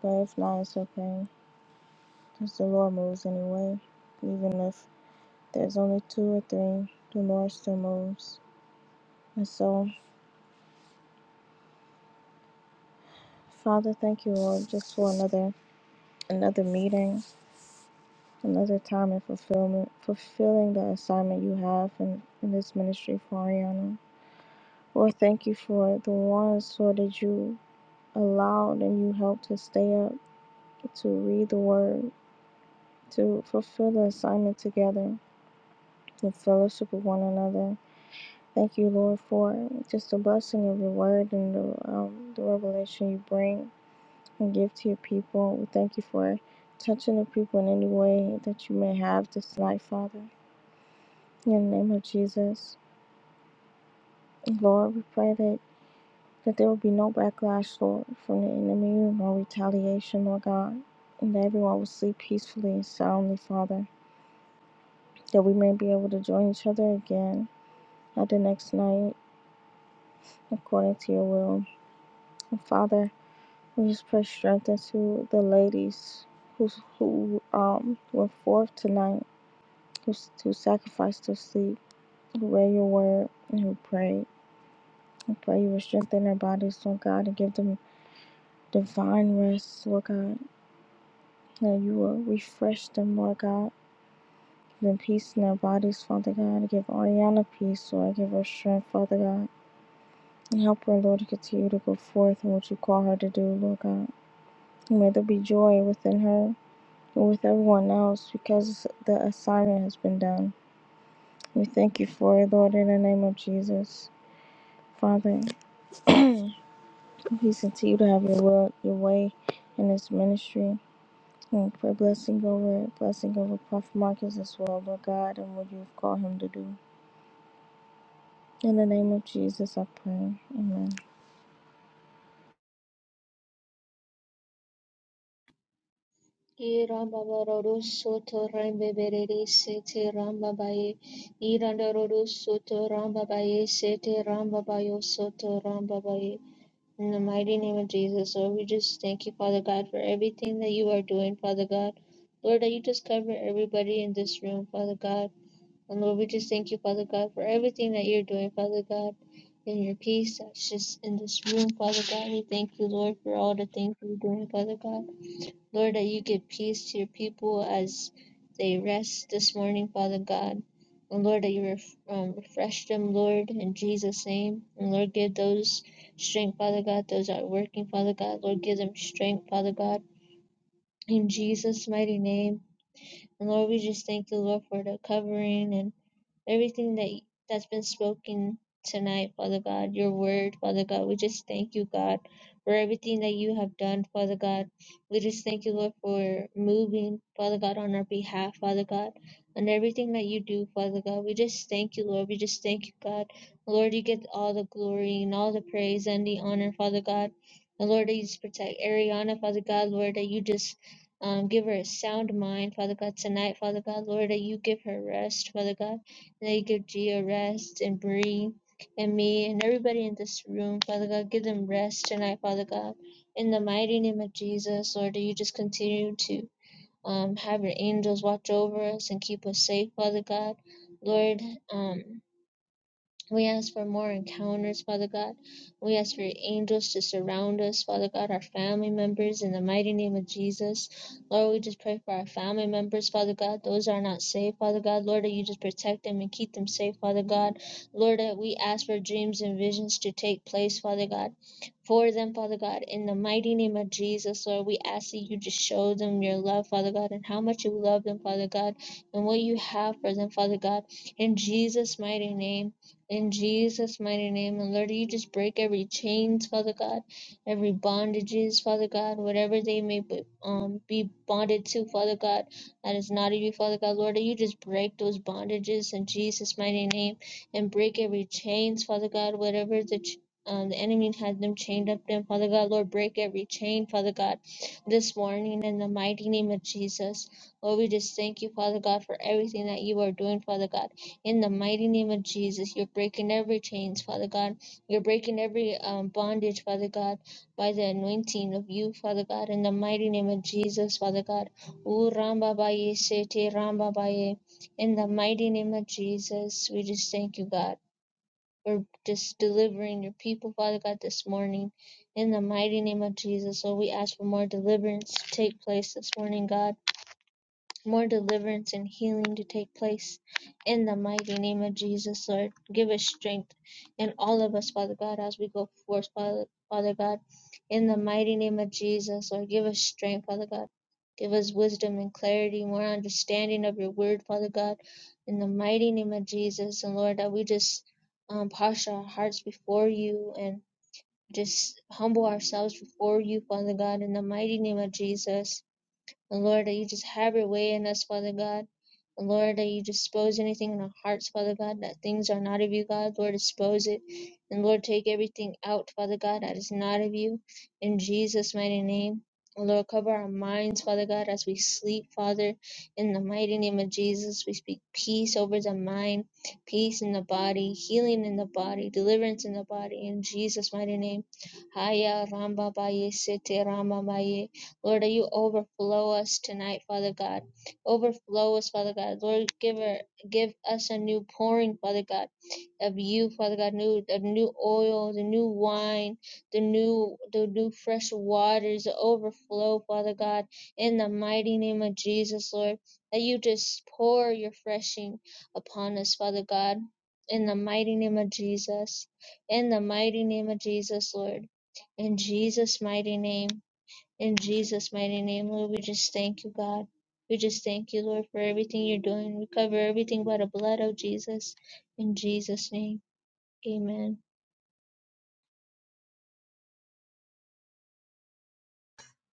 But if not, it's okay. Cause the Lord moves anyway. Even if there's only two or three, the Lord still moves. And so, Father, thank you, Lord, just for another another meeting another time in fulfillment, fulfilling the assignment you have in, in this ministry for Ariana. Lord, thank you for the ones, Lord, that you allowed and you helped to stay up, to read the word, to fulfill the assignment together, to fellowship with one another. Thank you, Lord, for just the blessing of your word and the, um, the revelation you bring and give to your people. We thank you for touching the people in any way that you may have this night, Father. In the name of Jesus. Lord, we pray that, that there will be no backlash, Lord, from the enemy, no retaliation, Lord God, and that everyone will sleep peacefully and soundly, Father, that we may be able to join each other again at the next night according to your will. And Father, we just pray strength into the ladies who, who um, went forth tonight, who, who sacrificed their sleep, who read your word, and who prayed. We pray you will strengthen their bodies, Lord God, and give them divine rest, Lord God. that you will refresh them, Lord God. Give them peace in their bodies, Father God. Give Ariana peace, Lord. Give her strength, Father God. And help her, Lord, to continue to go forth in what you call her to do, Lord God. And may there be joy within her and with everyone else because the assignment has been done. We thank you for it, Lord, in the name of Jesus. Father, please continue to have your will, your way in this ministry. Thank for blessing over blessing over Prophet Marcus as well, Lord God, and what you've called him to do. In the name of Jesus, I pray. Amen.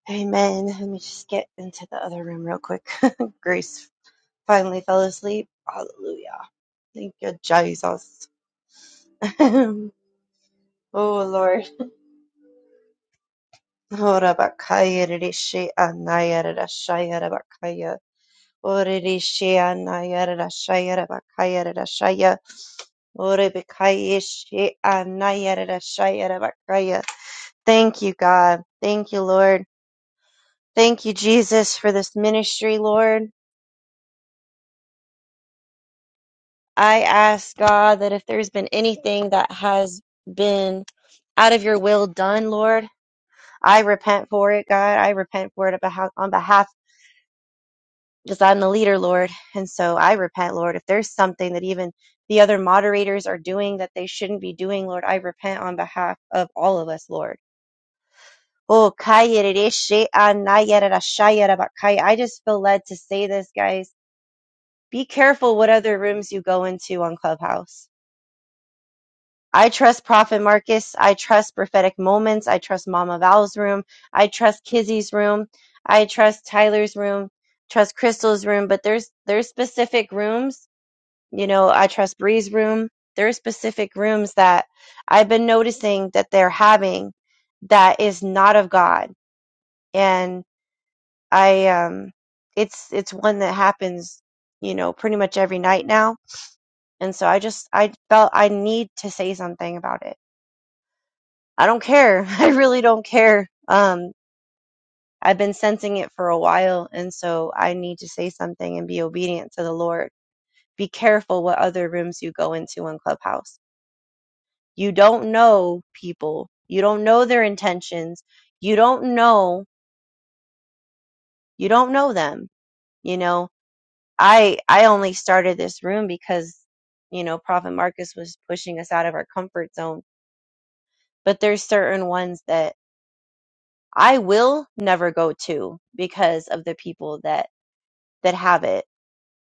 Amen. Let me just get into the other room real quick. Grace finally fell asleep. Hallelujah. Thank you, Jesus. oh, Lord. Horabakaya rishi anaya rashaya rabakaya. Ore rishi anaya rashaya rabakaya rashaya. Ore bikaya shi anaya rashaya rabakaya. Thank you, God. Thank you, Lord. Thank you, Jesus, for this ministry, Lord. I ask God that if there's been anything that has been out of your will done, Lord, I repent for it, God. I repent for it on behalf because I'm the leader, Lord. And so I repent, Lord. If there's something that even the other moderators are doing that they shouldn't be doing, Lord, I repent on behalf of all of us, Lord. Oh, kayerereshe anayererashayerabakai. I just feel led to say this, guys. Be careful what other rooms you go into on Clubhouse. I trust Prophet Marcus. I trust Prophetic Moments. I trust Mama Val's room. I trust Kizzy's room. I trust Tyler's room. Trust Crystal's room. But there's there's specific rooms You know, I trust Bree's room. There are specific rooms that I've been noticing that they're having that is not of God. And I um it's it's one that happens, you know, pretty much every night now. And so I just I felt I need to say something about it. I don't care. I really don't care. Um I've been sensing it for a while and so I need to say something and be obedient to the Lord. Be careful what other rooms you go into on Clubhouse You don't know people. You don't know their intentions. You don't know. You don't know them. You know, I I only started this room because you know Prophet Marcus was pushing us out of our comfort zone. But there's certain ones that I will never go to because of the people that that have it.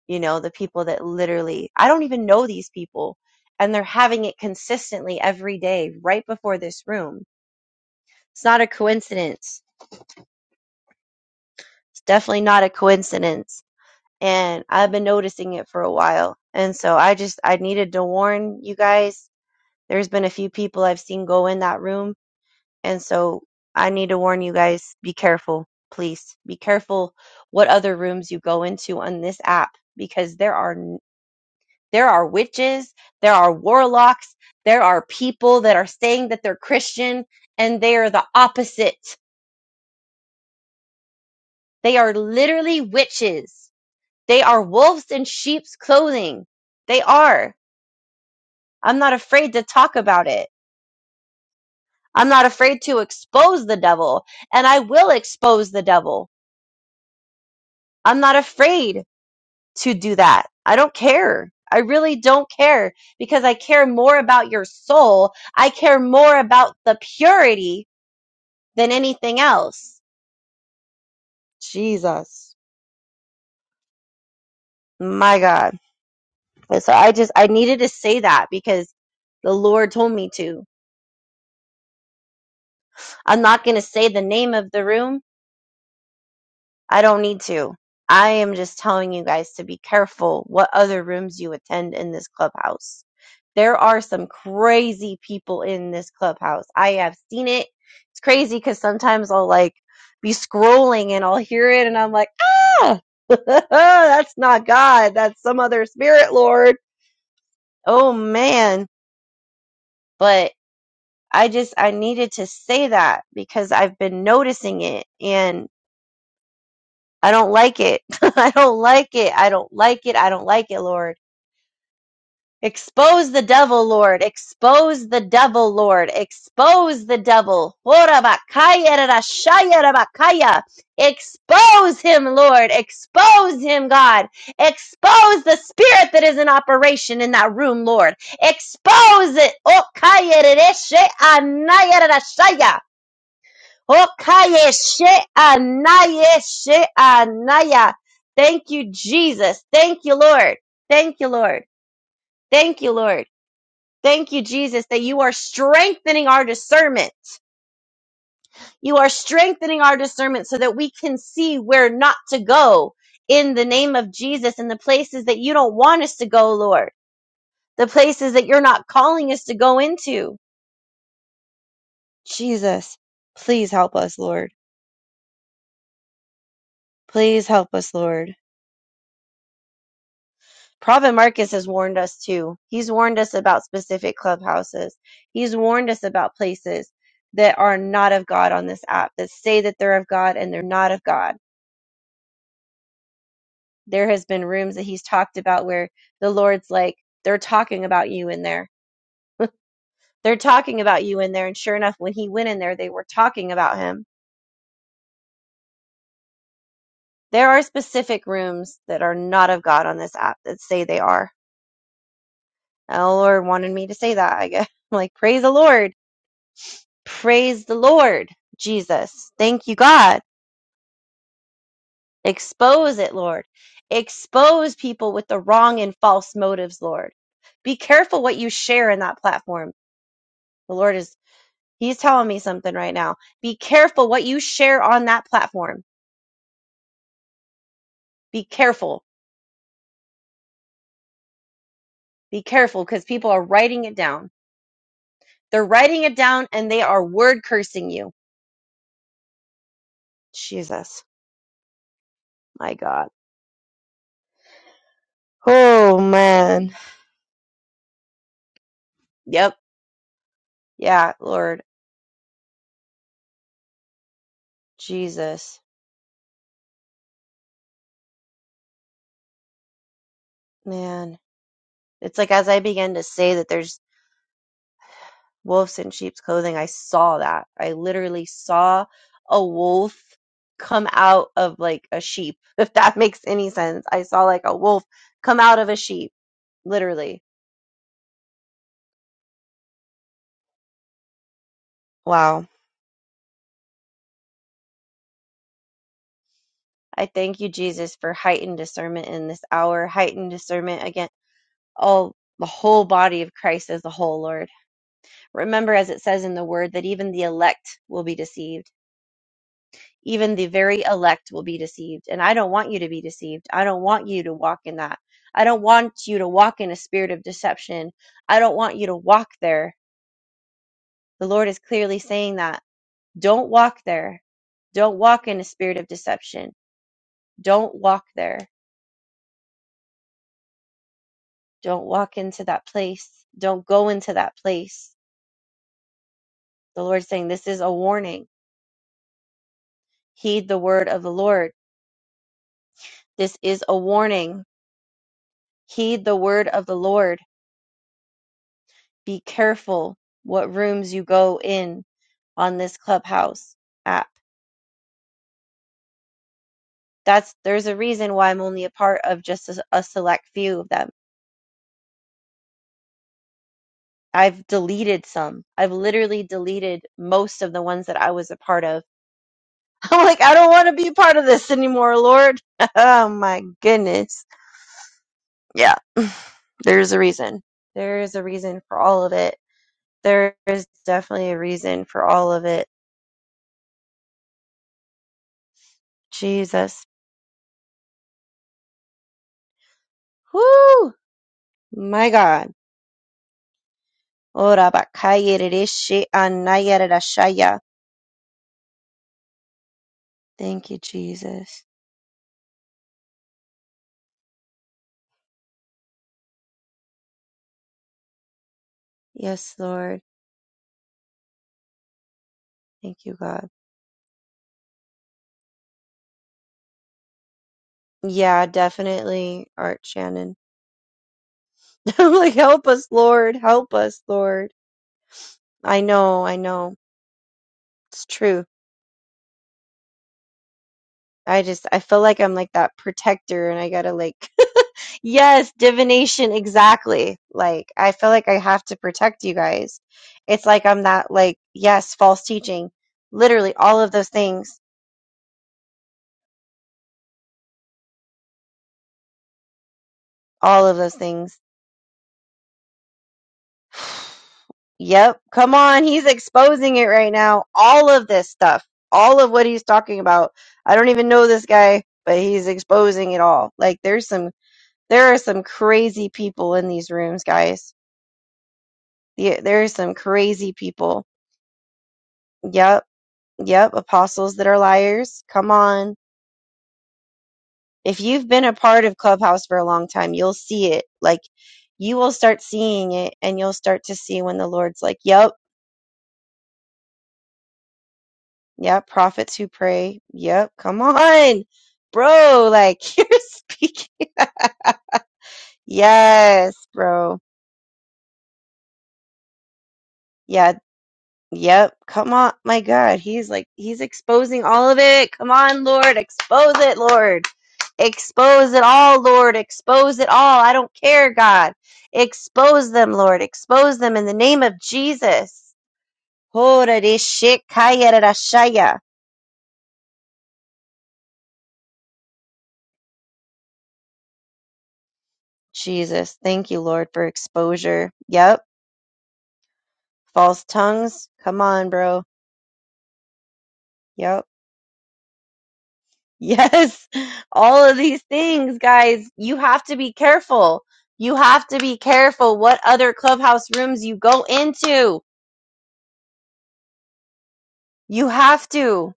You know, the people that literally I don't even know these people and they're having it consistently every day right before this room. It's not a coincidence It's definitely not a coincidence. And I've been noticing it for a while. And so I just, I needed to warn you guys. There's been a few people I've seen go in that room. And so I need to warn you guys be careful, please. Be careful what other rooms you go into on this app because there are. There are witches, there are warlocks, there are people that are saying that they're Christian and they are the opposite. They are literally witches They are wolves in sheep's clothing. They are. I'm not afraid to talk about it. I'm not afraid to expose the devil, and I will expose the devil. I'm not afraid to do that. I don't care. I really don't care because I care more about your soul. I care more about the purity than anything else. Jesus. My God. And So I just, I needed to say that because the Lord told me to. I'm not going to say the name of the room I don't need to. I am just telling you guys to be careful what other rooms you attend in this clubhouse. There are some crazy people in this clubhouse. I have seen it. It's crazy because sometimes I'll like be scrolling and I'll hear it and I'm like, ah, that's not God. That's some other spirit, Lord. Oh man. But I just, I needed to say that because I've been noticing it and. I don't like it. I don't like it. I don't like it. I don't like it, Lord. Expose the devil, Lord. Expose the devil, Lord. Expose the devil. Horabakayarashayarabakaya. Expose him, Lord. Expose him, God. Expose the spirit that is in operation in that room, Lord. Expose it. Okayarereshe anayarashaya. Hokaye she anaye she anaya. Thank you, Jesus. Thank you, Lord. Thank you, Lord. Thank you, Lord. Thank you, Jesus, that you are strengthening our discernment. You are strengthening our discernment so that we can see where not to go in the name of Jesus and the places that you don't want us to go, Lord. The places that you're not calling us to go into. Jesus, please help us, Lord. Please help us, Lord. Prophet Marcus has warned us too. He's warned us about specific clubhouses. He's warned us about places that are not of God on this app that say that they're of God and they're not of God. There has been rooms that he's talked about where the Lord's like, they're talking about you in there. they're talking about you in there. And sure enough, when he went in there, they were talking about him. There are specific rooms that are not of God on this app that say they are. And the Lord wanted me to say that, I guess. Like, praise the Lord Praise the Lord, Jesus. Thank you, God. Expose it, Lord. Expose people with the wrong and false motives, Lord. Be careful what you share in that platform. The Lord is, He's telling me something right now. Be careful what you share on that platform. Be careful. Be careful because people are writing it down. They're writing it down and they are word cursing you. Jesus, my God. Oh, man. Yep. Yeah, Lord. Jesus, man. It's like as I began to say that there's wolves in sheep's clothing, I saw that. I literally saw a wolf come out of like a sheep, if that makes any sense. I saw like a wolf come out of a sheep, literally. Wow. I thank you, Jesus, for heightened discernment in this hour, heightened discernment against all the whole body of Christ as a whole, Lord. Remember, as it says in the word, that even the elect will be deceived even the very elect will be deceived. And I don't want you to be deceived. I don't want you to walk in that. I don't want you to walk in a spirit of deception. I don't want you to walk there. The Lord is clearly saying that. Don't walk there. Don't walk in a spirit of deception. Don't walk there. Don't walk into that place. Don't go into that place. The Lord's saying this is a warning. Heed the word of the Lord. This is a warning. Heed the word of the Lord be careful what rooms you go in on this clubhouse app that's there's a reason why i'm only a part of just a, a select few of them i've deleted some i've literally deleted most of the ones that i was a part of i'm like i don't want to be a part of this anymore lord oh my goodness yeah there's a reason there is a reason for all of it there is definitely a reason for all of it jesus whoo my god Ora bakaya rereshe anaya rerashaya. Thank you, Jesus. Yes, Lord. Thank you, God. Yeah, definitely, Art Shannon. I'm like, help us, Lord. Help us, Lord. I know, I know. It's true. I just, I feel like I'm like that protector and I gotta like, yes, divination, exactly. Like, I feel like I have to protect you guys. It's like I'm that, like, yes, false teaching. Literally, all of those things. All of those things. Yep. Come on. He's exposing it right now. All of this stuff, all of what he's talking about. I don't even know this guy, but he's exposing it all. Like there's some, there are some crazy people in these rooms, guys. The- There are some crazy people. Yep. Yep. Apostles that are liars. Come on. If you've been a part of Clubhouse for a long time, you'll see it. Like you will start seeing it and you'll start to see when the Lord's like, yep Yeah, prophets who pray. Yep, come on, bro. Like you're speaking. Yes, bro. Yeah, yep. Come on, my God. He's like he's exposing all of it. Come on, Lord, expose it, Lord. Expose it all, Lord. Expose it all. I don't care, God. Expose them, Lord. Expose them in the name of Jesus. Horarishikayarashaya. Jesus, thank you, Lord, for exposure. Yep false tongues. Come on, bro. Yep. Yes. All of these things, guys, you have to be careful. You have to be careful what other clubhouse rooms you go into. You have to.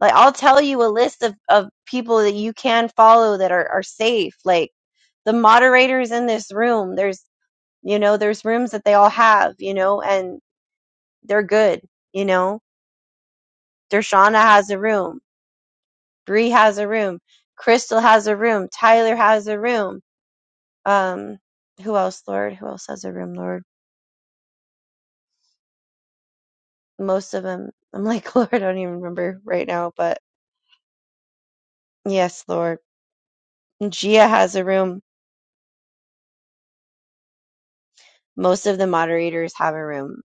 Like, I'll tell you a list of, of people that you can follow that are, are safe. Like, the moderators in this room, there's, you know, there's rooms that they all have, you know, and they're good, you know. Dershana has a room Bree has a room. Crystal has a room. Tyler has a room. Um, who else, Lord? Who else has a room, Lord? Most of them. I'm like, Lord, I don't even remember right now, but yes, Lord. Gia has a room. Most of the moderators have a room.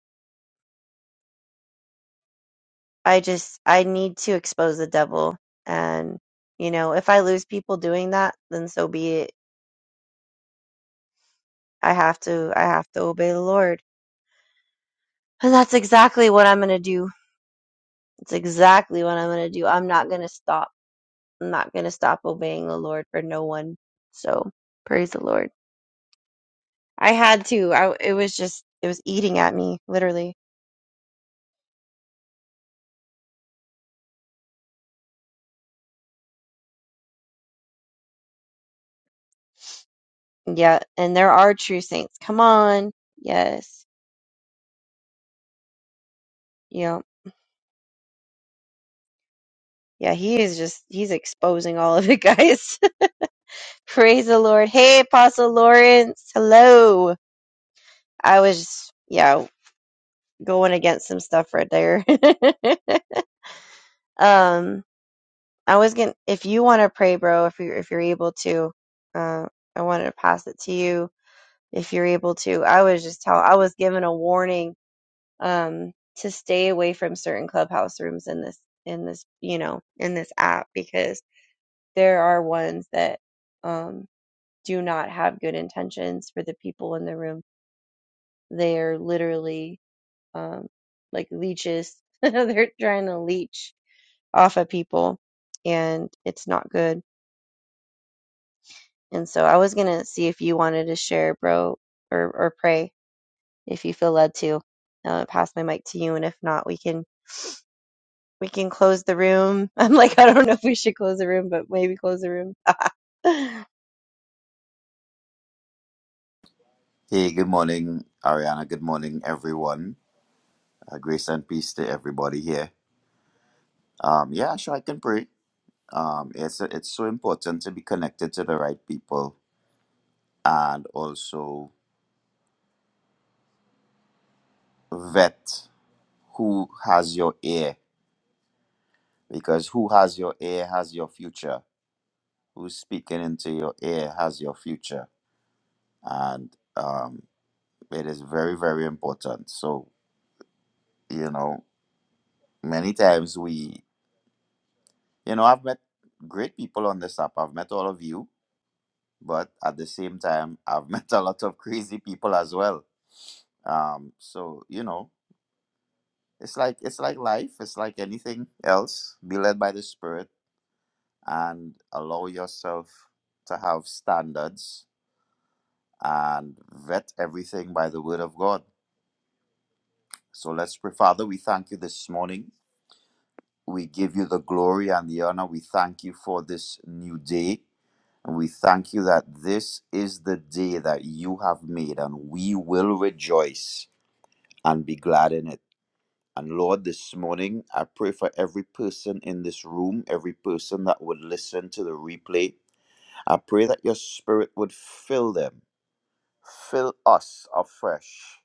I just, I need to expose the devil. And, you know, if I lose people doing that, then so be it. I have to, I have to obey the Lord. And that's exactly what I'm going to do. It's exactly what I'm going to do. I'm not going to stop. I'm not going to stop obeying the Lord for no one. So praise the Lord. I had to. I, it was just, it was eating at me, literally. Yeah. And there are true saints. Come on. Yes. Yeah. Yeah. He is just, he's exposing all of it, guys. praise the Lord. Hey, Apostle Lawrence. Hello. I was, yeah, going against some stuff right there. um, I was gonna, if you want to pray, bro, if you if you're able to, uh, I wanted to pass it to you if you're able to. I was just tell I was given a warning um to stay away from certain clubhouse rooms in this in this you know in this app because there are ones that um do not have good intentions for the people in the room. They're literally um like leeches. They're trying to leech off of people and it's not good. And so I was gonna see if you wanted to share, bro, or or pray if you feel led to uh, pass my mic to you and if not we can we can close the room i'm like i don't know if we should close the room but maybe close the room
Hey, good morning, Ariana. Good morning, everyone. Uh, grace and peace to everybody here. Um, yeah, sure, I can pray. Um, it's it's so important to be connected to the right people and also vet who has your ear because who has your ear has your future. Who's speaking into your ear has your future, and um, it is very very important. So you know, many times we, you know, I've met great people on this app. I've met all of you but at the same time i've met a lot of crazy people as well um so you know it's like it's like life it's like anything else be led by the spirit and allow yourself to have standards and vet everything by the word of god so let's pray father we thank you this morning we give you the glory and the honor we thank you for this new day and we thank you that this is the day that you have made and we will rejoice and be glad in it. And Lord, this morning, I pray for every person in this room, every person that would listen to the replay. I pray that your spirit would fill them, fill us afresh.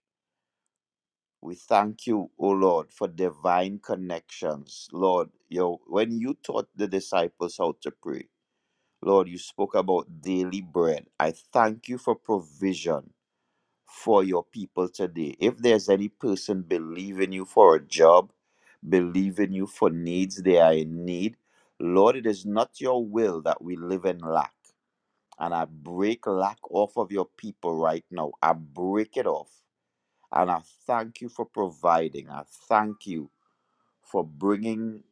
We thank you, O Lord, for divine connections. Lord, your, when you taught the disciples how to pray, Lord, you spoke about daily bread. I thank you for provision. for your people today. If there's any person believing you for a job, believing you for needs they are in need, Lord, it is not your will that we live in lack. And I break lack off of your people right now. I break it off. And I thank you for providing. I thank you for bringing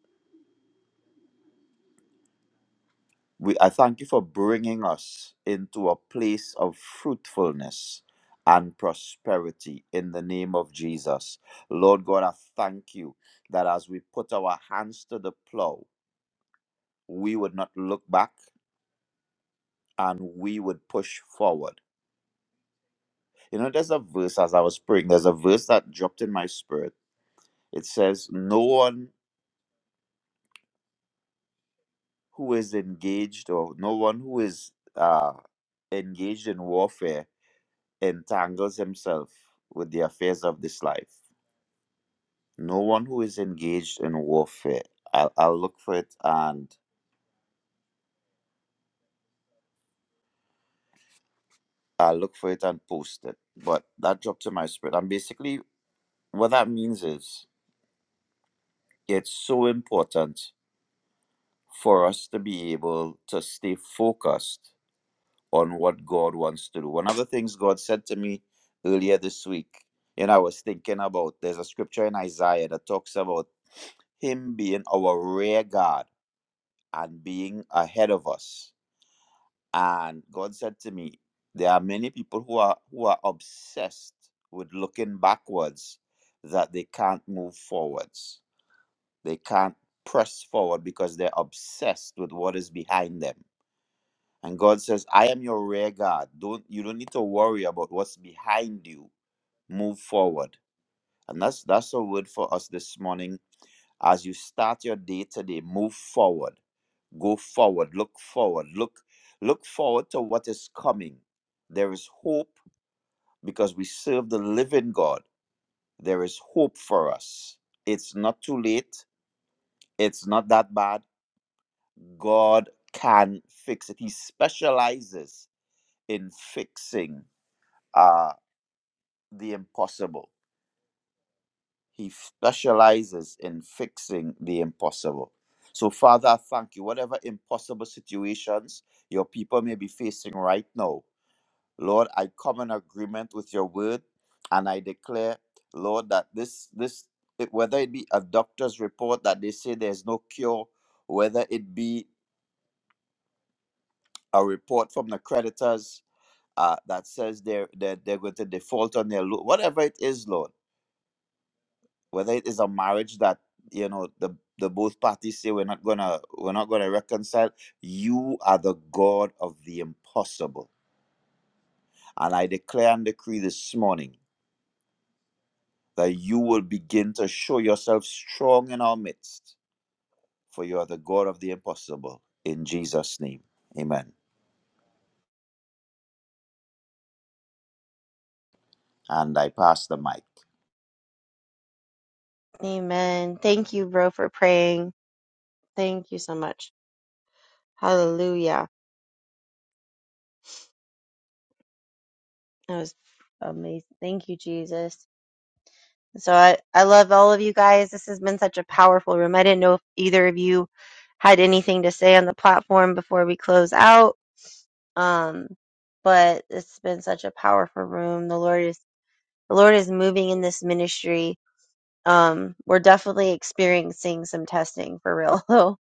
We, I thank you for bringing us into a place of fruitfulness and prosperity in the name of Jesus. Lord God, I thank you that as we put our hands to the plow, we would not look back and we would push forward. You know, there's a verse as I was praying, there's a verse that dropped in my spirit. It says, No one who is engaged or no one who is uh, engaged in warfare entangles himself with the affairs of this life. No one who is engaged in warfare, I'll, I'll look for it and I'll look for it and post it. But that dropped to my spirit. And basically, what that means is it's so important for us to be able to stay focused on what God wants to do. One of the things God said to me earlier this week, and I was thinking about, there's a scripture in Isaiah that talks about Him being our rear guard and being ahead of us. And God said to me, there are many people who are who are obsessed with looking backwards that they can't move forwards. They can't press forward because they're obsessed with what is behind them. And God says, I am your rear guard. Don't you don't need to worry about what's behind you. Move forward. And that's that's a word for us this morning. As you start your day today, move forward go forward look forward look look forward to what is coming there is hope because we serve the living god there is hope for us it's not too late it's not that bad god can fix it he specializes in fixing uh the impossible he specializes in fixing the impossible so father I thank you whatever impossible situations your people may be facing right now Lord, I come in agreement with your word and I declare, Lord, that this, this it- whether it be a doctor's report that they say there's no cure, whether it be a report from the creditors uh, that says they're, they're, they're going to default on their loan, whatever it is, Lord, whether it is a marriage that, you know, the, the both parties say we're not gonna we're not gonna reconcile. You are the God of the impossible. And I declare and decree this morning. that you will begin to show yourself strong in our midst, for you are the God of the impossible. In Jesus' name, amen. And I pass the mic.
amen thank you bro for praying thank you so much hallelujah that was amazing thank you jesus so i i love all of you guys this has been such a powerful room i didn't know if either of you had anything to say on the platform before we close out um but it's been such a powerful room. The Lord is the Lord is moving in this ministry. Um, we're definitely experiencing some testing for real, though.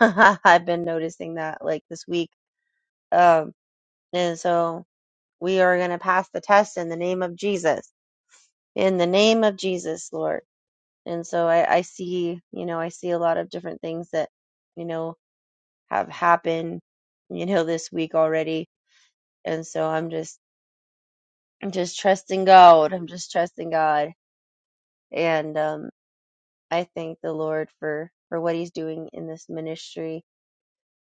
I've been noticing that like this week. Um, and so we are going to pass the test in the name of Jesus, in the name of Jesus, Lord. And so I, I see, you know, I see a lot of different things that, you know, have happened, you know, this week already. And so I'm just, I'm just trusting God. I'm just trusting God. And, um, I thank the Lord for for what He's doing in this ministry.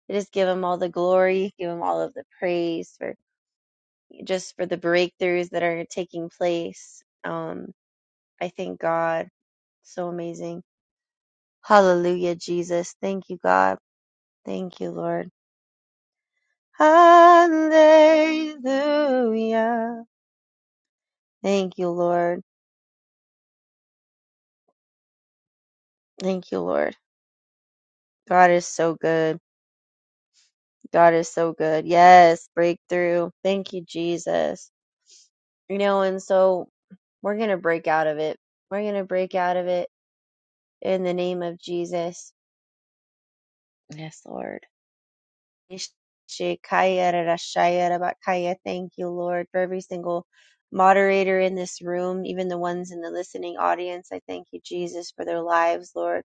I just give Him all the glory, give Him all of the praise for just for the breakthroughs that are taking place. Um, I thank God, so amazing. Hallelujah, Jesus. Thank you, God. Thank you, Lord. Hallelujah. Thank you, Lord. Thank you, Lord. God is so good. God is so good. Yes, breakthrough. Thank you, Jesus. you know, and so we're going to break out of it. We're going to break out of it in the name of Jesus. Yes, Lord. Ishikayarashayarabakaya. Thank you, Lord, for every single moderator in this room, even the ones in the listening audience. I thank you, Jesus, for their lives, Lord.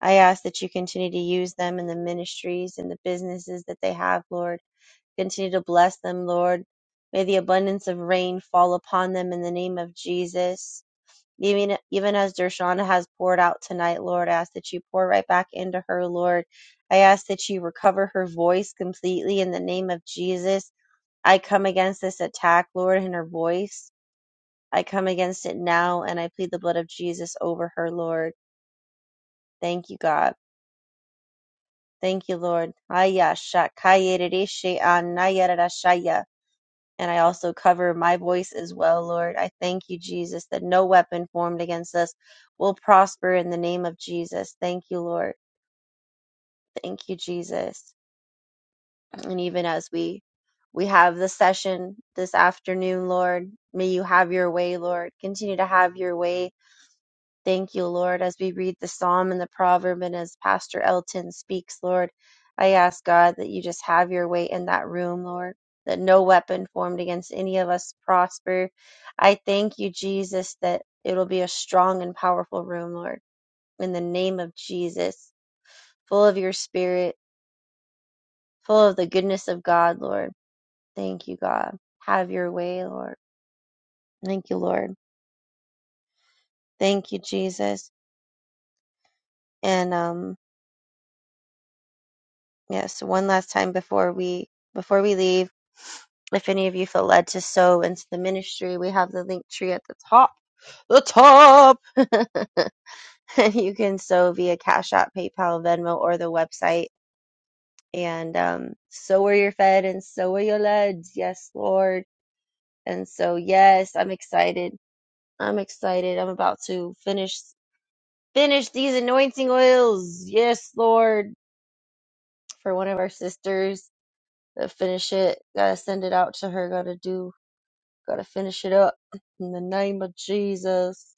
I ask that you continue to use them in the ministries and the businesses that they have, Lord. Continue to bless them, Lord. May the abundance of rain fall upon them in the name of Jesus. Even, even as Dershana has poured out tonight, Lord, I ask that you pour right back into her, Lord. I ask that you recover her voice completely in the name of Jesus. I come against this attack, Lord, in her voice. I come against it now and I plead the blood of Jesus over her, Lord. Thank you, God. Thank you, Lord. Aya shakaya rishi anaya rashaya. And I also cover my voice as well, Lord. I thank you, Jesus, that no weapon formed against us will prosper in the name of Jesus. Thank you, Lord. Thank you, Jesus. And even as we we have the session this afternoon, Lord, may you have your way, Lord. Continue to have your way Thank you, Lord, as we read the psalm and the proverb, and as Pastor Elton speaks, Lord, I ask God that you just have your way in that room, Lord, that no weapon formed against any of us prosper. I thank you, Jesus, that it'll be a strong and powerful room, Lord, in the name of Jesus, full of your spirit, full of the goodness of God, Lord. Thank you, God. Have your way, Lord. Thank you, Lord. Thank you, Jesus. And, um, Yes, one last time before we before we leave, if any of you feel led to sow into the ministry, we have the link tree at the top. The top. And you can sow via Cash App, PayPal, Venmo, or the website. And um, so are you fed, and so are your led. Yes, Lord. And so, yes, I'm excited. I'm excited. I'm about to finish finish these anointing oils. Yes, Lord, for one of our sisters. Gotta finish it. Gotta send it out to her. Gotta do. Gotta finish it up. In the name of Jesus.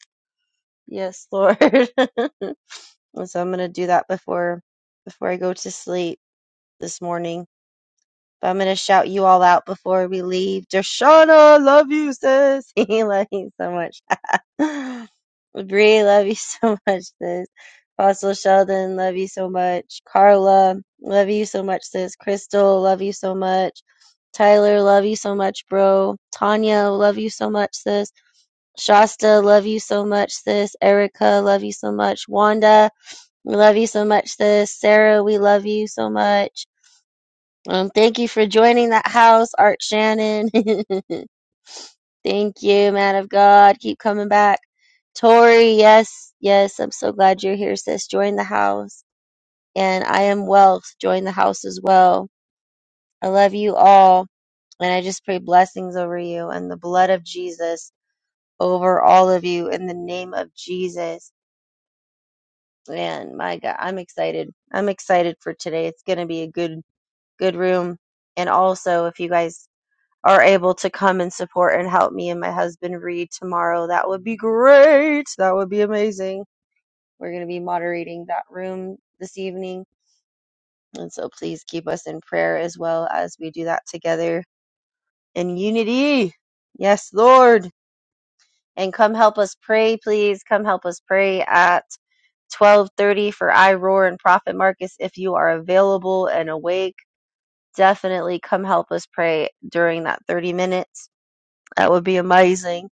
Yes, Lord. And so I'm gonna do that before before I go to sleep this morning. But I'm gonna shout you all out before we leave. Dershana, love you, sis. he loves you so much. Bree, love you so much, sis. Apostle Sheldon, love you so much. Carla, love you so much, sis. Crystal, love you so much. Tyler, love you so much, bro. Tanya, love you so much, sis. Shasta, love you so much, sis. Erica, love you so much. Wanda, we love you so much, sis. Sarah, we love you so much. Um, thank you for joining that house, Art Shannon. Thank you, man of God. Keep coming back. Tori, yes, yes, I'm so glad you're here, sis. Join the house. And I am wealth. Join the house as well. I love you all. And I just pray blessings over you and the blood of Jesus over all of you in the name of Jesus. And my God, I'm excited. I'm excited for today. It's going to be a good, good room. And also, if you guys are able to come and support and help me and my husband read tomorrow, that would be great. That would be amazing. We're going to be moderating that room this evening. And so please keep us in prayer as well as we do that together in unity. Yes, Lord. And come help us pray, please. Come help us pray at 12:30 for I Roar and Prophet Marcus if you are available and awake. Definitely come help us pray during that 30 minutes. That would be amazing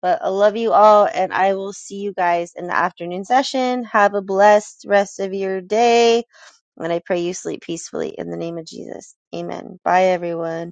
But I love you all, and I will see you guys in the afternoon session. Have a blessed rest of your day. And I pray you sleep peacefully in the name of Jesus. Amen. Bye, everyone.